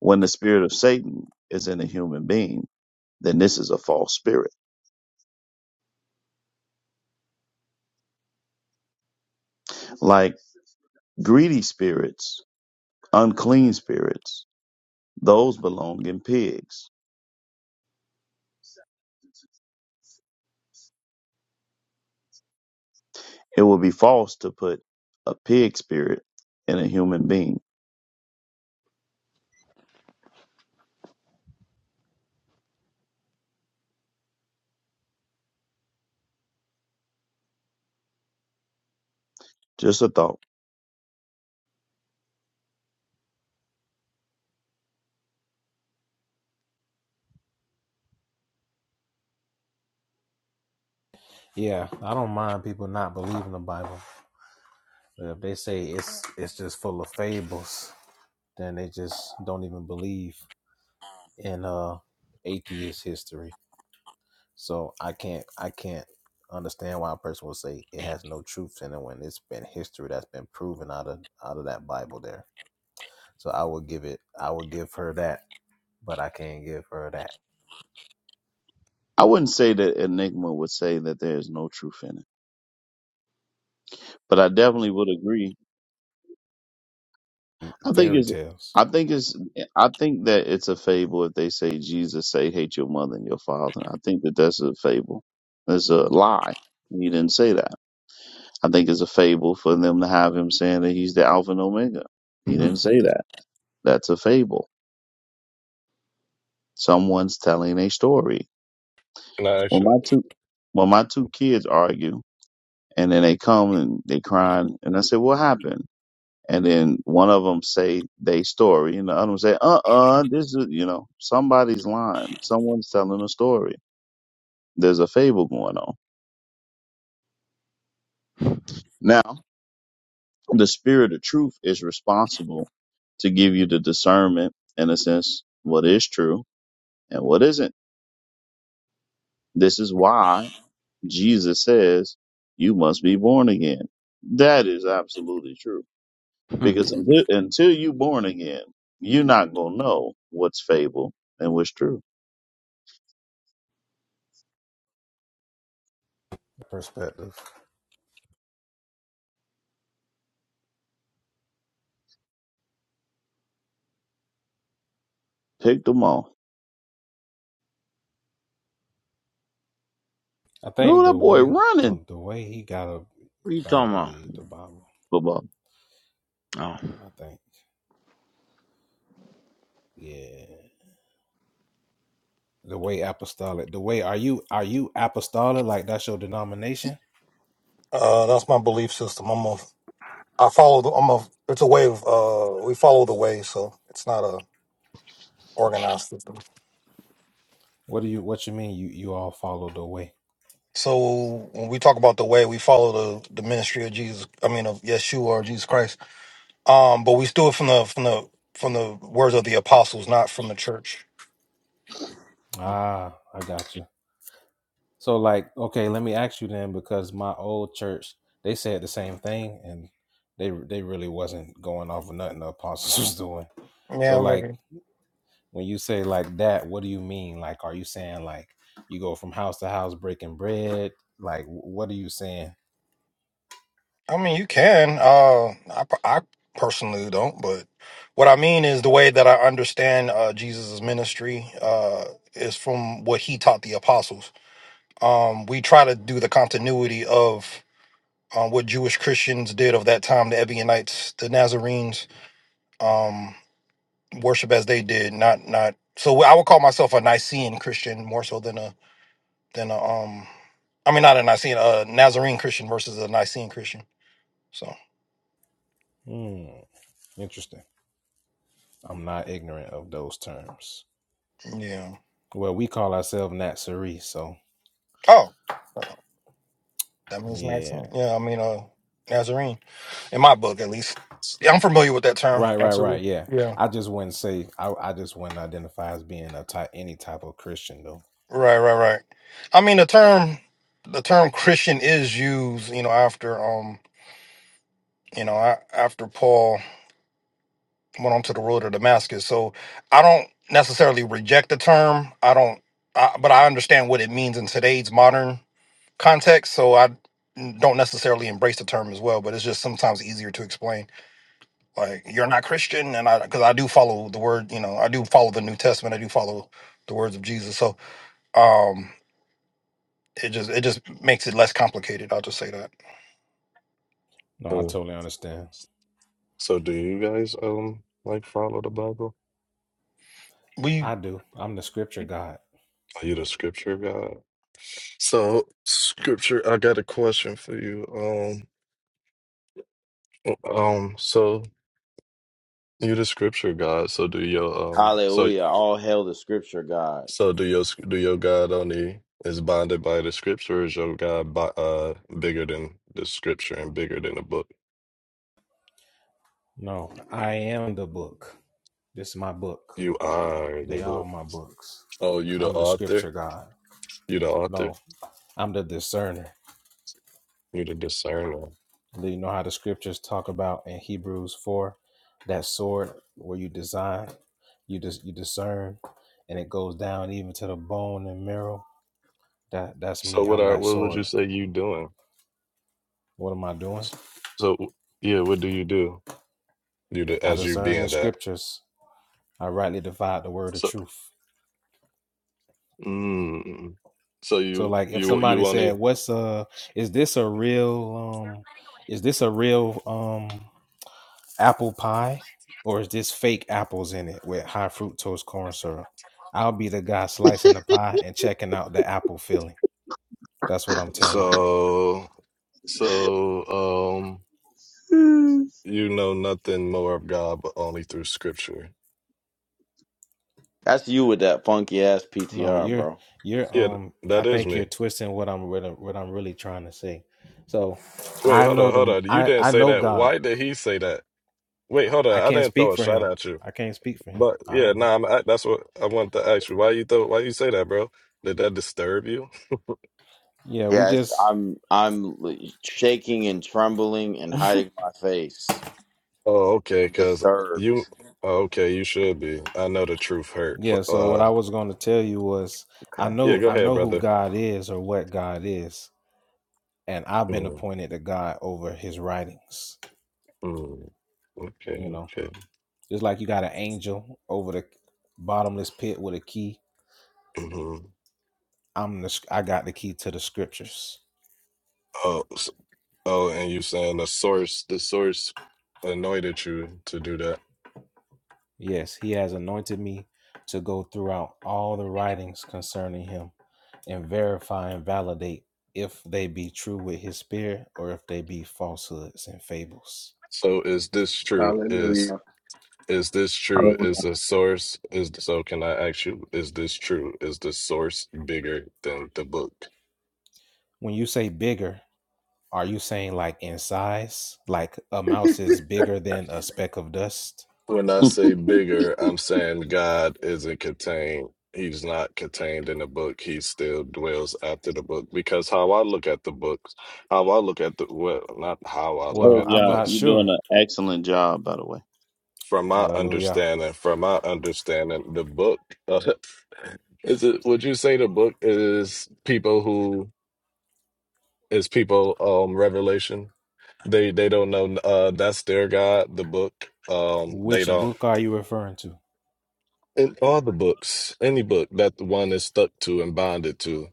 When the spirit of Satan is in a human being, then this is a false spirit. Like greedy spirits, unclean spirits, those belong in pigs. It would be false to put a pig spirit in a human being. Just a thought. I wouldn't say that Enigma would say that there is no truth in it, but I definitely would agree I think it's I think it's I think that it's a fable if they say Jesus say hate your mother and your father. I think that that's a fable. That's a lie. He didn't say that. I think it's a fable for them to have him saying that he's the Alpha and Omega. He
Hmm,
didn't say that. That's a fable. Someone's telling a story.
nah,
When
actually,
my two when my two kids argue and then they come and they crying and I say, What happened? and then one of them say they story, and the other one say, "Uh, uh this is you know somebody's lying. Someone's telling a story. There's a fable going on." Now, the spirit of truth is responsible to give you the discernment, in a sense, what is true and what isn't. This is why Jesus says you must be born again. That is absolutely true
hmm.
because until, until you born again, you're not gonna know what's fable and what's true. Pick them off. Who that boy running?
what are you talking about?
Football.
Oh.
Uh, that's my belief system. I'm a, I follow. The, I'm a. It's a way of. Uh, we follow the way, so it's not a organized system. So when we talk about the way, we follow the the ministry of Jesus. I mean, of Yeshua or Jesus Christ. Um, but we steal it from the from the from the words of the apostles, not from the church. Yeah, maybe. I mean, you can. Uh, I I personally don't, but what I mean is the way that I understand uh Jesus' ministry uh is from what he taught the apostles Um, we try to do the continuity of um, what Jewish Christians did of that time, the Ebionites, the Nazarenes, um, worship as they did. Not not so I would call myself a Nicene Christian more so than a than a um I mean not a Nicene a Nazarene Christian versus a Nicene Christian. So yeah. Oh, oh, that means Nicene. Yeah, I mean uh Nazarene in my book at least. Yeah, I'm familiar with that term. Absolutely. Yeah. Right, right, right. I mean, the term the term Christian is used, you know, after um, you know, a- after Paul went onto the road to Damascus. So I don't necessarily reject the term. I don't, I, but I understand what it means in today's modern context. So I don't necessarily embrace the term as well. But it's just sometimes easier to explain. Like you're not Christian, and I because I do follow the word. You know, I do follow the New Testament. I do follow the words of Jesus. So. um It just it just makes it less complicated. I'll just say that
oh, so do you guys, um, like follow the Bible?
we
Are you the scripture God? So, scripture, I got a question for you. Um, um, so you the scripture God, so do your, um, so
Hallelujah. All hail the scripture God.
So do your do your God only is bonded by the scripture, or is your God bo- uh bigger than the scripture and bigger than the book? You are the book. Oh, you the author. You the author. You the discerner. So what are what would you say you doing? So yeah, what do you do? You the, as you being that. So mm, so you you you only so so um.
Hmm.
You know nothing more of God but only through scripture.
That's you with that funky ass PTR, bro.
Yeah, th- that is me. Wait, hold on, hold on. You didn't say that. Why did he say that? Wait, hold on. I didn't throw a shot at you. But yeah, nah, I'm, I, that's what I wanted to ask you. Why you throw, why you say that, bro? Did that disturb you?
Yes, I'm. I'm shaking and trembling and hiding my face.
Oh, okay,
I'm
cuz
disturbed.
you oh, okay, you should be. I know the truth hurt, but uh
Okay.
yeah, go ahead, brother. Mm, mm, okay, okay. hmm Oh, so Oh, and you saying the source, the source anointed you to do that. So is this true? Is
Hallelujah.
is this true?
Hallelujah.
Is
(laughs)
the source is so can I ask you, is this true? Is the source bigger than the book? When I say bigger, I'm saying God isn't contained. He's not contained in the book. He still dwells after the book. Because how I look at the books, how I look at the well, not how I look
Oh
at the
yeah,
books.
you're doing an excellent job, by the way.
from my understanding, from my understanding, the book uh, (laughs) is it. Would you say the book is people who is people um revelation? They they don't know. Uh, that's their God. The book. Um, they don't. In all the books, any book that the one is stuck to and bonded to.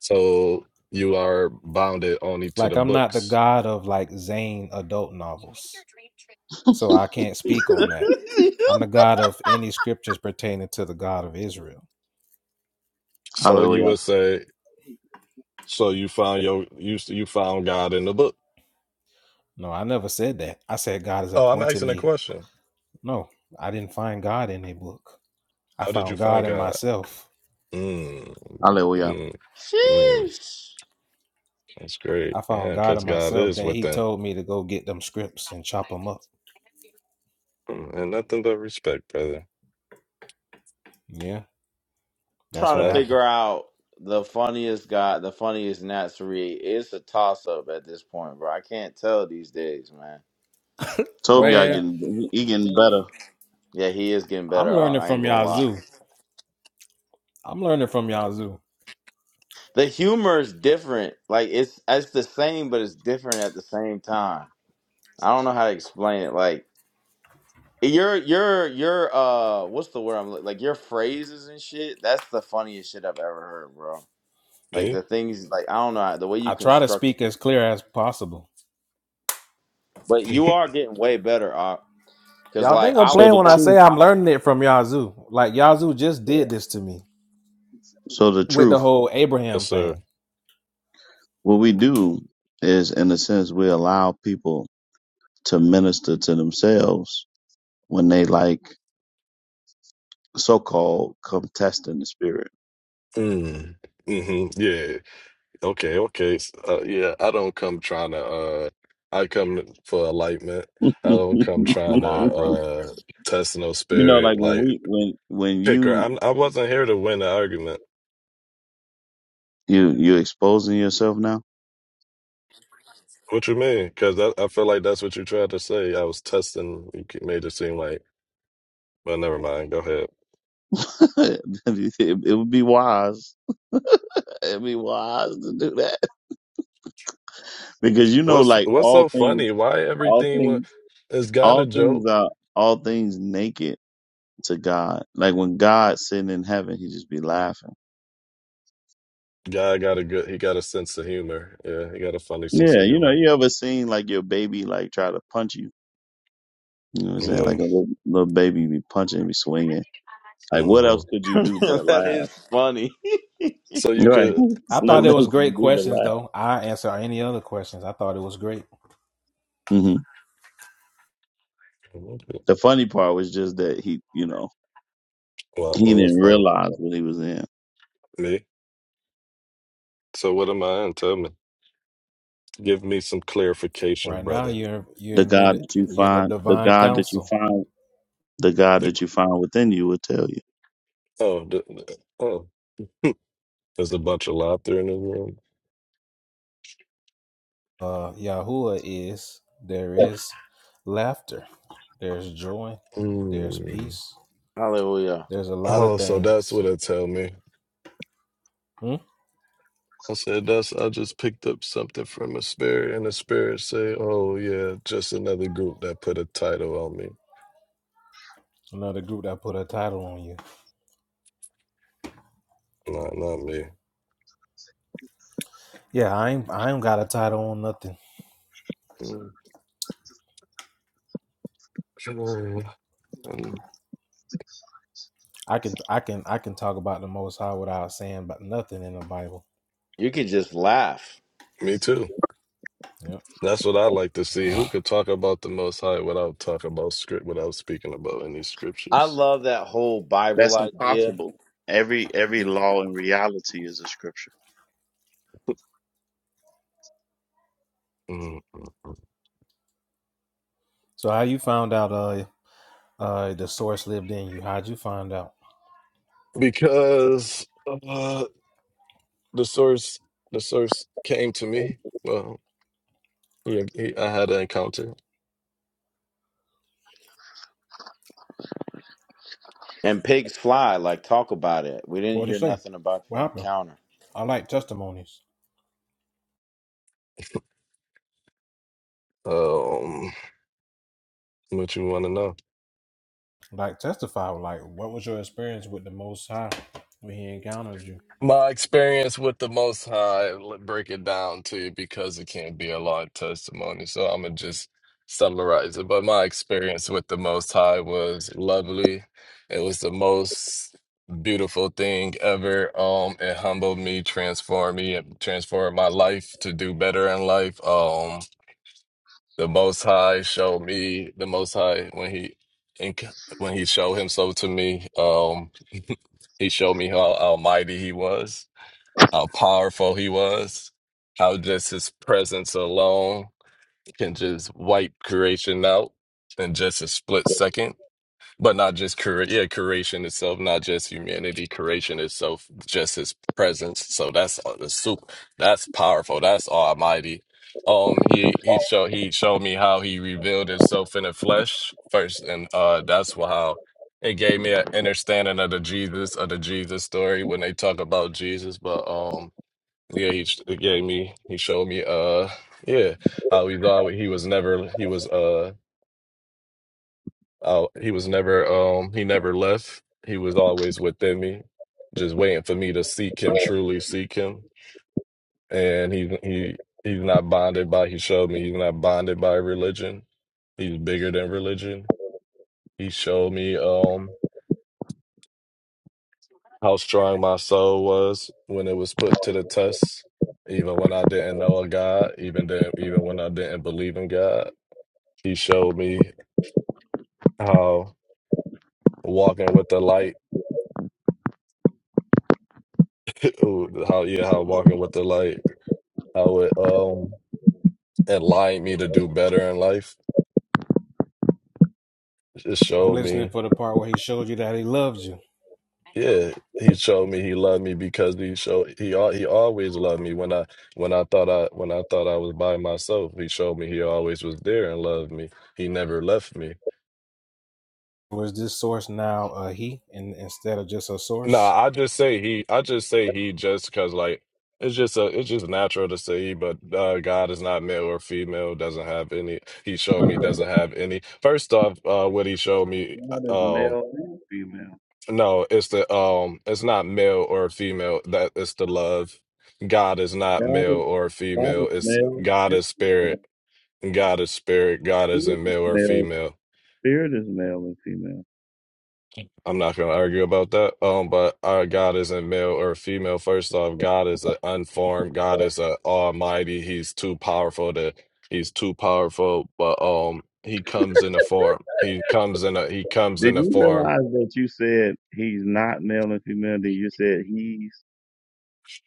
So you are bounded only to the books.
(laughs)
So you
Hallelujah.
would say. So you found your you you found God in the book. Oh, I'm asking a question. How did you find God? Mm,
Hallelujah.
mm, mm.
Sheesh.
That's great. Yeah, because God is within. Mm, And nothing but respect, brother.
I'm trying to
Um,
figure out the funniest guy, the funniest Natsuri. It's a toss up at this point, bro. I can't tell these days, man. Told
Tobiah getting he getting better.
yeah, he is getting better. off, I ain't gonna lie. The humor is different. Like it's it's the same, but it's different at the same time. I don't know how to explain it. Like Your your your uh what's the word I'm look- like your phrases and shit that's the funniest shit I've ever heard bro like
eh?
the things like I don't know how- the way you constructed it but you
(laughs)
are getting way better Op because like I
So
was
the
jumping
truth.
out yeah
So the truth.
Yes, sir.
What we do is in a sense we allow people to minister to themselves when they like so called contesting the spirit.
Mm. hmm Yeah. Okay, okay. S- Uh, yeah, I don't come trying to uh I come for enlightenment.
(laughs)
I don't
you
come
oh,
trying
come
to
on brother.
uh test no
know, like
spirit
when
like
we when when
picker.
you
I'm I wasn't here to win the argument.
You you exposing yourself now?
What you mean? Because I, I feel like that's what you tried to say. I was testing. You made it seem like, well, never mind. Go ahead.
(laughs) it, it would be wise. It'd be wise to do that (laughs) because you know,
What's
like
what's so
all
funny?
things,
Why
all
everything wa-
things,
is got a
all things
joke?
are all things naked to God. Like when God's sitting in heaven, he just be laughing.
Guy got a good. He got a sense of humor. Yeah, he got a funny sense
Yeah,
of
you know,
humor.
you ever seen like your baby like try to punch you? You know what I'm saying?
Yeah.
Like a little, little baby be punching, be swinging. Like what
hmm
else could
(laughs)
you do but
that
laugh?
is funny
So you
Right. (laughs)
could.
There's nothing
What,
else you can do but laugh. hmm
what
The funny part was just that he, you know. He didn't
was funny?
realize what he was in.
Me. So what am I in? Tell me. Give me some clarification, brother.
The God that you find, the God that you find, the God
Like,
that you find within you will tell you.
oh, the, the- oh, there's a bunch of laughter in the room. Mm.
hallelujah
Oh, so that's what it tell me. I said that's I just picked up something from a spirit and the spirit say, Oh yeah, just another group that put a title on me. No, not me. Mm. Mm, Um,
you can just laugh
Me too. That's what I like to see. Who could talk about the most high without talking about script without speaking about any
I
scriptures?
love that whole Bible
That's
idea
impossible. Every every law in reality is a scripture.
Mm, mm, mm. Because uh, the source the source came to me. Well, he, he, I had an encounter.
and pigs fly like talk about it we didn't hear nothing about your encounter
Um, what you want to know? My experience with the Most High, let break it down to you because it can't be a long testimony. So I'm gonna just summarize it. But my experience with the Most High was lovely. It was the most beautiful thing ever. Um, it humbled me, transformed me, and transformed my life to do better in life. Um, the Most High showed me the Most High when he when he showed himself to me. Um, he showed me how almighty he was how powerful he was, how just his presence alone can just wipe creation out in just a split second. But not just cre- yeah, creation itself, not just humanity, creation itself, just his presence. So that's uh, the soup. That's powerful. That's almighty. Um, he he showed he showed me how he revealed himself in the flesh first, and uh, that's wh- how it gave me an understanding of the Jesus of the Jesus story when they talk about Jesus. But um, yeah, he sh- gave me, he showed me, uh, yeah, how he's always, he was never, he was, uh, out, he was never, um, he never left. He was always within me, just waiting for me to seek him, truly seek him. And he, he, he's not bonded by, he showed me he's not bonded by religion. He's bigger than religion. He showed me, um, how strong my soul was when it was put to the test. Even when I didn't know a God, even then, even when I didn't believe in God, He showed me how walking with the light, (laughs) ooh, how yeah, how walking with the light, how it um enlightened me to do better in life. It showed me, yeah, he showed me he loved me because he showed he al- he always loved me when I when I thought I when I thought I was by myself. He showed me he always was there and loved me. He never left me. Nah, I just say he. I just say he just because like it's just a it's just natural to say he, but uh, God is not male or female. Doesn't have any. He showed me doesn't have any. First off, uh, what he showed me,
God is
uh, um,
male and female.
no, it's the um, it's not male or female. That it's the love. God is not
God
male
is
or
God
female.
is
It's
male
God
and
is
female.
spirit. God is spirit. God
Food
isn't
is
male or
male.
female.
Spirit is male and female.
I'm not going to argue about that. Um, but our God isn't male or female. First off, God is an unformed. God is a almighty. He's too powerful to. He's too powerful. But um, he comes in a form. He comes in a. He comes
Did
in a
you
form.
realize that you said he's not male and female? Then you said he's.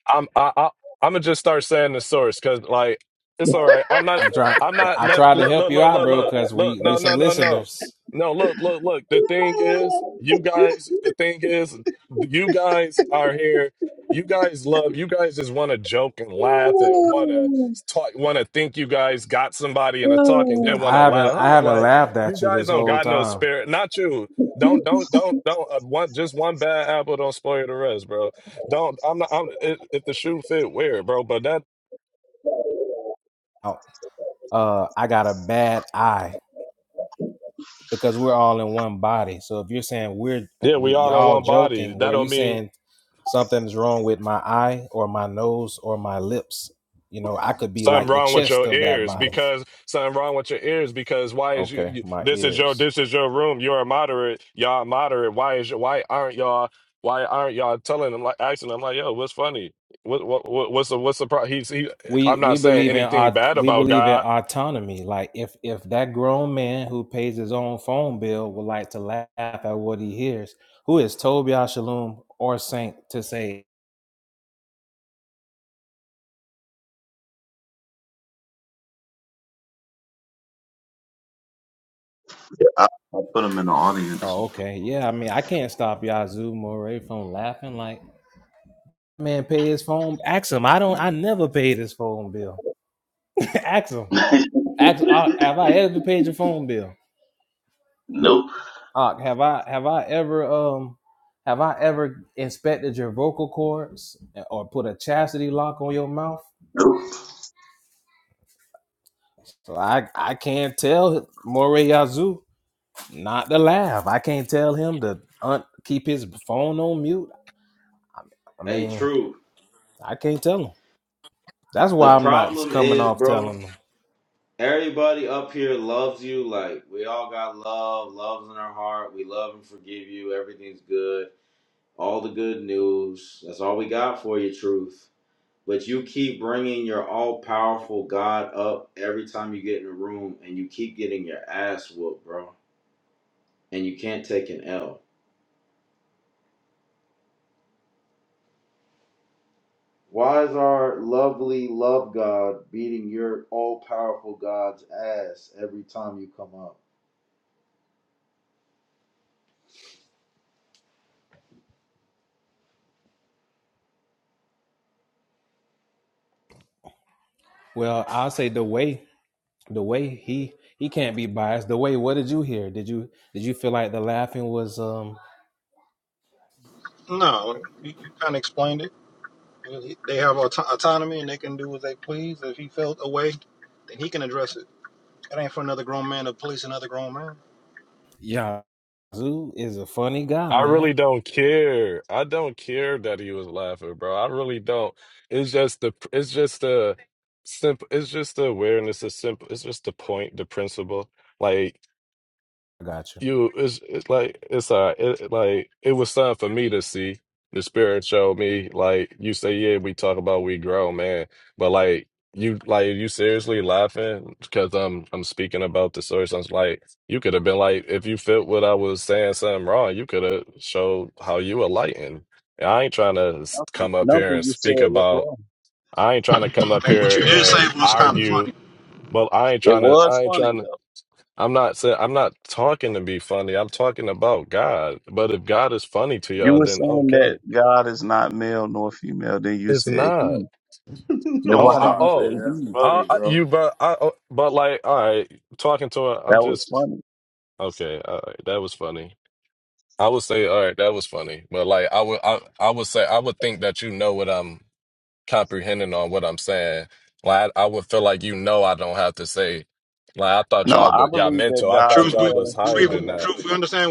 I'm I, I I'm gonna just start saying the source because like it's all right. I'm not I'm not never look look look look look look no no no no no look look look. The thing is, you guys. The thing is, you guys are here. You guys love. You guys just want to joke and laugh and want to talk. Want to think you guys got somebody in a talk and then want to laugh. Huh? Like you guys don't got no spirit. Not you. Don't don't don't don't uh, one just one bad apple don't spoil the rest, bro. Don't I'm not I'm if, if the shoe fit, wear it, bro. But that yeah, we all in one body. That don't mean something wrong with your ears because something wrong with your ears because why is you, you this is your this is your room. You're a moderate, y'all moderate. Why is your why aren't y'all why aren't y'all telling them like asking them like yo what's funny what what what- what's the what's the pro he's he I'm not saying anything bad about God
I, I put him in the audience.
hey true the problem is bro Everybody up here loves you. Like we all got love, love's in our heart. We love and forgive you. Everything's good. All the good news. That's all we got for you, truth. But you keep bringing your all-powerful God up every time you get in a room, and you keep getting your ass whooped, bro. And you can't take an L. Why is our lovely love God beating your all-powerful God's ass every time you come up?
No, you, you kind of explained it. They have auto- autonomy and they can do what they please. If he felt away, then he can address it. It ain't for another grown man to police another grown man.
I really don't care. I don't care that he was laughing, bro. I really don't. It's just the it's just the simple it's just the awareness, the simple it's just the point, the principle. Like you it's, it's like it's uh it, like it was something for me to see the spirit showed me like you say yeah we talk about we grow man but like you like you seriously laughing because i'm i'm speaking about the source i was like you could have been like if you felt what i was saying something wrong you could have showed how you were enlightened and i ain't trying to
Nothing,
come up here
nothing
and
you said
speak
was
about
wrong.
i ain't trying to come up
What
here
you did say
and
was kind of
argue
funny.
but i ain't
It
trying to
was
i ain't
funny
trying to
though.
I'm not saying I'm not talking to be funny. I'm talking about God. But if God is funny to
You
y'all,
were
then
saying that
okay.
God is not male nor female. Then you
It's
said
not.
he.
(laughs)
Then
I'm
Oh,
why did
I,
you
sorry,
oh,
say
man. That's
he?
I,
funny,
I,
bro.
you. But I. oh, But like, all right, talking to her. I'm
That was
just
funny.
okay. All right, that was funny. I would say, all right, that was funny. But like, I would, I, I would say, I would think that you know what I'm comprehending on what I'm saying. Like, I, I would feel like you know I don't have to say. Like, I thought
No,
y'all,
I
but y'all
believe
mental.
that
I
God
True,
thought
is
we,
y'all
male
was
and
higher
female
than
we
though.
that.
understand.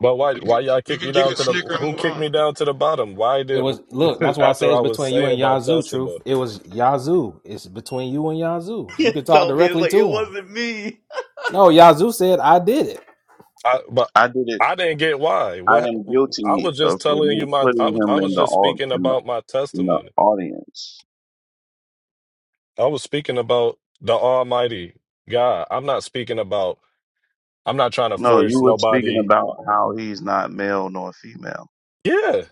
But why why y'all
We
kick
can,
me
you
down
can
to the
snicker and
who
move
kicked
on.
me down to the bottom? Why did (laughs) after I was saying my testimony?
(laughs) told me it's like it wasn't me.
I but
I did it.
I didn't get why.
I
What
am
I
guilty
was just
of
telling you
remo-
my I
putting
was I
him
was
in the,
just
au-
speaking
in the
about my
in the
testimony.
audience.
I was speaking about the Almighty God. I'm not speaking about I'm not trying to
No, you
force
were speaking
nobody.
about how he's not male nor female.
Yeah.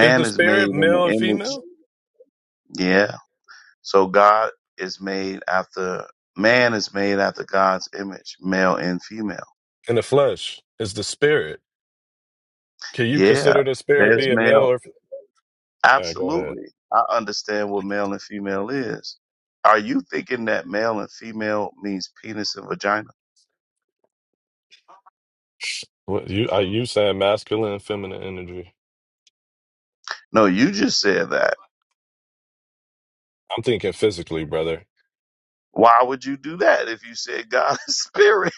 Is the
is made
spirit
in
male
the
and
image.
female?
Yeah. So God is made after man is made after God's image, male and female.
In the flesh is the spirit. Can you
Yeah.
consider the spirit
There's
being male
male.
or f- all right, go ahead.
Absolutely. I understand what male and female is. Are you thinking that male and female means penis and vagina?
What you are you saying masculine and feminine energy?
No, you just said that.
I'm thinking physically, brother.
Why would you do that if you said God is spirit?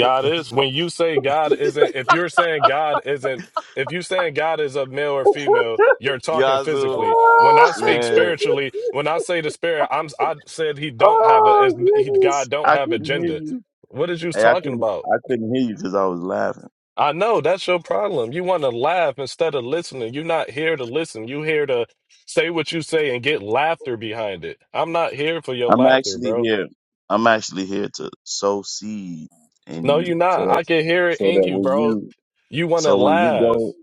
(laughs)
is when you say God isn't if you're saying God isn't if you saying God is a male or female, you're talking
Yazoo,
physically. When I
(laughs)
speak
man.
spiritually, when I say the spirit, I'm I said he
Oh,
don't have a is
oh
he
goodness.
God don't
I
have a
couldn't hear
agenda.
you.
What is you
Hey, I
talking
couldn't
about?
I couldn't hear you because I was laughing.
I know that's your problem. You want to laugh instead of listening. You're not here to listen. You here to say what you say and get laughter behind it. I'm not here for your
I'm
laughter,
actually
bro.
here. I'm actually here to sow seed in
No,
you.
you not.
So
I can hear it
so that
in you,
when
bro.
you
You want to
so when you
laugh.
go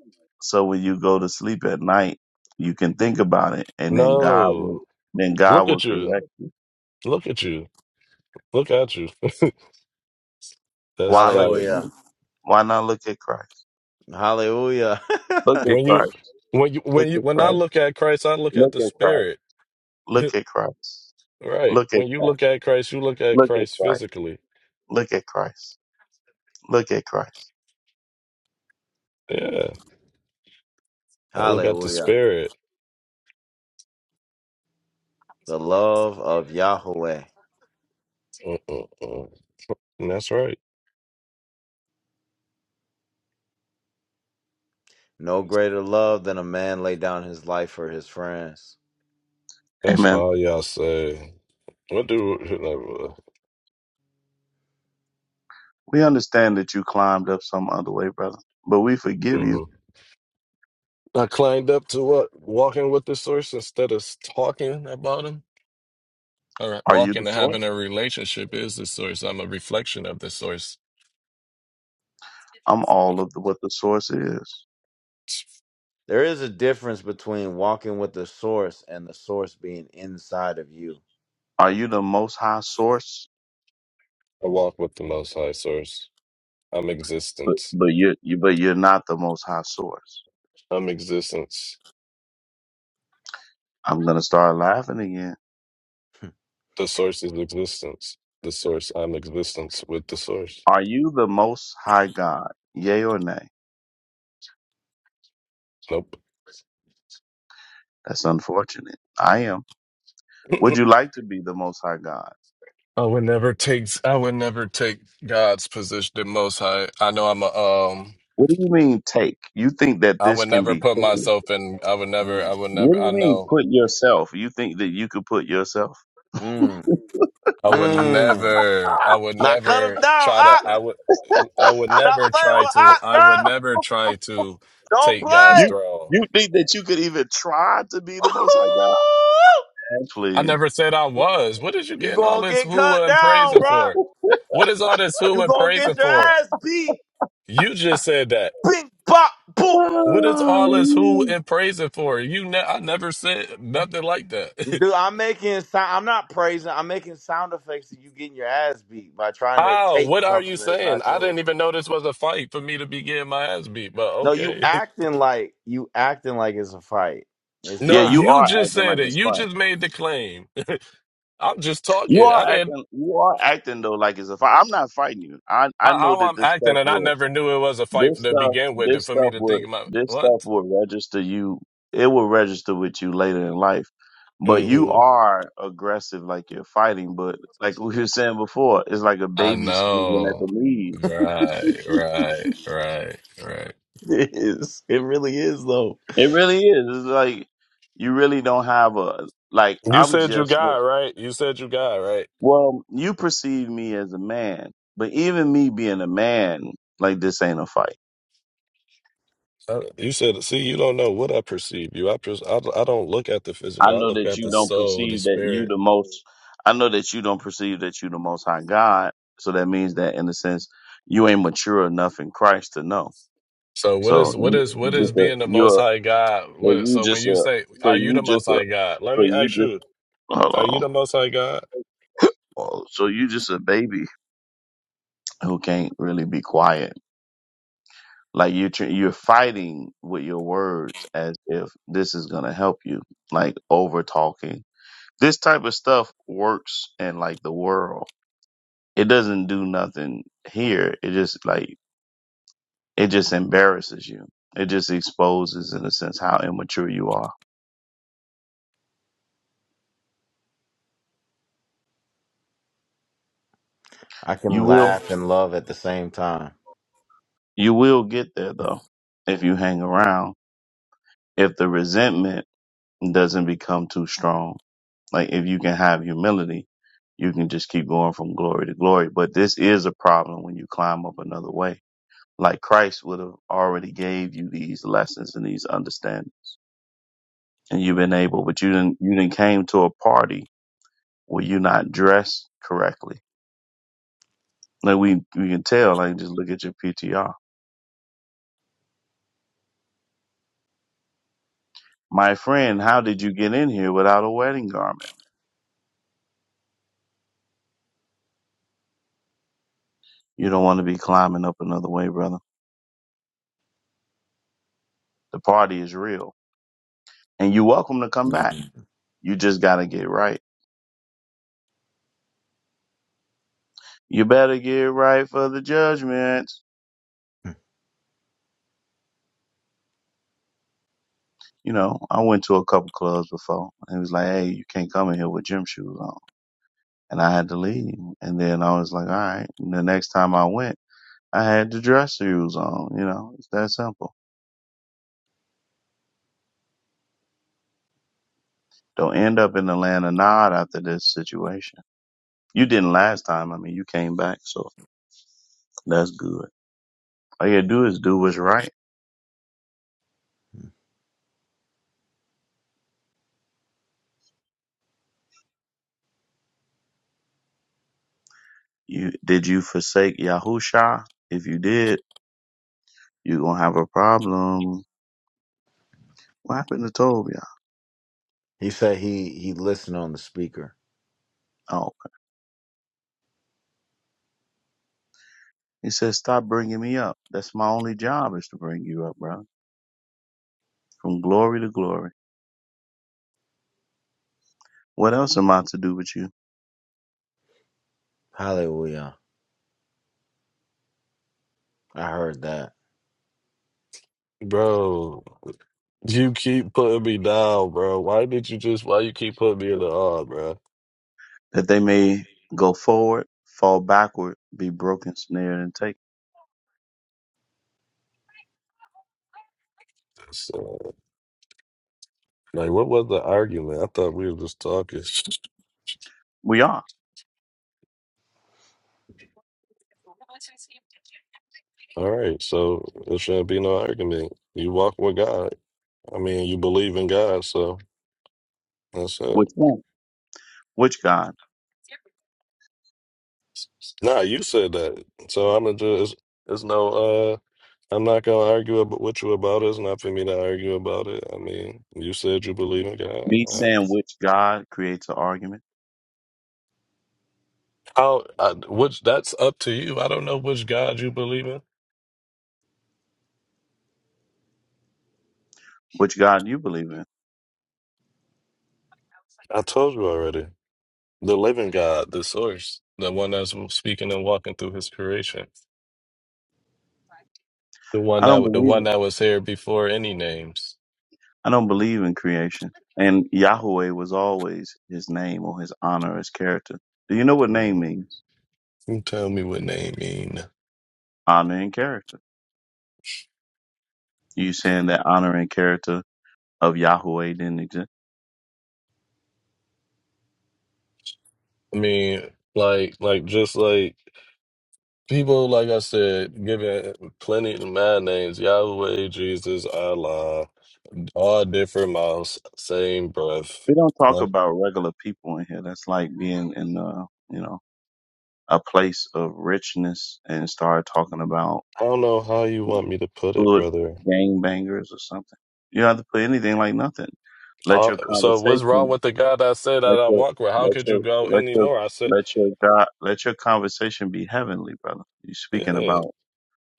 so when you go to sleep at night, you can think about it and then God will
No.
then God
Look
will
at you.
correct you.
Look at you. Look at you. (laughs) That's
Why look at
like
Hallelujah.
me? Why not look at Christ?
Hallelujah.
Look at
when you
Christ.
when you
Look
when you
at
when I
Christ.
look at Christ, I look at
Look
the
at Christ.
spirit. (laughs)
Look at Christ.
right.
Look at
When you look
Christ.
at Christ, you look at
Look at
Christ
Christ.
physically.
Look at Christ. Look at Christ.
Yeah.
(laughs)
I look at the
Hallelujah.
spirit.
The love of Yahweh.
Mm-mm-mm. And that's right.
No greater love than a man lay down his life for his friends.
That's
Amen.
all y'all say. What do
We understand that you climbed up some other way, brother, but we forgive
hmm
you.
I climbed up to what walking with the source instead of talking about him? All right.
Are you the
Walking and having
source?
a relationship is the source. I'm a reflection of the source.
I'm all of the, what the source is.
There is a difference between walking with the source and the source being inside of you.
Are you the most high source?
I walk with the Most High Source. I'm
But,
existence.
but you're, you, but you're not the most high source.
I'm existence.
I'm going to start laughing again.
The Source is existence. The Source. I'm existence with the Source.
Are you the most high God? Yay or nay?
Nope.
That's unfortunate. I am. Would
(laughs) (clears throat)
you like to be the most high God?
I would never take I would never take God's position the most high. I know I'm a um
What do you mean take? You think that
I
this
would
can
never
be
put
taken?
myself in I would never
Mm,
I would
What
never
do you
I
mean
know.
put yourself? You think that you could put yourself?
mm,
I would
mm.
never, I would
Now cut him
never
down,
try to,
Ah,
I would, I would
Stop
never
playing
try
with
to,
Ah,
I would
bruh.
never try to
Don't
take God's
play.
You
throne.
you think that you could even try to be
(laughs)
the most high God?
I
Actually.
never said I was. What is you
you
getting all
gonna
this
get
hoo
cut
and
down,
praising
bruh.
for? What is all this hoo
You
and
gonna get
praising
your
for?
ass beat.
You just said that.
Bing, bop, boom.
What is all this hoo
um,
and praising for? You, ne- I never said nothing like that. (laughs)
Dude, I'm making sound. I'm not praising. I'm making sound effects of you getting your ass beat by trying to
How?
take
What are you
something that's
saying?
not
I
yours.
didn't even know this was a fight for me to be getting my ass beat, but
No, you
okay. (laughs)
acting like you acting like it's a fight. It's
Yeah,
No,
not.
you
you
are
just
acting
said
like
it.
it's
You
fine.
just made the claim. I'm just
You
talking. I
are
didn't
acting you are acting though like it's a fight. I'm not fighting you. I I
how
know
how
that
I'm
this
acting,
stuff
and I
will
never knew it was a fight
This
to
stuff,
begin with. And
this
for me
stuff
to
would,
think about
this stuff
what
would register you. It will register with you later in life. But you
hmm
are aggressive, like you're fighting. But like we were saying before, it's like a
I
baby swinging at the
know,
knees.
(laughs)
right, right, right, right.
It is. It really is though.
It really is. It's like you really don't have a like.
You
I'm
said you
just
got
what-
right. You said you got right.
well. You perceive me as a man, but even me being a man, like this ain't a fight.
Uh, You said, see, you don't know what I perceive you. I, pers- I I don't look at the
I
physical. I
know
look
that
at
you
the
don't
soul, the
perceive that you
spirit.
the most. I know that you don't perceive that you the most high God. So that means that in a sense, you ain't mature enough in Christ to know.
So what
So
is what
you
is what is
just a
being the Most
you're
High God?
so
What,
you
so when
just
you
a
say,
so
"Are you
you
the Most
just a
High God?" Let
so
me
you
ask
just
you,
hold
"Are you
on.
the Most High God?"
Oh, So you just a baby who can't really be quiet. Like you're tr- you're fighting with your words as if this is gonna help you. Like over talking. This type of stuff works in like the world it doesn't do nothing here. It just like it just embarrasses you. It just exposes in a sense how immature you are.
I
You
can
will
laugh and love at the same time.
you will get there though if you hang around. If the resentment doesn't become too strong. Like if you can have humility, you can just keep going from glory to glory. But this is a problem when you climb up another way. Like Christ would have already gave you these lessons and these understandings. And you've been able, but you didn't you didn't came to a party Were you not dressed correctly? Like we, we can tell, like just look at your PTR. My friend, how did you get in here without a wedding garment? You don't want to be climbing up another way, brother. The party is real and you're welcome to come
Mhm.
back. You just got to get right. You better get right for the judgment. You know, I went to a couple clubs before and it was like, Hey, you can't come in here with gym shoes on. And I had to leave. And then I was like, all right. And the next time I went, I had the dress shoes on, you know, it's that simple. Don't end up in the land of Nod after this situation. You didn't last time. I mean, you came back, so that's good. All you gotta do is do what's right. You did you forsake Yahusha? If you did, you gonna have a problem. What happened to Tobiah?
He said he he listened on the speaker.
Oh, he says, stop bringing me up. That's my only job is to bring you up, bro. From glory to glory. What else am I to do with you?
Hallelujah. I heard that.
Bro. You keep putting me down, bro. Why did you just? Why you keep putting me in the odd, bro?
That they may go forward, fall backward, be broken, snared, and taken.
So, like, what was the argument? I thought we were just talking.
We are.
(laughs) All right, so there shouldn't be no argument. You walk with God. I mean, you believe in God, so that's it.
Which one? Which God?
Nah, you said that, so I'm gonna just. There's no. uh I'm not gonna argue ab- with you about it. It's not for me to argue about it. I mean, you said you believe in God.
Me
All right.
saying which God creates an argument.
How? I, which? That's up to you. I don't know which God you believe in.
Which God you believe in?
I told you already. The living God, the source, the one that's speaking and walking through his creation. The one
I don't
that the
believe.
one that was here before any names.
I don't believe in creation. And Yahweh was always his name or his honor, his character. Do you know what name
You
means?
tell me what name mean.
Honor and character. You saying that honor and character of Yahweh didn't exist?
I mean, like like just like people like I said, giving plenty of mad names, Yahweh, Jesus, Allah, all different mouths, same breath.
We don't talk
Like
about regular people in here. That's like being in uh, you know, a place of richness and start talking about
I don't know how you want me to put it,
hood
brother.
gangbangers or something. You don't have to put anything like nothing let
Uh,
your
so what's wrong
conversation
with the guy that said
Let
that I
your
walk with? How
let
could you
your
go
let your
anymore? I said,
let your God let your conversation be heavenly, brother. You speaking
yeah,
about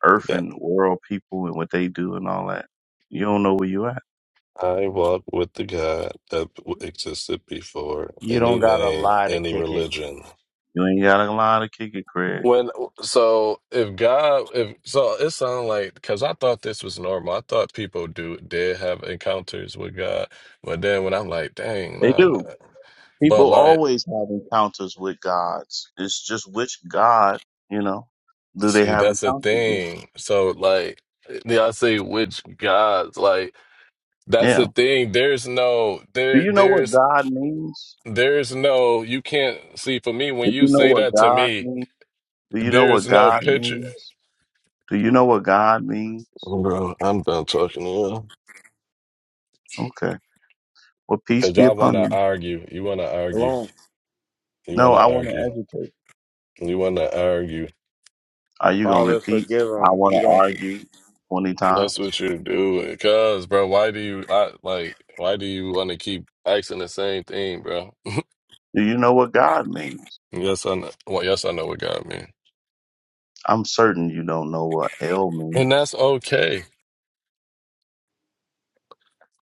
earth
yeah.
and world people and what they do and all that. You don't know where you at.
I walk with the God that existed before
You don't
any
gotta
name,
lie to
any
kick it.
religion.
You ain't got a lot of kick it, Craig.
When so if God if so it sounded like because I thought this was normal. I thought people do did have encounters with God, but then when I'm like, dang,
They
nah,
do.
nah. But
People
like,
always have encounters with gods. It's just which God, you know, do they
see,
have
that's the
encounters with?
thing. So like, yeah, I say which gods like. That's
Yeah.
the thing. There's no
Do
there
you know what
there's
God means?
there's no you can't see for me
Do
when you
you know
say
what
that to
God
me,
means? Do you know what
there's no
God
picture.
means? Do you know what God means?
Bro, I'm done talking to you.
Okay. Well, peace
Cause
be
y'all
upon
wanna
you.
argue. You wanna
Come
argue.
on.
You
No,
wanna
I want to
argue.
educate.
You wanna argue.
Are you going to
Father,
repeat?
forgive
I
him.
want
He
to
don't.
argue 20
That's what
times.
you're doing. Cause bro, why do you I, like why do you wanna keep asking the same thing, bro?
Do you know what God means?
Yes, I know well, yes I know what God mean.
I'm certain you don't know what L
And
means.
that's okay.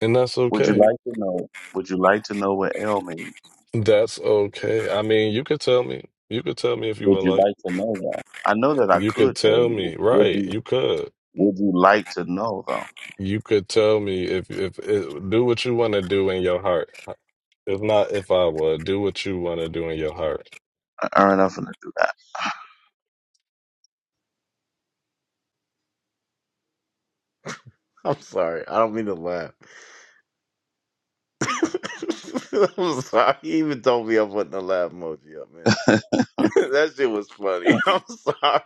And that's
Would you
okay.
like to know? Would you like to know what L means?
That's okay. I mean, you could tell me. You could tell me if you
Would
would
you
like.
like to know though? I know that I
You could
could tell
tell
you.
me,
Would
right?
you,
You could.
would you like to know though?
You could tell me if if, if do what you want to do in your heart. Uh, If not, if I would do what you want to do in your heart.
All right, I'm going to do
I'm sorry. I don't mean to laugh. (laughs) I'm sorry. He even told me I wasn't a laugh emoji up, man.
that.
(laughs) that shit was funny. (laughs) I'm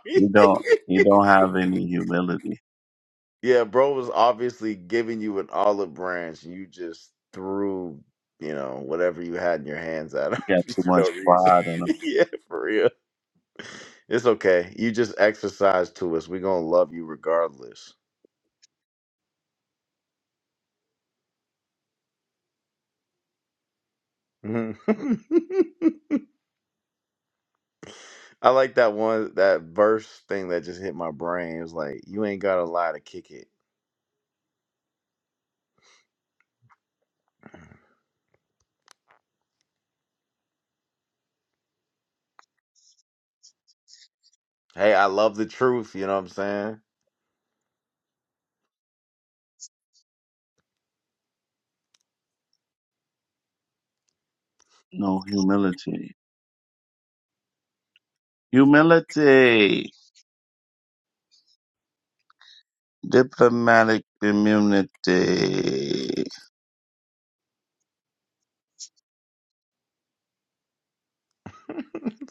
(laughs) you don't, you
(laughs)
don't have any humility.
yeah, bro was obviously giving you an olive branch and you just threw, you know, whatever you had in your hands at him
You got too
(laughs) for no
much
reason.
pride and uh,
(laughs) yeah, for real. It's okay. You just exercise to us. We're going to love you regardless. Mhm. (laughs) I like that one that verse thing that just hit my brain. It was like, you ain't gotta lie to kick it. Hey, I love the truth, you know what I'm saying?
no humility. Humility. Diplomatic immunity.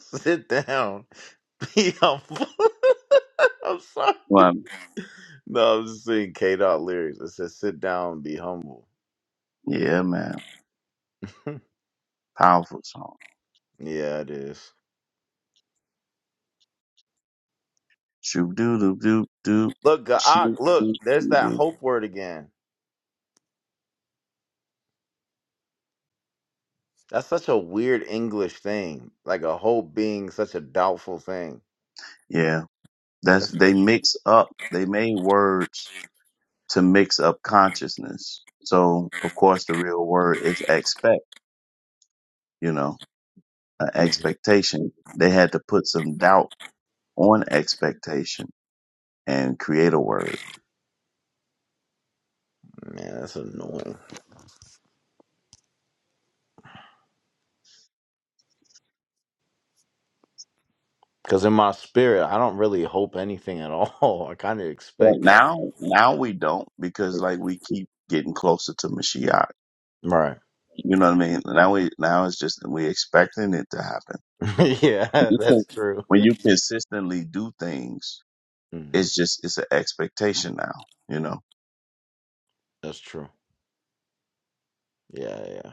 (laughs) Sit down. (laughs) Be humble. (laughs) I'm sorry.
Well,
No, I'm just seeing K dot lyrics. It says sit down and be humble.
yeah, man.
(laughs)
Powerful song.
yeah, it is.
Shoot doo doo doo doo.
Look, Gaak,
Shoot
look,
doo
there's
doo
that
doo.
hope word again. That's such a weird English thing. Like a hope being such a doubtful thing.
Yeah. That's,
That's
they mix up, they made words to mix up consciousness. So, of course, the real word is expect, you know, an
Mhm.
expectation. They had to put some doubt on expectation and create a word.
man, that's annoying. Because in my spirit, I don't really hope anything at all. (laughs) I kind of
But
expect everything.
now, now we don't because like we keep getting closer to Mashiach.
Right.
You know what I mean? Now we now it's just we expecting it to happen.
(laughs) yeah,
When you
that's
can-
true.
when you consistently do things,
Mhm.
it's just it's an expectation now. You know,
That's true. Yeah, yeah.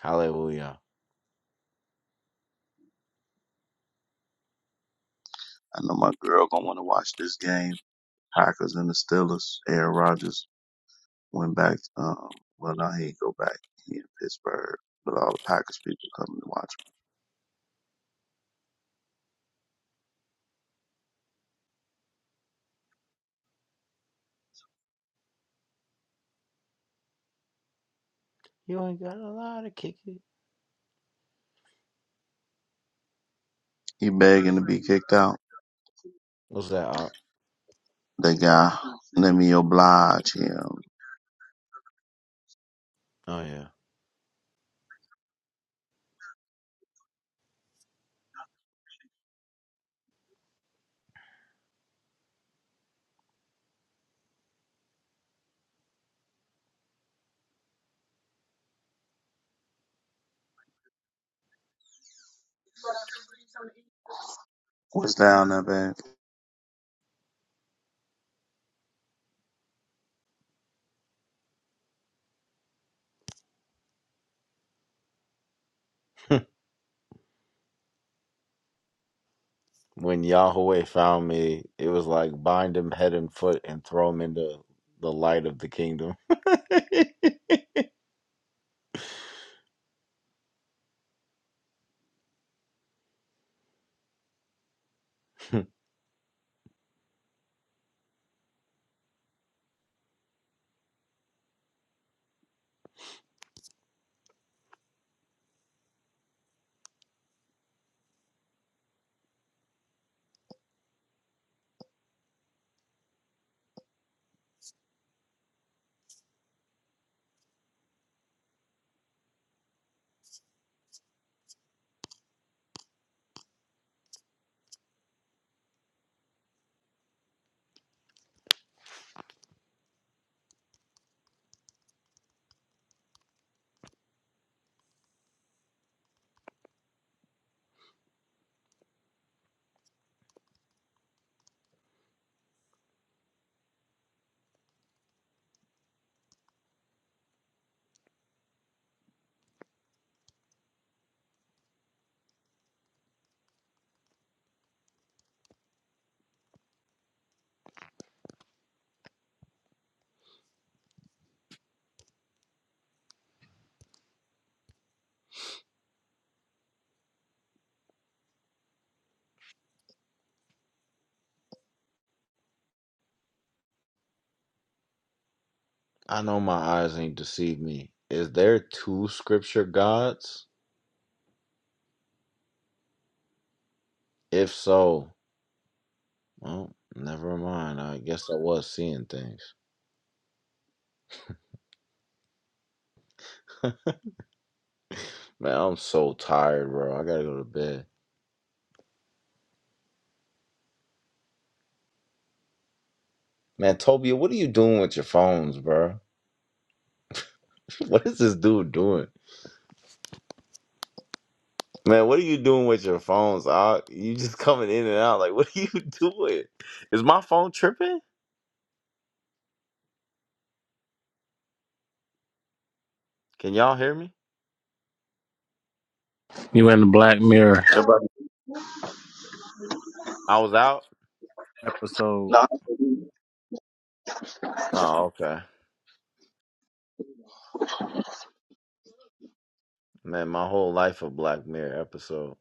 Hallelujah.
I know my girl gonna want to watch this game. Packers and the Steelers. Aaron Rodgers went back. Um, well, now he ain't go back. He in Pittsburgh, but all the Packers people coming to watch.
You ain't got a lot to kick it.
He begging to be kicked out.
What's that? Art?
The guy, let me oblige him.
Oh,
What's down there, babe?
yeah. (laughs) when Yahweh found me, it was like bind him head and foot and throw him into the light of the kingdom. (laughs) I know my eyes ain't deceived me. Is there two scripture gods? If so, Well, never mind. I guess I was seeing things. Man, I'm so tired, bro. I gotta go to bed. Man, Tobia, what are you doing with your phones, bro? (laughs) What is this dude doing? Man, what are you doing with your phones? Ah, you just (laughs) coming in and out. Like, (laughs) what are you (laughs) doing? Is my phone tripping? Can y'all hear me? I was out.
Apple.
Oh, okay. Man, my whole life a Black Mirror episode.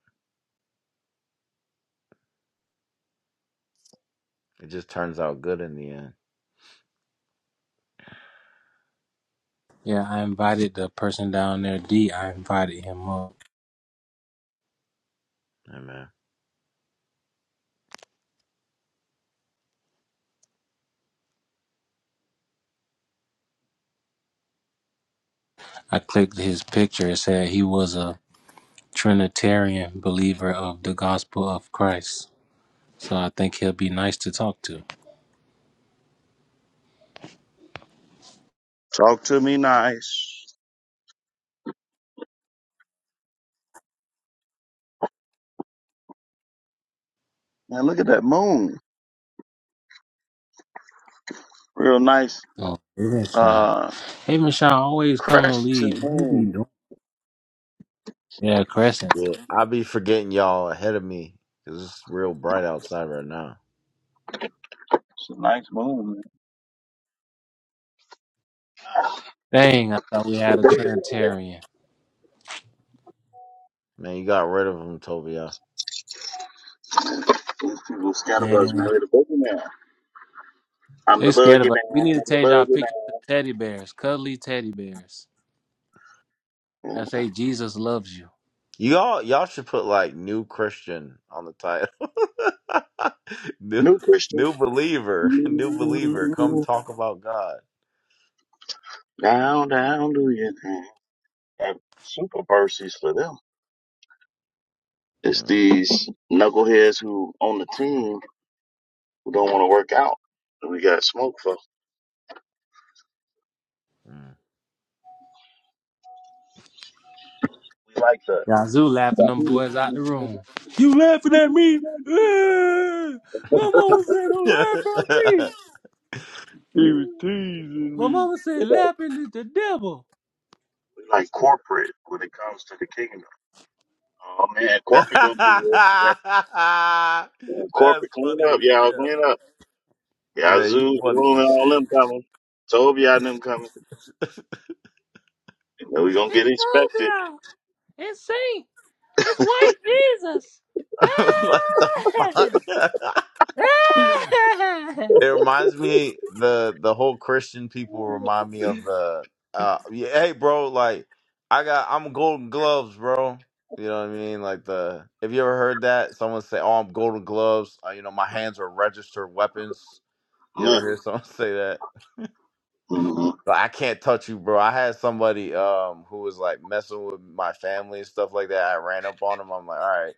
It just turns out good in the end.
Yeah, I invited the person down there, D. I invited him up.
Hey, man.
I clicked his picture. It said he was a Trinitarian believer of the gospel of Christ. So I think he'll be nice to talk to.
Talk to me nice. Man, look at that moon. Real nice
Oh, yes, Michelle.
Uh,
Hey, Michelle, always come and leave.
crescent
right?
moon.
Yeah, Crescent.
Yeah, I be forgetting y'all ahead of me because it's real bright outside right now.
It's a nice moon, man.
Dang, I thought we had
What
a
day is it?
Trinitarian.
Man, you got rid of him, Tobia.
These people scatterbugs, man.
Man,
They're the boogeyman. I'm
they
the
scared of us. We
boogeyman.
need to
I'm the
change our picture to teddy bears, cuddly teddy bears.
boogeyman.
I say Jesus loves you.
Y'all, y'all should put like new Christian on the title. (laughs) new,
New Christian.
new believer, (laughs) new believer. Come
Mm,
talk about God.
Down, down, do your thing. And super mercies for them. It's
Mm,
these knuckleheads who on the team who don't want to work out. And we got smoke for.
mm.
Yazoo laughing them boys out the room. You laughing at me? Ah! My mama said don't laugh at me.
(laughs)
He was teasing
My
me.
mama said laughing is the devil.
That's funny as hell.
Yeah, I
Man, you funny as shit.
hope y'all them coming. You know, we gonna get
It's
inspected.
Cobra. It's Saint. It's white Jesus.
(laughs) what the
(laughs)
fuck? (laughs)
Ah! Ah!
It reminds me the the whole Christian people remind me of the uh yeah, hey bro like I got I'm golden gloves bro you know what I mean like the have you ever heard that someone say oh I'm golden gloves uh, you know my hands are registered weapons you ever
Yeah.
hear someone (laughs) say that
Mm-hmm.
like I can't touch you bro I had somebody um who was like messing with my family and stuff like that I ran up on him I'm like all right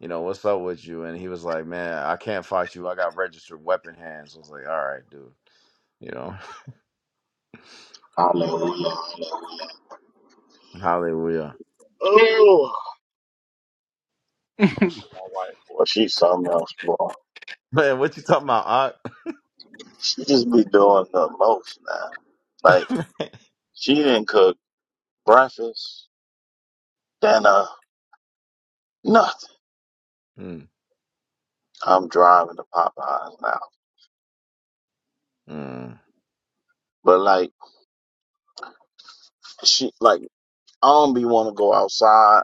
you know what's up with you and he was like man I can't fight you I got registered weapon hands I was like all right dude you know
Hallelujah.
Hallelujah.
Oh, well, she's something else, boy.
(laughs) Man, what you talking about, Art?
She just be doing the most now. Like she didn't cook breakfast, dinner, nothing.
(laughs) mm,
I'm driving to Popeyes now.
mm.
But like she like I don't be want to go outside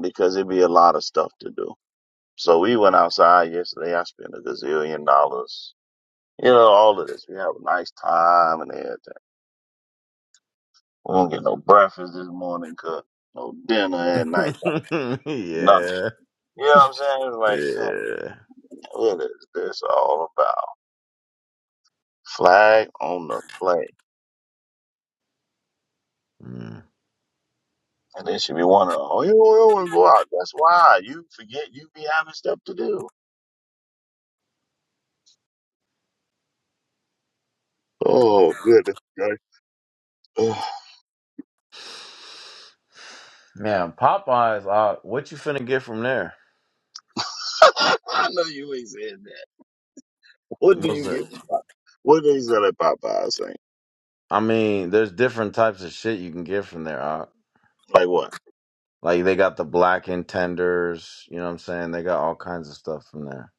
because it be a lot of stuff to do. So we went outside yesterday. I spent a gazillion dollars. You know, all of this. We have a nice time and everything. We don't get no breakfast this morning, cook no dinner at night,
(laughs)
nothing.
yeah.
You know what I'm saying? It's like, come,
Yeah.
what is this all about? Flag on the play.
Mm.
And then should be wondering, oh, you don't want to go out. That's why you forget you be having stuff to do. Oh, goodness. gracious. Oh.
Man, Popeyes, Art, what you finna get from there?
(laughs) I know you ain't saying that. What do
Was
you
it?
get from Popeyes? What do you sell at Popeyes? Saying?
I mean, there's different types of shit you can get from there, Art.
Like what?
Like they got the blackened tenders, you know what I'm saying? They got all kinds of stuff from there.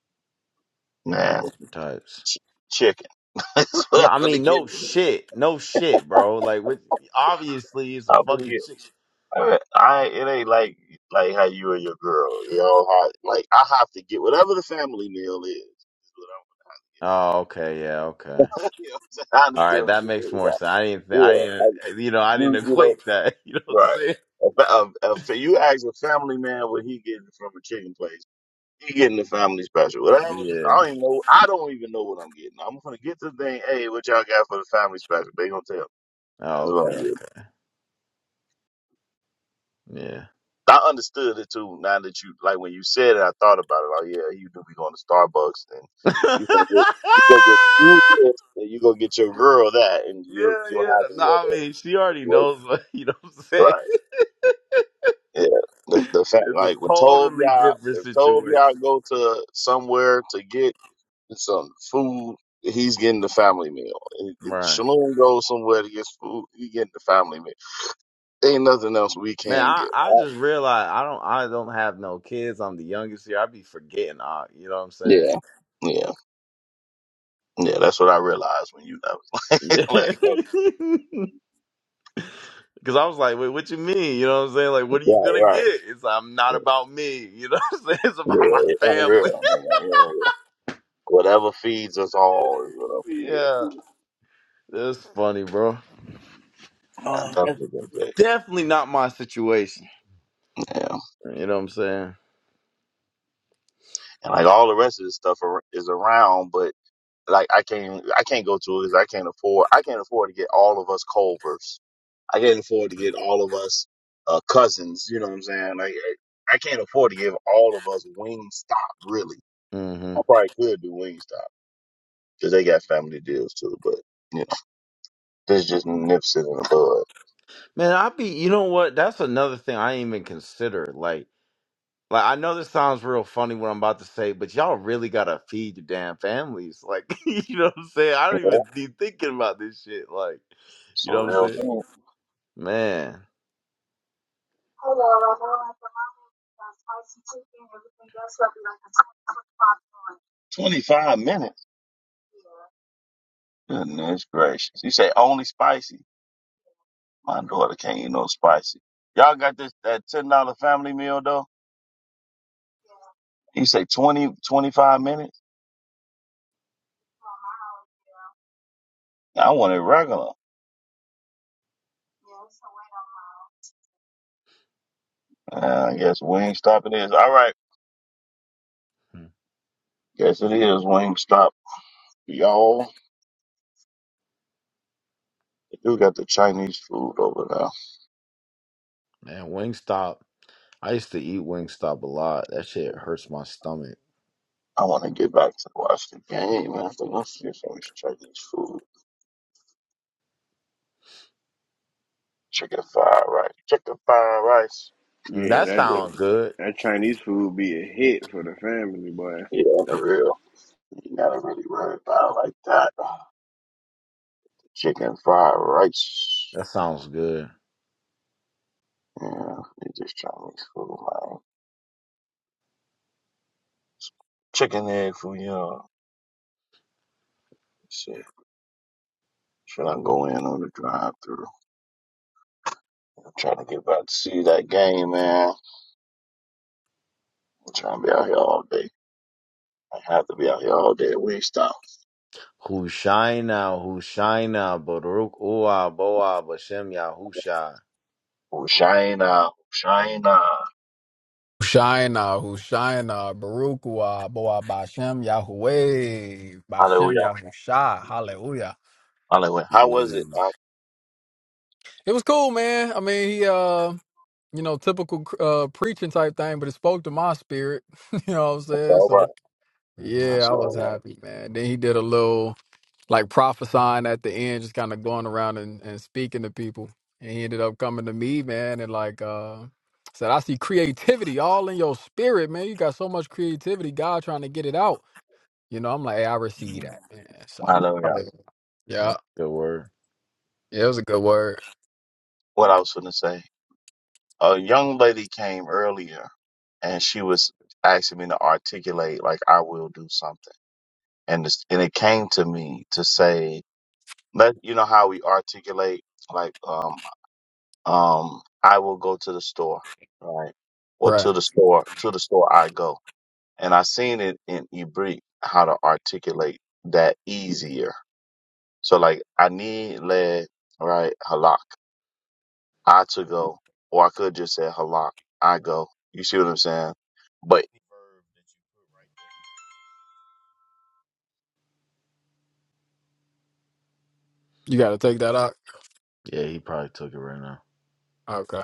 Man,
Types.
chicken. (laughs) That's what
No, I
I'm gonna
mean,
get.
no shit. No shit, bro. Like, with, obviously, it's a
I'm gonna
fucking
get.
chick.
I, I it ain't like like how you and your girl, you know, how, like I have to get whatever the family meal is. is what I'm
Oh, okay. Yeah, okay.
gonna have to get. (laughs) You know what I'm saying? I
All
understand
right,
what
that
you're
makes
saying.
more sense. I didn't, th- I
Yeah,
didn't,
like
you know, I didn't
you, you know,
equate that. (laughs) You know what I'm
right.
saying?
A, fa- a, a, fa- you ask a family man what he getting from a chicken place. He getting the family special. Whatever. This, I
Yeah.
don't even know. I don't even know what I'm getting. I'm gonna get the thing. Hey, what y'all got for the family special? They gonna tell. Me.
Oh,
That's what I'm
okay.
getting.
Yeah.
I understood it too. Now that you like when you said it, I thought about it. Like, yeah, you do be going to Starbucks and
(laughs)
you gonna get you gonna get you this and you gonna get your girl that and
yeah,
you you
yeah.
don't have any
No, I
other
mean, she already
situation.
knows. (laughs) What, you know what I'm saying?
Right. Yeah, the the fact
It's a
like when
totally
Tovia
different
if Tovia
situation.
go to somewhere to get some food, he's getting the family meal. If if
Right.
Shalom goes somewhere to get food, he getting the family meal. ain't nothing else we
Man,
can
I,
get.
I just realized I don't I don't have no kids. I'm the youngest here. I be forgetting. I, you know what I'm
Yeah, yeah, yeah. That's what I realized when you that was (laughs) like, like, okay,
saying? (laughs) Cause I was like, wait, what you mean? You know what I'm saying? Like, what are you
right,
gonna get?
right.
It's like, I'm not
Yeah,
about me. (laughs) You know what I'm saying? (laughs) It's about my
yeah,
family.
unreal, unreal, unreal. Whatever feeds us all is what I'm
(laughs)
gonna get.
yeah, that's funny, bro.
Yeah, I
Oh, that's
definitely gonna get.
definitely not my situation.
Yeah,
You know what I'm saying?
and like all the rest of this stuff ar- is around, but. Like I can't I can't go to it because I can't afford I can't afford to get all of us Culvers. I can't afford to get all of us uh, cousins. You know what I'm saying? Like I I can't afford to give all of us Wingstop. Really,
hmm
I probably could do Wingstop because they got family deals too. But you know, this just nips it in the bud.
Man, I be. You know what? That's another thing I ain't even consider. Like, like I know this sounds real funny what I'm about to say, but y'all really gotta feed your damn families. Like, (laughs) you know what I'm saying? I
You
don't
know,
even be thinking about this shit. Like,
it's
you
a
know what I'm
real
saying?
thing.
Man,
25 minutes. Goodness gracious. You say only spicy. My daughter can't eat no spicy. Y'all got this that ten dollar family meal though. You say 20, 25 minutes. I wanted regular. Uh, I guess Wingstop it is. All right.
Hmm.
Guess it is Wingstop. Y'all, they do got the Chinese food over there.
man, Wingstop. I used to eat Wingstop a lot. That shit hurts my stomach.
I want to get back to watch the game. I have to go see some Chinese food. Chicken fried rice. Chicken fried rice.
Mm,
Yeah,
that
that,
Chicken.
that
sounds good.
that Chinese food be a hit for the family, boy.
Yeah, on the real. You gotta really worry about it like that. Chicken fried rice.
That sounds good.
Yeah, it's just Chinese food, man. Chicken egg foo young. Let's see. Should I go in on the drive through? trying to get back to see that game, man. I'm trying to be out here all day. I have to be out here all day at Wingstop.
Hushaina, Hushaina, Baruch Ua, Boa, Bashem Yahusha.
Shina, Shina.
Hushayna, Hushayna, Barukua, Boa Bashem, Yahweh, Bashem,
Hallelujah.
Yahusha, Hallelujah.
Hallelujah. How was it?
Mm.
Uh,
It was cool, man. I mean, he, uh, you know, typical uh, preaching type thing, but it spoke to my spirit. (laughs) you know what I'm
That's
saying?
all
So,
right.
yeah,
That's
I was
all
happy, man. Then he did a little. like prophesying at the end, just kind of going around and, and speaking to people. And he ended up coming to me, man, and like uh said, I see creativity all in your spirit, man. You got so much creativity, God trying to get it out. You know, I'm like, hey, I receive
Mhm.
that, man.
right.
So I
Hallelujah.
like it.
That's
yeah.
a good word.
Yeah, it was a good word.
What I was going to say, a young lady came earlier and she was asking me to articulate like I will do something, and it's, and it came to me to say, let you know how we articulate like um um, I will go to the store, right? Or
Right.
to the store, to the store I go. And I seen it in Ibrik how to articulate that easier. So like I need lead, right? Halak, I to go, or I could just say halak, I go. You see what I'm saying? But
You gotta take that out.
Yeah, he probably took it right now.
Okay.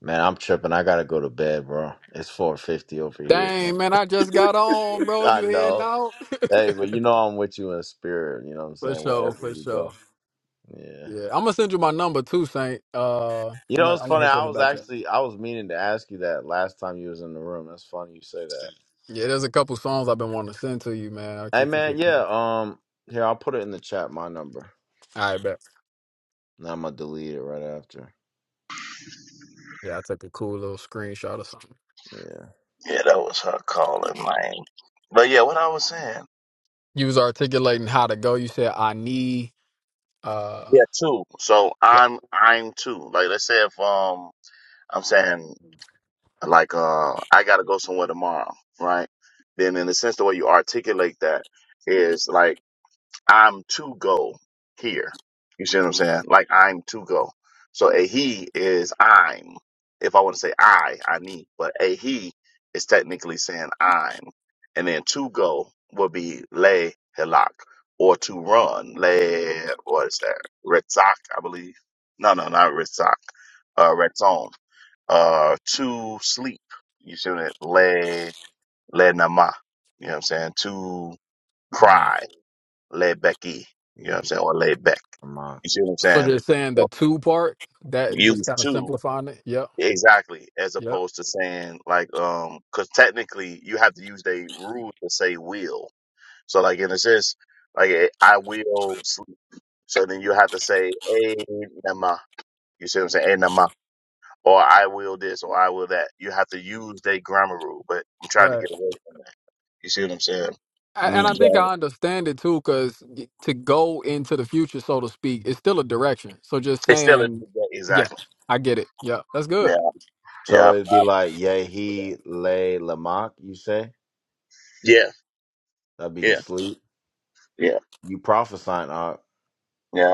Man, I'm tripping. I gotta go to bed, bro. It's 4.50 over here.
Dang,
Man.
man, I just got on,
(laughs)
bro.
I
You heading
know.
out? (laughs)
Hey, but you know I'm with you in spirit. You know what I'm
for
saying?
sure,
Wherever
for
you go.
sure.
yeah.
Yeah. I'm gonna send you my number too, Saint. Uh I'm
You know,
gonna
it's
I'm gonna
funny.
hit you in
I
the
was
back chat.
actually I was meaning to ask you that last time you was in the room. That's funny you say that.
Yeah, there's a couple songs I've been wanting to send to you, man. I
Hey
keep
man,
forgetting.
yeah.
All
Um, here I'll put it in the chat. My number.
right, bet.
Now I'm gonna delete it right after.
Yeah, I took a cool little screenshot or something.
Yeah.
yeah, that was her calling, man. But yeah, what I was saying,
You was articulating how to go. You said I need. uh
yeah, two. So
Yeah.
I'm I'm two. Like let's say if um I'm saying like uh I gotta go somewhere tomorrow, right? Then in the sense the way you articulate that is like I'm to go here. You see what I'm saying? Like I'm to go. So a he is I'm. If I want to say I, I need, but a he is technically saying I'm. And then to go would be le helak or to run. Le what is that? Retzak, I believe. No, no, not Retzak. Uh Retzon. Uh to sleep. You see what I'm Le le nama. You know what I'm saying? To
Mm.
cry Laid backy, you know what I'm
Yehi
saying, or laid back.
Lamach.
You see what I'm
So
saying?
just saying the
So
two part that just
use
kind of
two
simplifying it. Yep.
exactly as
Yep.
opposed to saying like um because technically you have to use the rule to say will. So like in a sense, like eh, I will sleep. So then you have to say a nama. You see what I'm saying? A nama. Or I will this or I will that. You have to use the grammar rule, but I'm trying to
Right.
get away from that. You see what I'm saying?
A- And I
Mm.
think
Yeah.
I understand it too, because to go into the future, so to speak, it's still a direction. So just
It's still a,
saying, yeah,
exactly.
I get it. Yeah, that's good.
Yeah. exactly.
So
Yeah.
it'd be like Yehi Le Lamach. You say
Yeah.
that'd be the
Yeah.
sleep.
Yeah.
You prophesying? Uh,
Yeah.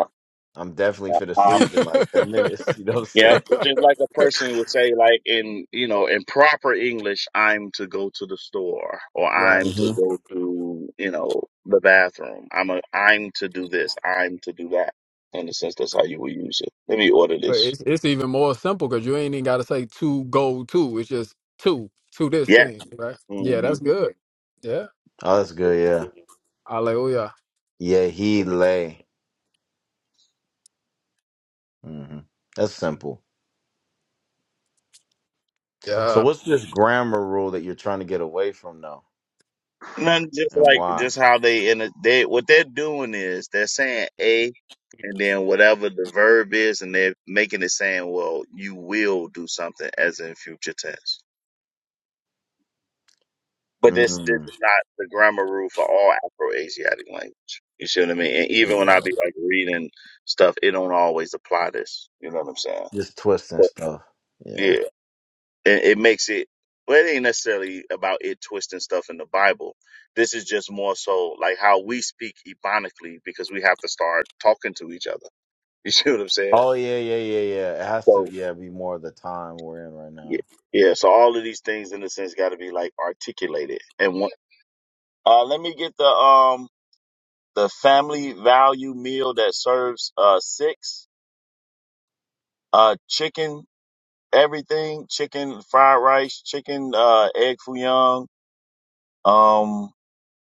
I'm definitely for the
Um,
sleep in like ten minutes. (laughs) You know what I'm
yeah,
saying?
it's just like a
(laughs)
person would say, like in you know, in proper English, I'm to go to the store, or
right.
I'm to
hmm
go to you know the bathroom. I'm a I'm to do this. I'm to do that. In a sense, that's how you would use it. Let me order
But
this.
it's it's even more simple because you ain't even got to say two gold two. It's just two to this
Yeah.
thing, right? Yeah,
hmm
that's good. Yeah,
Oh, that's good.
hallelujah.
Yeah. Yehi Le. hmm That's simple. So
Yeah,
what's this grammar rule that you're trying to get away from though,
None, just
and
like
why?
just how they in a, they what they're doing is they're saying a, and then whatever the verb is, and they're making it saying, well, you will do something as in future tense. But this this
Mm,
is not the grammar rule for all Afro-Asiatic language. You see what I mean? And even when I
yeah,
be like reading stuff, it don't always apply this. You know what I'm saying?
just twisting
But
stuff. Yeah.
yeah, it, it makes it. Well, it ain't necessarily about it twisting stuff in the Bible. This is just more so like how we speak ebonically because we have to start talking to each other. (laughs) You see what I'm saying?
Oh yeah, yeah, yeah, yeah. It has to,
So
yeah, be more of the time we're in right
yeah,
now.
yeah. So all of these things in a sense got to be like articulated. And one, uh, let me get the um the family value meal that serves uh, six uh, chicken, everything chicken, fried rice, chicken, uh, egg foo young. Um,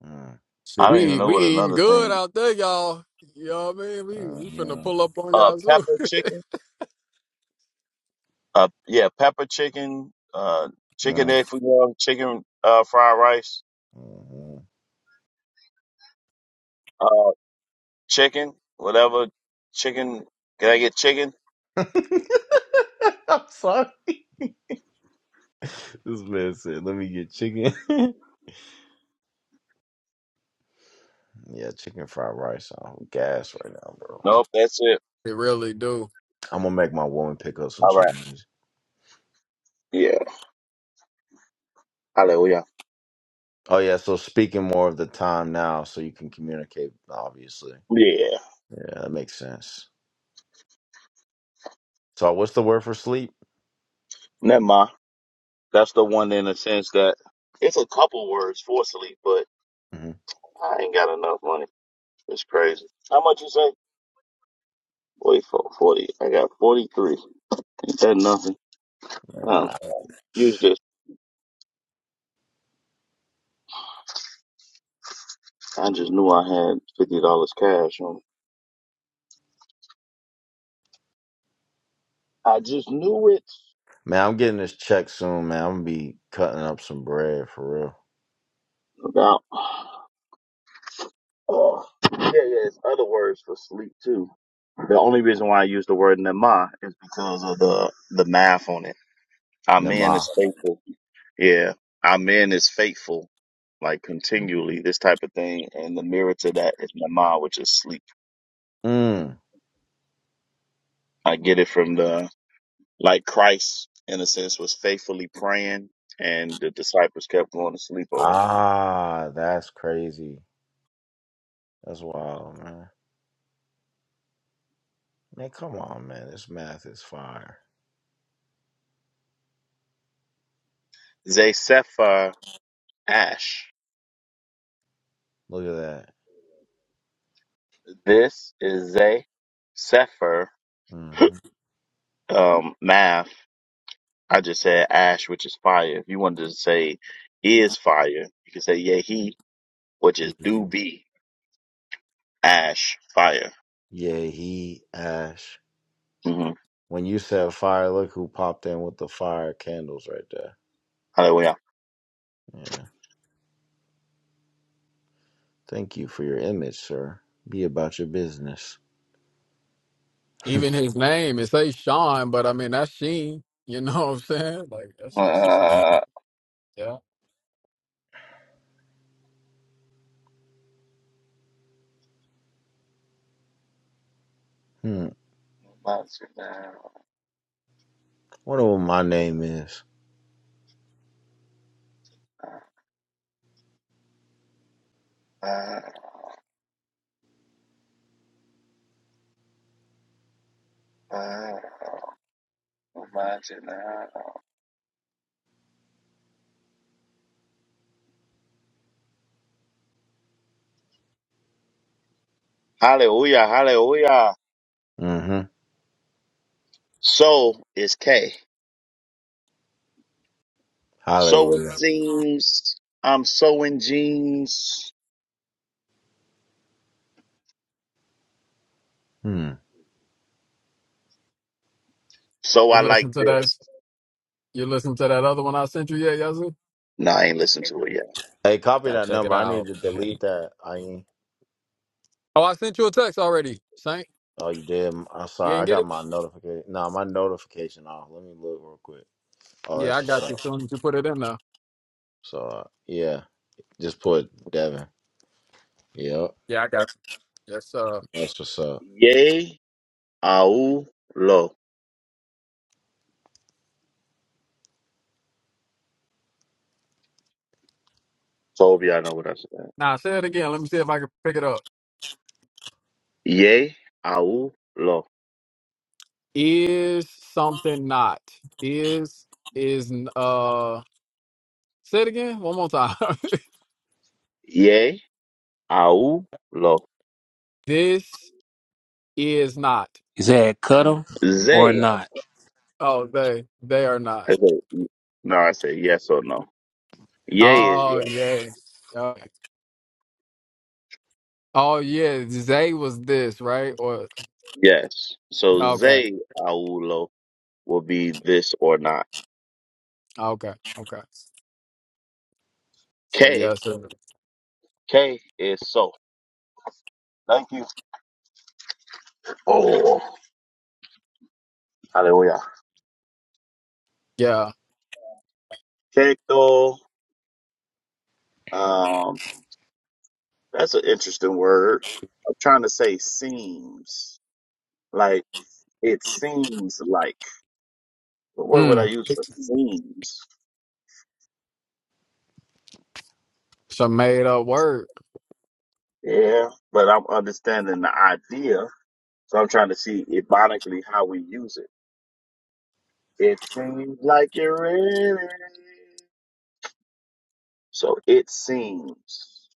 Mm,
I don't even
we
know
we
what
eating
another
good
thing.
out there, y'all. You know what I mean? We we finna
mhm,
pull up on
Uh,
y'all soon.
pepper chicken.
(laughs)
Uh, yeah, pepper chicken. Uh, chicken
mm,
egg foo young, chicken uh, fried rice.
mhm.
Uh, chicken, whatever. Chicken. Can I get chicken?
(laughs) I'm sorry. This man said, "Let me get chicken." (laughs) yeah, chicken fried rice. I'm gas right now, bro.
Nope, that's it.
they really do.
I'm gonna make my woman pick up some
All right.
Chinese.
Yeah. Hallelujah.
Oh yeah, so speaking more of the time now, so you can communicate. Obviously,
Yeah.
yeah, that makes sense. So what's the word for sleep?
Never mind. That's the one in a sense that it's a couple words for sleep, but
hmm
I ain't got enough money. It's crazy. How much you say? Wait for forty. I got forty three. Ain't that nothing? Um,
Yeah.
use this. I just knew I had fifty dollars cash on. me. I just knew it.
Man, I'm getting this check soon, man. I'm gonna be cutting up some bread for real.
About. Oh, yeah, yeah. It's other words for sleep too. The only reason why I use the word nema is because of the the math on it. I'm in a
Nama.
space. Yeah, our man is faithful, like continually, this type of thing. And the mirror to that is Nama, which is sleep.
Mm.
I get it from the, like Christ, in a sense, was faithfully praying, and the disciples kept going to sleep over.
Ah, that's crazy. That's wild, man. Man, come on, man. This math is fire.
Zay Sefer Ash.
Look at that.
This is Zay Sefer,
hmm
um, math. I just said Ash, which is fire. If you wanted to say is fire, you could say Yehi, which is do be Ash, fire.
Yeah, he Ash.
hmm
When you said fire, look who popped in with the fire candles right there. Yeah. Thank you for your image, sir. Be about your business. (laughs) hmm.
Even his name, it say Sean, but I mean that's Sheen. You know what I'm saying? Like that's that's just how-
Ah,
yeah.
Wonder what my name is.
Hallelujah, hallelujah.
Mm-hmm.
So is K. So it
Hallelujah.
seems I'm sewing jeans.
Hmm.
So
You
I like
listen to that.
this.
You listen to that other one I sent you yet, Yazoo?
No, I ain't listened to it yet.
Hey, copy
Gotta
that
check
number.
it
I need
out.
to
man.
delete that. I ain't.
Oh, I sent you a text already, Saint.
Oh, you did. I'm
You
sorry. I
didn't get
got
it?
my notification. Nah, my notification off. Let me look real quick. Oh,
Yeah, I
that's what's
got you.
up.
As soon as you put it in there.
So, uh, yeah, just put Devin. Yep,
Yeah, I got you. Yes, uh
that's what's up.
Yay, au, lo. So hope y'all know what I said.
now say it again. Let me see if I can pick it up.
Yay, au, lo.
Is something not. Is is n- uh say it again one more time. (laughs)
Yay, au, lo.
this is not.
Is that cut 'em or
Zay.
not?
Oh, they they are not.
I said, no, I said yes or no. Yay is yes.
Oh yeah. Okay. Oh yeah, they was this, right? Or
Yes. So
okay.
ze aulo will be this or not.
Okay. Okay. So
K
yes, it-
K is so. Thank you. Oh, hallelujah.
yeah.
Keto. Um, that's an interesting word. I'm trying to say seems like it seems like. What word would I
Mm.
use for
It's
seems?
a made up word.
Yeah, but I'm understanding the idea, so I'm trying to see ironically how we use it. It seems like you're ready. So it seems.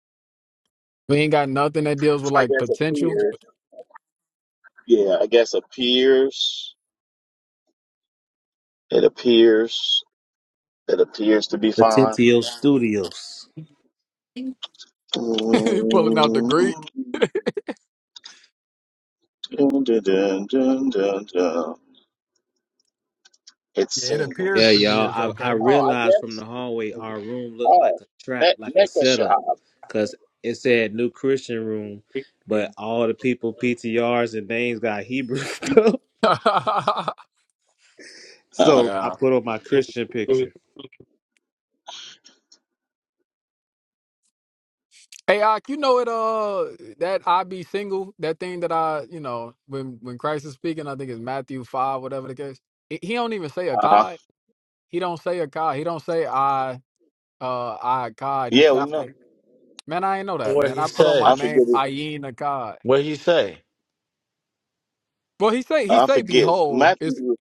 We ain't got nothing that deals
So
with
I
like
guess
potential.
appears. Yeah, I guess appears. It appears. It appears to be fine. It
(laughs) Pulling out the Greek. Yeah, it appears to be
seems.
is okay.
Oh, I guess. Oh, ne- Nekashah. Uh-huh.
(laughs) yeah. Hey, Ak, you know it. Uh, that I be single. That thing that I, you know, when when Christ is speaking, I think it's Matthew five, whatever the case. He he don't even say a
uh-huh.
God. He don't say a God. He don't say I. Uh, I God. He
Yeah,
say,
we
I
know.
say- man, I ain't know that,
what
man.
he
I put on my
I
say?
name,
forget
I
it.
ain't a God.
What he say?
Well, he say he
I
say
forget.
behold.
Matthew.
It's
was-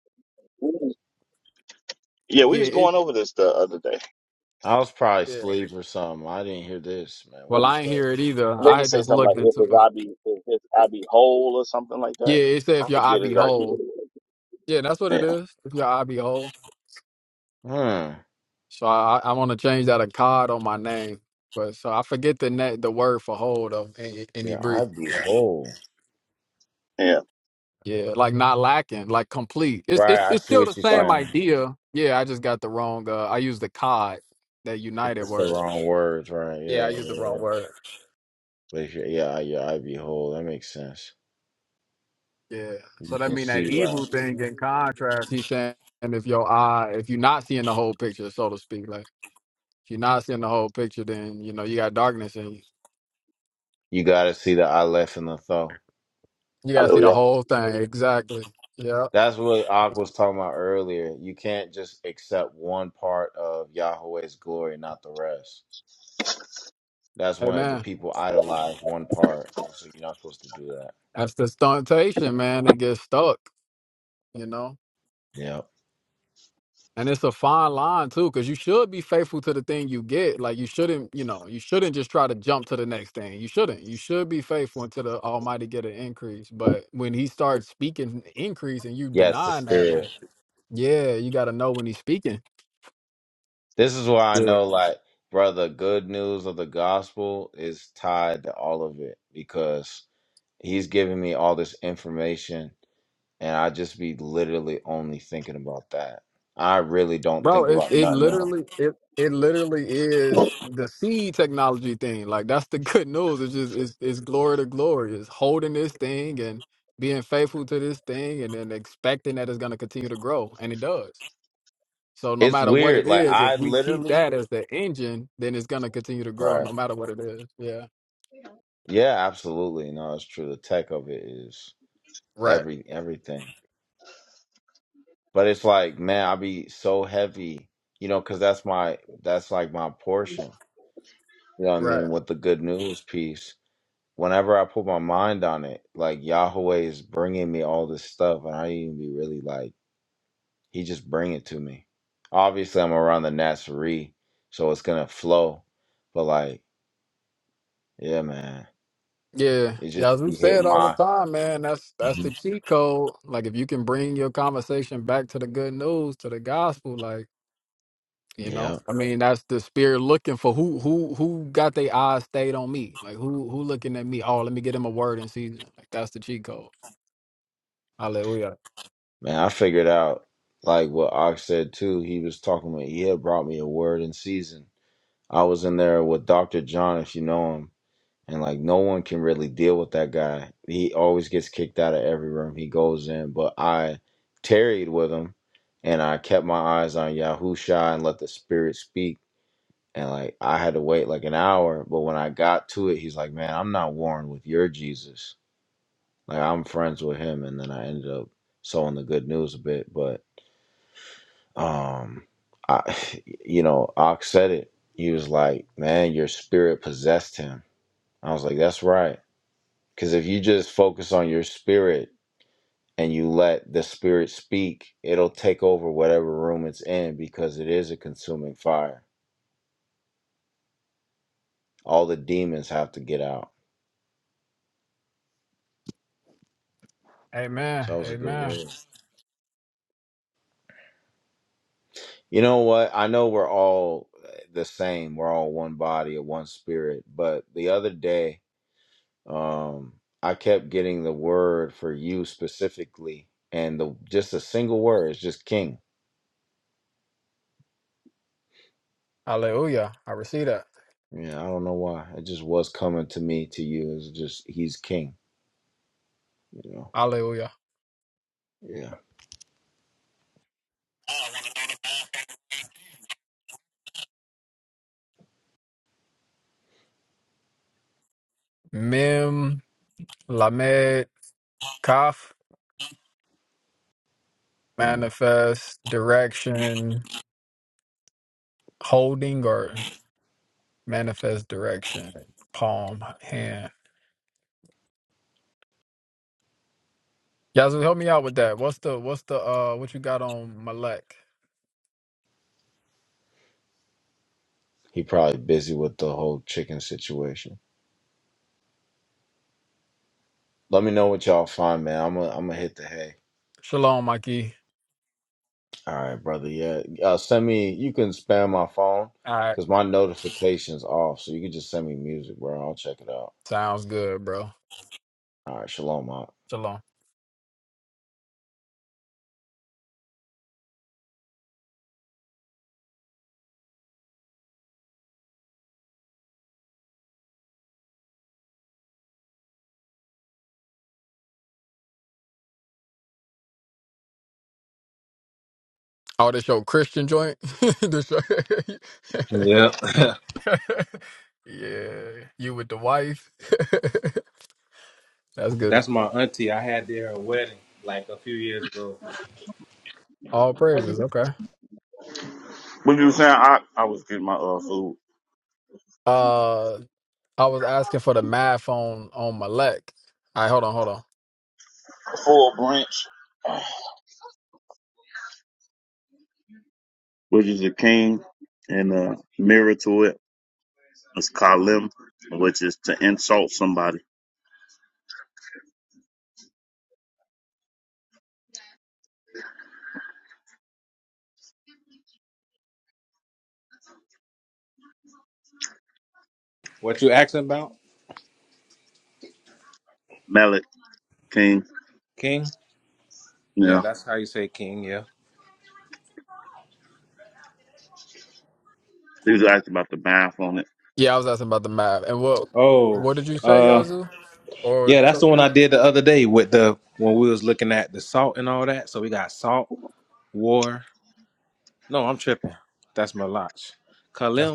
Yeah, we was
yeah.
going over this the other day.
I was probably
Yeah.
asleep or something. I didn't hear this, man. What
Well,
he
I ain't
say?
hear it either.
And they
I
can
had
say
just
something like,
looked
if
into
it's
it.
I be, if it's I be whole or something like that.
Yeah, it said
I
if your eye
forget
be
exactly
whole.
what it
Yeah, that's what it
was.
is. If your eye be whole.
Hmm.
So I, I want to change that a cod on my name. But so I forget the net, the word for whole though in, in
Yeah,
Hebrew.
I'd be whole.
Yeah, yeah.
Yeah, like not lacking, like complete. It's,
Right.
it's
I
it's
see
still the
what you're
Right.
same
saying.
idea. Yeah, I just got the wrong. Uh, I used the cod, that
It's
united
just the
word.
wrong words, right?
Yeah,
Yeah.
I used the
Yeah. yeah.
wrong word.
Place your yeah, eye, your eye be whole. That makes sense.
Yeah. So
You
that
can
mean that
see
evil
right.
thing in contrast. He's saying if your eye, if you're not seeing the whole picture, so to speak, like. If you're not seeing the whole picture, then you know you got darkness in you.
You gotta see the eye left and the thought.
You gotta see the
Hallelujah.
whole thing. Exactly. Yeah.
That's what Ak was talking about earlier. You can't just accept one part of Yahweh's glory, not the rest. That's why the
Amen.
people idolize one part. And so you're not supposed to do that.
That's the stuntation, man, that gets stuck, you know.
Yep.
And it's a fine line too, because you should be faithful to the thing you get. Like you shouldn't, you know, you shouldn't just try to jump to the next thing. You shouldn't. You should be faithful until the Almighty get an increase. But when He starts speaking increase and you
Yeah, it's the
denying that,
spirit.
like, yeah, you got to know when He's speaking.
This is why I know, like, brother, good news of the gospel is tied to all of it because he's giving me all this information and I just be literally only thinking about that. I really don't
Bro,
think
it,
about
it
nothing else.
literally it it literally is the seed technology thing. Like that's the (laughs) good news. It's just it's it's glory to glory. It's holding this thing and being faithful to this thing and then expecting that it's gonna continue to grow. And it does. So no
It's
matter what
weird.
it
Like
is,
I
if we keep
literally,
that as the engine, then it's gonna continue to grow
right?
no matter what it is. Yeah.
Yeah, absolutely. No, it's true. The tech of it is
Right.
every everything. But it's like, man, I be so heavy, you know, because that's my that's like my portion. You know what I
Right.
mean? With the good news piece, whenever I put my mind on it, like Yahweh is bringing me all this stuff, and I even be really like He just bring it to me. Obviously, I'm around the Nazarene, so it's gonna flow. But like, yeah, man,
Yeah.
it just
Yeah, as we
be
say it
hitting
all the
my.
time, man, that's that's the
Mhm.
cheat code. Like if you can bring your conversation back to the good news, to the gospel, like You know,
Yeah,
I mean, that's the spirit looking for who who who got their eyes stayed on me. Like who who looking at me? Oh, let me get him a word and see. Like that's the cheat code. Hallelujah.
man, I figured out like what Ox said too. He was talking about he had brought me a word in season. I was in there with Doctor John, if you know him, and like no one can really deal with that guy. He always gets kicked out of every room he goes in. But I tarried with him, and I kept my eyes on Yahusha and let the Spirit speak and like I had to wait like an hour. But when I got to it, he's like, "Man, I'm not warring with your Jesus. Like I'm friends with him." And then I ended up sowing the good news a bit. But um, I, (sighs) you know, Ox said it. He was like, "Man, your spirit possessed him." I was like, "That's right." Because if you just focus on your spirit and you let the spirit speak, it'll take over whatever room it's in because it is a consuming fire. All the demons have to get out.
Amen.
So that was a good
Amen.
word. You know what? I know we're all uh, the same. We're all one body, and one spirit. But the other day, um, I kept getting the word for you specifically, and the just a single word is just king.
Hallelujah. I receive that.
Yeah, I don't know why. It just was coming to me to you. It's just he's king. You know.
Hallelujah.
Yeah.
Mem lamed kaf
Mm.
manifest direction holding or manifest direction palm hand. Yazoo, help me out with that. What's the what's the uh what you got on Malek?
He probably busy with the whole chicken situation. Let me know what y'all find, man. I'm gonna I'm gonna hit the hay.
Shalom, Mikey.
All right, brother. Yeah. Uh, send me, you can spam my phone because my notification's off. So you can just send me music, bro. I'll check it out.
Sounds good, bro.
All right. Shalom. Mark.
Shalom. Oh, this your Christian joint? (laughs) this your... (laughs) yeah. You with the wife? (laughs) That's good. All praises. Okay.
What you were saying? I, I was getting my uh, food.
Uh, I was asking for the math on on Malek. All right, hold on, hold on.
Full branch, which is a king, and a mirror to it is Kalim, which is to insult somebody. Melech, king. Yeah. He was asking about the math on it.
Yeah, I was asking about the math. And what what did you say, Yazoo? Or something? That's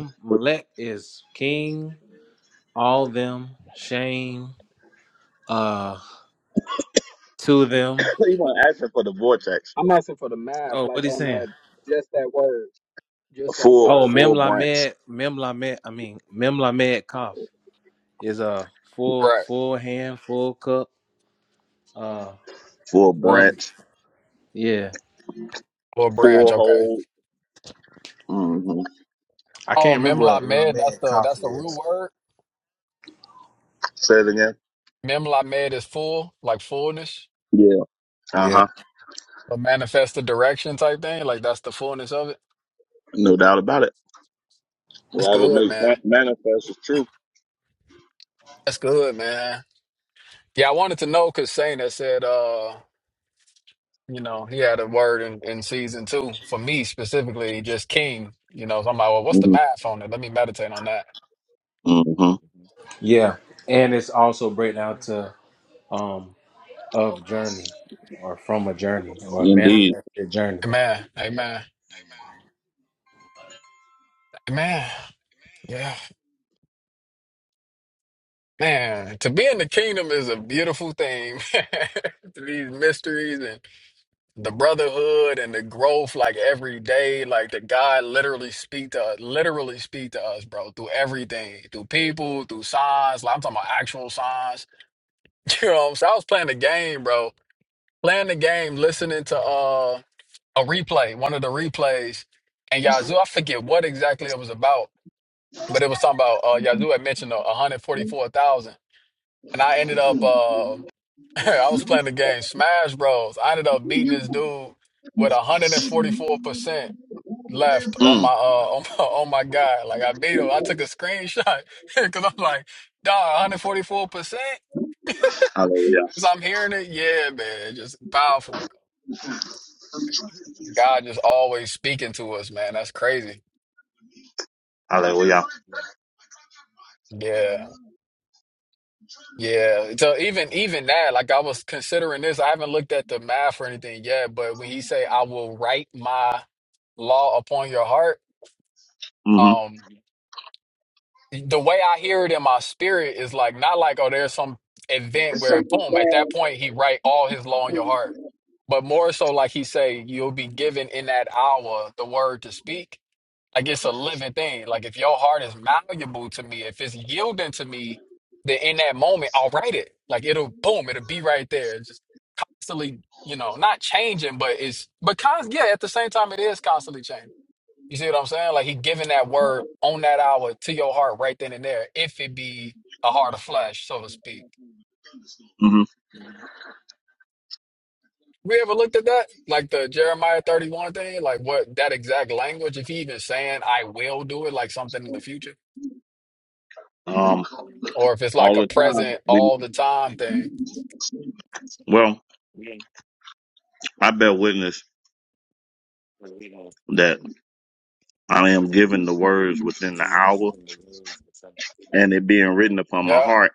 (laughs) he wasn't asking for the vortex.
I'm asking for the math, like on that, just that word,
A
just that
full,
word.
full branch.
right.
Full branch.
Little branch.
Full
Okay.
hole. hmm
Oh, Memla Med. That's the that's the real word.
Say it again.
Memla med is full, like fullness,
Yeah. Uh huh.
a manifest the direction type thing. Like that's the fullness of it.
No doubt about it.
That's
Whatever
good,
makes
man.
that manifest is true.
That's good, man. Yeah, I wanted to know because Saint had said, uh, you know, he had a word in, in season two for me specifically, just king. You know, so I'm like, well, what's the
hmm
math on it? Let me meditate on that.
hmm Indeed.
Amen. Amen. Amen. Yeah. Man, to be in the kingdom is a beautiful thing. (laughs) These mysteries and. the brotherhood and the growth like every day like the god literally speak to us, literally speak to us bro through everything through people through signs like i'm talking about actual signs (laughs) you know what i'm saying i was playing the game bro playing the game listening to uh a replay one of the replays and yazoo i forget what exactly it was about but it was something about uh yazoo had mentioned uh, 144000 and i ended up uh (laughs) I was playing the game Smash Bros. I ended up beating this dude with 144% left on my
Mm.
uh (laughs) on my, on my guy. Like I beat him. I took a screenshot (laughs) because I'm like, dog, 144%.
Hallelujah.
As I'm hearing it, yeah, man, just powerful. bro. God just always speaking to us, man. That's crazy.
Hallelujah.
Yeah. Yeah. So even even that, like I was considering this. I haven't looked at the math or anything yet, but when he say I will write my law upon your heart,
hmm
um. the way I hear it in my spirit is like not like oh there's some event where boom at that point he write all his law in your heart, but more so like he say you'll be given in that hour the word to speak. Like it's a living thing. Like if your heart is malleable to me, if it's yielding to me, then in that moment I'll write it. Like it'll boom, it'll be right there. It's just constantly, you know, not changing, but it's but cons yeah, at the same time it is constantly changing. You see what I'm saying? Like he giving that word on that hour to your heart right then and there, if it be a heart of flesh, so to speak.
hmm
We ever looked at that? Like the Jeremiah 31 thing? Like what that exact language, if he even saying I will do it, like something in the future?
Um,
Or if it's like
all
a
the time.
present
We,
all the time thing.
well, I bear witness that I am given the words within the hour and it being written upon my
Yeah.
heart,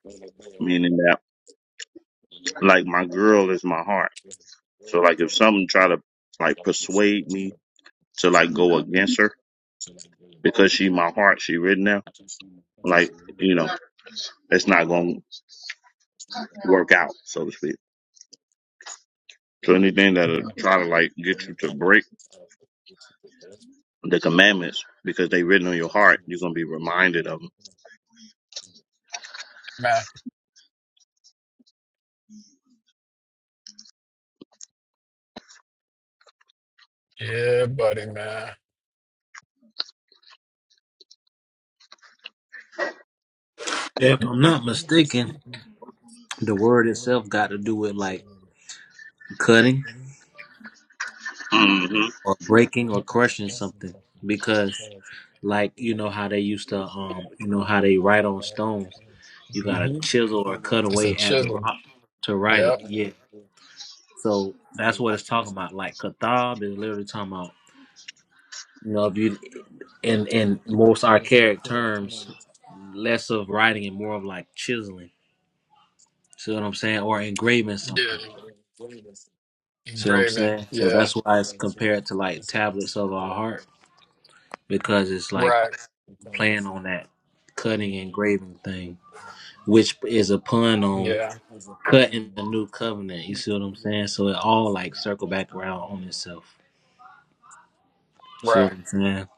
meaning that like my girl is my heart. So like if something try to like persuade me to like go against her because she my heart, she written there, like, you know, it's not gonna work out, so to speak. So anything that'll try to like get you to break the commandments because they written on your heart, you're gonna be reminded of
Man. Yeah, buddy, man.
The like cutting
them.
or breaking or crushing something because like you know how they used to um you know how they write on stones You gotta
hmm
chisel or cut
It's a
away at the
chisel.
rock to write it.
Yep.
Yeah. So that's what it's talking about. Like kathab is literally talking about you know if you in in most archaic terms, less of writing and more of like chiseling. See what I'm saying? Or engraving
Yeah.
something. See what I'm
Engraving.
saying? So
Yeah.
that's why it's compared to like tablets of our heart because it's like
Right.
playing on that cutting and engraving thing, which is a pun on.
Yeah.
Cutting the new covenant. You see what I'm saying? So it all like circle back around on itself. See what
Right.
I'm saying?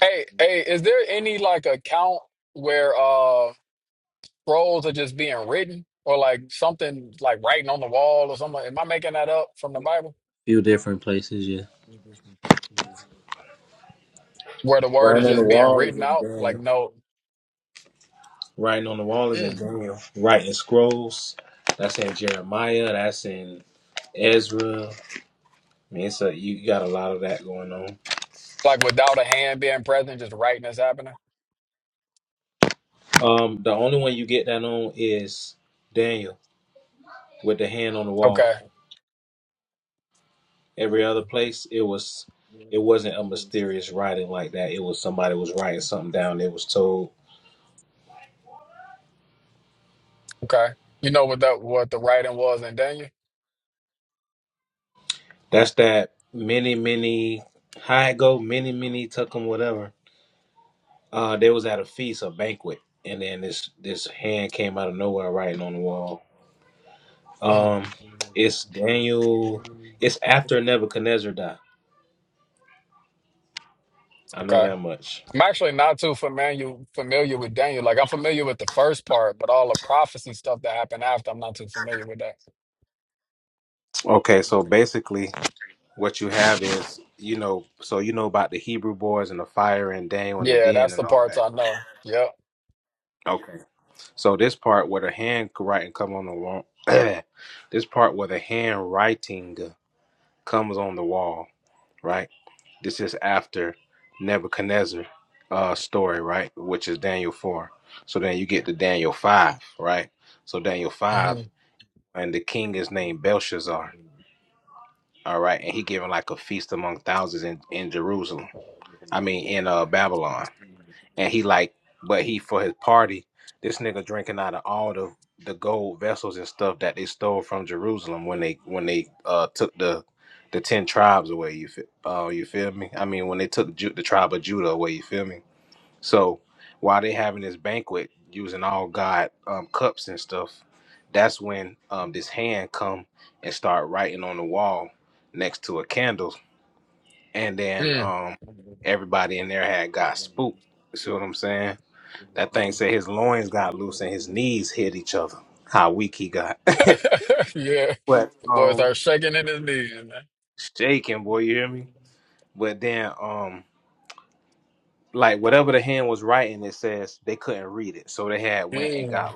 Hey, hey, is there any like account where uh scrolls are just being written or like something like writing on the wall or something? Am I making that up from the Bible?
Few different places, yeah.
Where the word is just being written out, like no, mm, like without a hand being present, just writing is happening. Okay. Okay. You know what that what the writing was in Daniel? Mm, Okay. I'm actually not too familiar familiar with Daniel. Like I'm familiar with the first part, but all the prophecy stuff that happened after, I'm not too familiar with that. Yeah, that's the parts I know. Yep. Mhm. Mm. (laughs) yeah. The boy started shaking in his knees, man. Mm.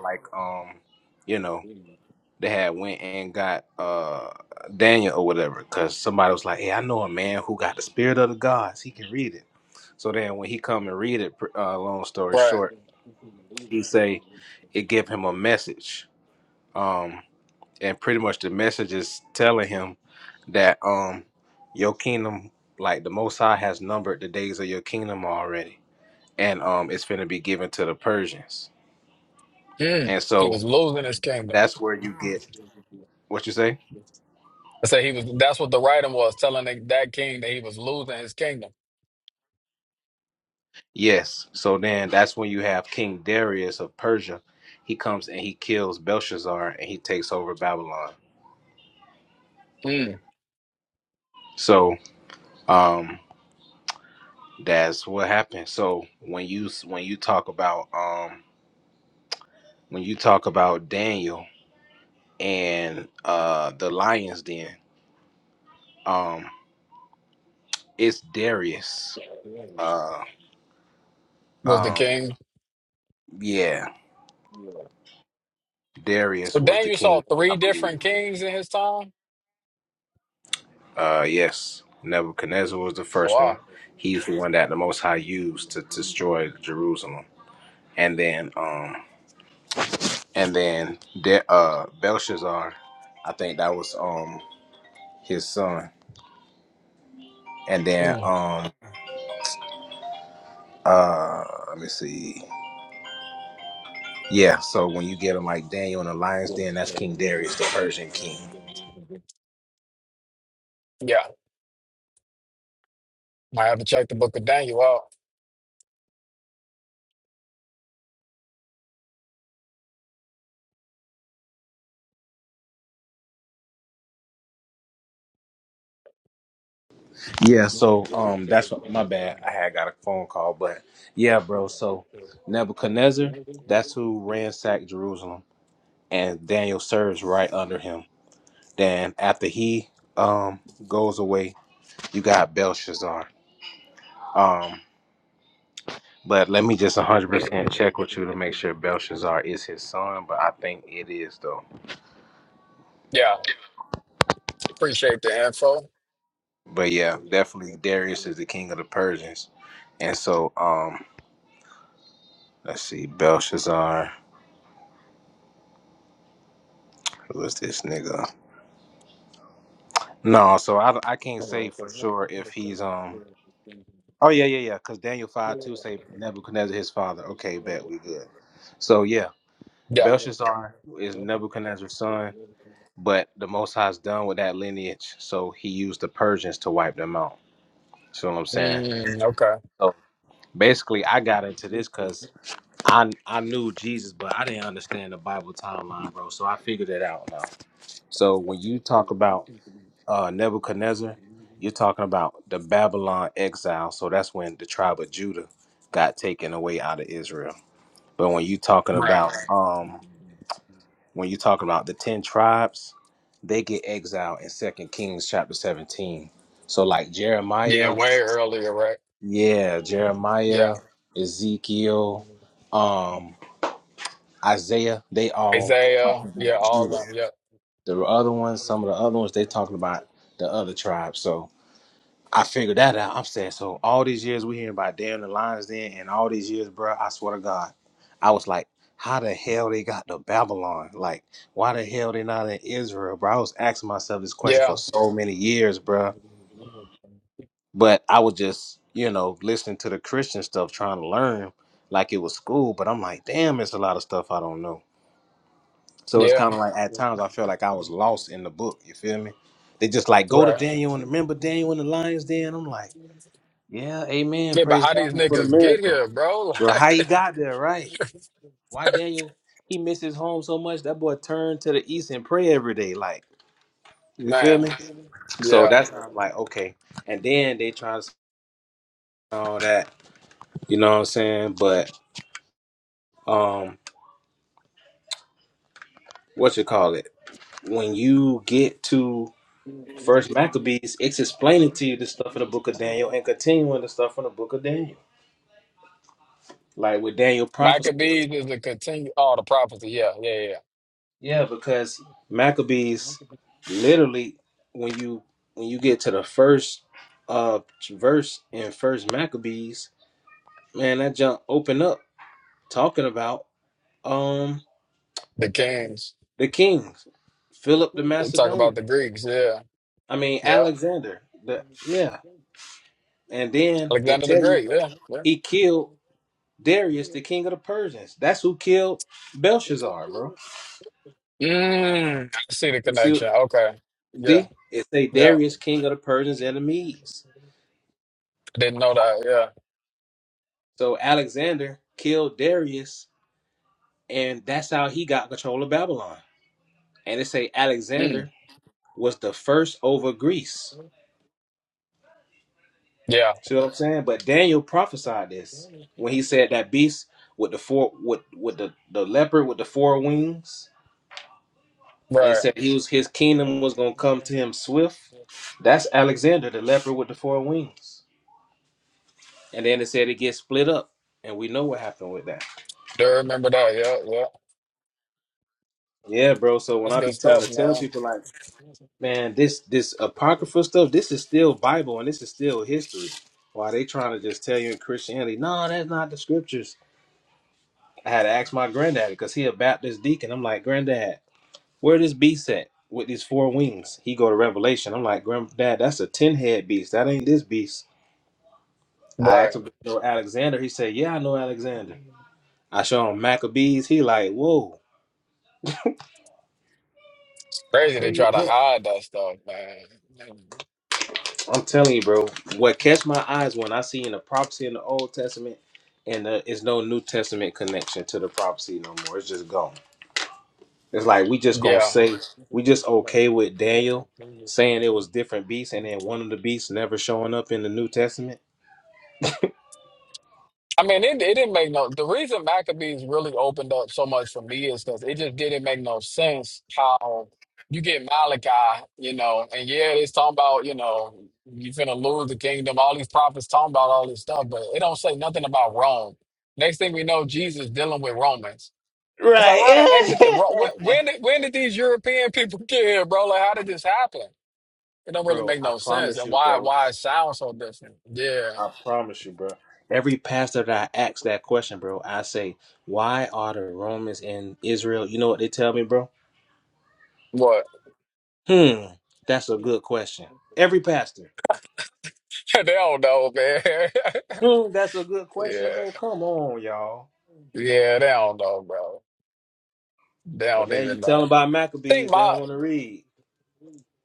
Right. Mm. He was losing his kingdom. I say he was that's what the writing was, telling that that king that he was losing his kingdom.
And that's when you have King Darius of Persia. He comes and he kills Belshazzar and he takes over Babylon.
Mm.
So um, that's what happened. So when you when you talk about um, when you talk about Daniel and uh, the lions, den, um, it's Darius. Uh,
Was the
um,
king.
yeah.
So
Darius was the
Daniel saw
king, I
three
believe.
different kings in his time.
Uh, yes, Nebuchadnezzar was the first one.
Wow.
He's the one that the Most High used to, to destroy Jerusalem, and then um, and then De- uh, Belshazzar, I think that was um his son. I
Yeah, might have to check the book of Daniel out.
think it is though,
Yeah, appreciate the info.
but yeah, definitely Darius is the king of the Persians, and so um, let's see, Belshazzar. Who is this nigga? No, so I, I can't say for sure if he's um Oh yeah, yeah, yeah. Because Daniel five two say Nebuchadnezzar his father. Okay, bet we good. So yeah,
Yeah.
Belshazzar is Nebuchadnezzar's son, but the Most High's done with that lineage, so he used the Persians to wipe them out. See what I'm saying?
Mm, okay.
So basically, I got into this because I I knew Jesus, but I didn't understand the Bible timeline, bro. So I figured it out now. So when you talk about uh, Nebuchadnezzar, you're talking about the Babylon exile. So that's when the tribe of Judah got taken away out of Israel. But when you talking
Right.
about um, when you talking about the ten tribes, they get exiled in Second Kings chapter 17. So like
Yeah,
Jeremiah,
way earlier, right?
yeah, Jeremiah,
Yeah.
Ezekiel, um, Isaiah, they all
Isaiah.
are
Yeah, all
Judah.
of them. Yep.
The other ones, some of the other ones, they talking about the other tribes. So figure that I'm saying so. All these years we hearing about damn the Lions Den, and all these years, bro. I swear to God, was how the hell they got to Babylon? Like, why the hell they not in Israel, bro? I was asking myself this question
Yeah.
for so many years, bro. But I was just, you know, listening to the Christian stuff, trying to learn like it was school. But I'm like, damn, it's a lot of stuff I don't know. So it's
Yeah.
kind of like at times I felt like I was lost in the book. You feel me? They just like go to
Right.
Daniel and remember Daniel and the Lions Den. I'm like. Yeah, amen.
Yeah, but
Praise
how these
God for the
niggas get
miracle.
here, bro? (laughs)
Bro, how
Like,
he got there, right? Why Daniel, he misses home so much, that boy turned to the east and pray every day, like, you feel
man.
me? So
Yeah.
that's how I'm like, okay. And then they try to say all that, you know what I'm saying? But um, what you call it? When you get to First Maccabees, it's explaining to you the stuff in the book of Daniel and continuing the stuff from the book of Daniel. Like with Daniel prophecy.
Maccabees is the continue. Oh, the prophecy. Yeah. Yeah. Yeah. yeah.
Yeah, because Maccabees literally when you when you get to the first uh verse in first Maccabees, man, that jump open up talking about um
The kings.
the kings, Philip the
They talk about the
Macedonian.
Greeks. Yeah.
I mean
Yeah.
Alexander. The yeah.
Yeah.
And then it
Alexander the
tell you
Great. Yeah. yeah.
he killed Darius, the king of the Persians. That's who killed Belshazzar, bro.
Mm, I see the
You see,
connection. Okay. Yeah.
see? It say
Yeah.
Darius, king of the
I
Persians and the Medes.
didn't know that.
So Alexander killed Darius, and that's how he got control of Babylon. And they say
Yeah. Mm,
Alexander was the first over Greece.
yeah.
See what I'm saying? But Daniel prophesied this when he said that beast with the four with with the, the leopard with the four wings, and he
Right.
said he was his kingdom was gonna come to him swift. That's Alexander, the leopard with the four wings. And then it said it gets split up, and we know what happened with that.
Do remember that. Yeah. Yeah.
Yeah, bro. So when
That's
I
good
be trying
stuff,
to tell
man.
people like Man, this this apocryphal stuff, this is still Bible and this is still history. Why they trying to just tell you in Christianity, no, that's not the scriptures. I had to ask my granddad because he a Baptist deacon. I'm like, granddad, where this beast at with these four wings? He go to Revelation. I'm like, grand,
Right. It's crazy they try to hide that stuff, man. Yeah. I mean, it, it didn't make no. The reason Maccabees really opened up so much for me is because it just didn't make no sense how you get Malachi, you know, and yeah, it's talking about, you know, you finna lose the kingdom, all these prophets talking about all this stuff, but it don't say nothing about Rome. Next thing we know, Jesus dealing with Romans. It's like, how the heck did the Ro- wh- when did when did these European (laughs) people get here, bro? Like, how did this happen? It don't really make no sense, and why why it sounds so different. Yeah, what (laughs) they don't know, man. (laughs) Yeah, yeah, they don't know, bro. They
but
don't
then you
even
tell them
know.
about
I think
Maccabees, they don't
my
want to read.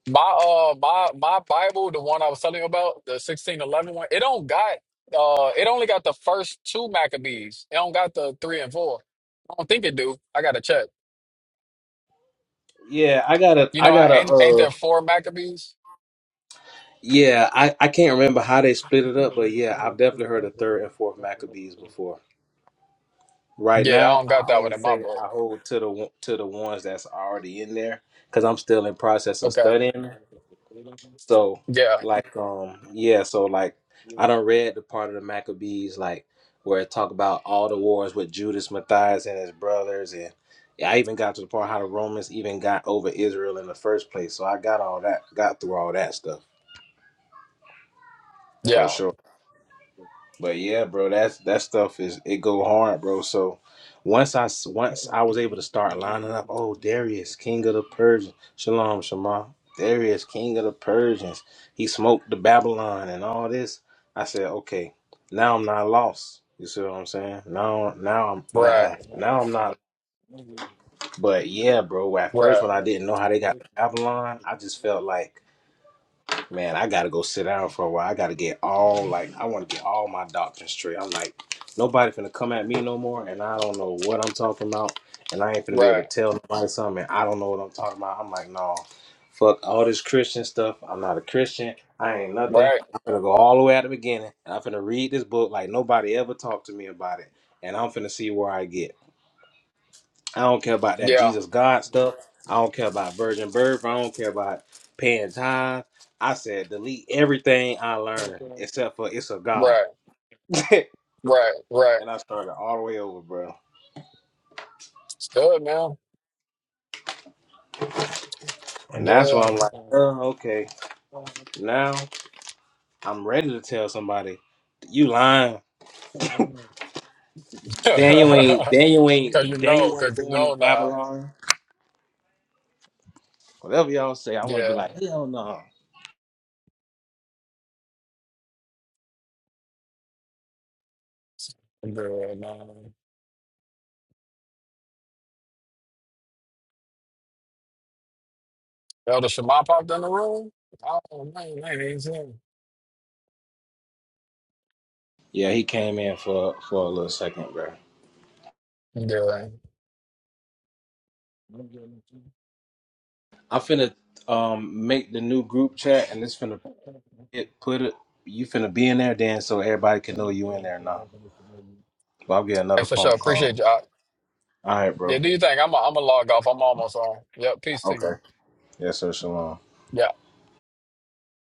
my uh my my Bible, the one I was telling you about, the sixteen eleven one, it don't got uh it only got the first two Maccabees. It don't got the three and four. I don't think it do. I gotta check.
Yeah, I gotta,
You
I
know, I
gotta,
ain't ain't
uh,
there four Maccabees?
yeah, I, I can't remember how they split it up, but yeah, I've definitely heard of third and fourth Maccabees before. Right
Yeah, I
now,
don't got
I
that
only
one in my
say
book.
I hold to the one- to the ones that's already in there because I'm still in process of
Okay.
studying. So,
Yeah,
like, um, yeah, so like, I done read the part of the Maccabees like where it talk about all the wars with Judas Matthias and his brothers, and yeah, I even got to the part how the Romans even got over Israel in the first place. So I got all that, got through all that stuff for
yeah.
sure. But yeah, bro, that's that stuff is it go hard, bro. So once I s- once I was able to start lining up, oh Darius, king of the Persians, shalom, shema, Darius, king of the Persians, he smoked the Babylon and all this. I said, okay, now I'm not lost. You see what I'm saying? Now, now I'm
Right.
not. Now I'm not. But yeah, bro. At first,
Right.
when I didn't know how they got to Babylon, I just felt like man, I gotta go sit down for a while. I gotta get all like I want to get all my doctrine straight. I'm like, nobody finna come at me no more, and I don't know what I'm talking about, and I ain't finna be able
Right.
to tell nobody something. And I don't know what I'm talking about. I'm like, no, fuck all this Christian stuff. I'm not a Christian. I ain't nothing.
Right.
I'm gonna go all the way at the beginning, and I'm finna read this book like nobody ever talked to me about it, and I'm finna see where I get. I don't care about that
Yeah.
Jesus God stuff. I don't care about virgin birth. I don't care about paying tithes. I said delete everything I learned except for it's a God.
Right.
(laughs)
Right. Right.
and I started all the way over, bro.
Stud good, man.
And that's why
Yeah.
I'm like, oh, okay. Now I'm ready to tell somebody you lying. Daniel
(laughs)
ain't Daniel ain't
Cause you
Daniel
know,
wasn't
cause you
born.
know now. Yeah. Good, man. Elder Shema popped in the room. Oh man, man, he's in.
Yeah, he came in for for a little second, bro.
Yeah.
I'm finna um make the new group chat and it's finna it, put it you finna be in there Dan, so everybody can know you in there now. Well, I'll get
Hey,
another
for
phone
sure.
call.
Appreciate you. I,
All right,
yeah,
bro.
do you think I'm a, I'm a log off? I'm almost on. Yep. Peace to
Okay.
you.
Yes, sir. Shalom.
Yeah.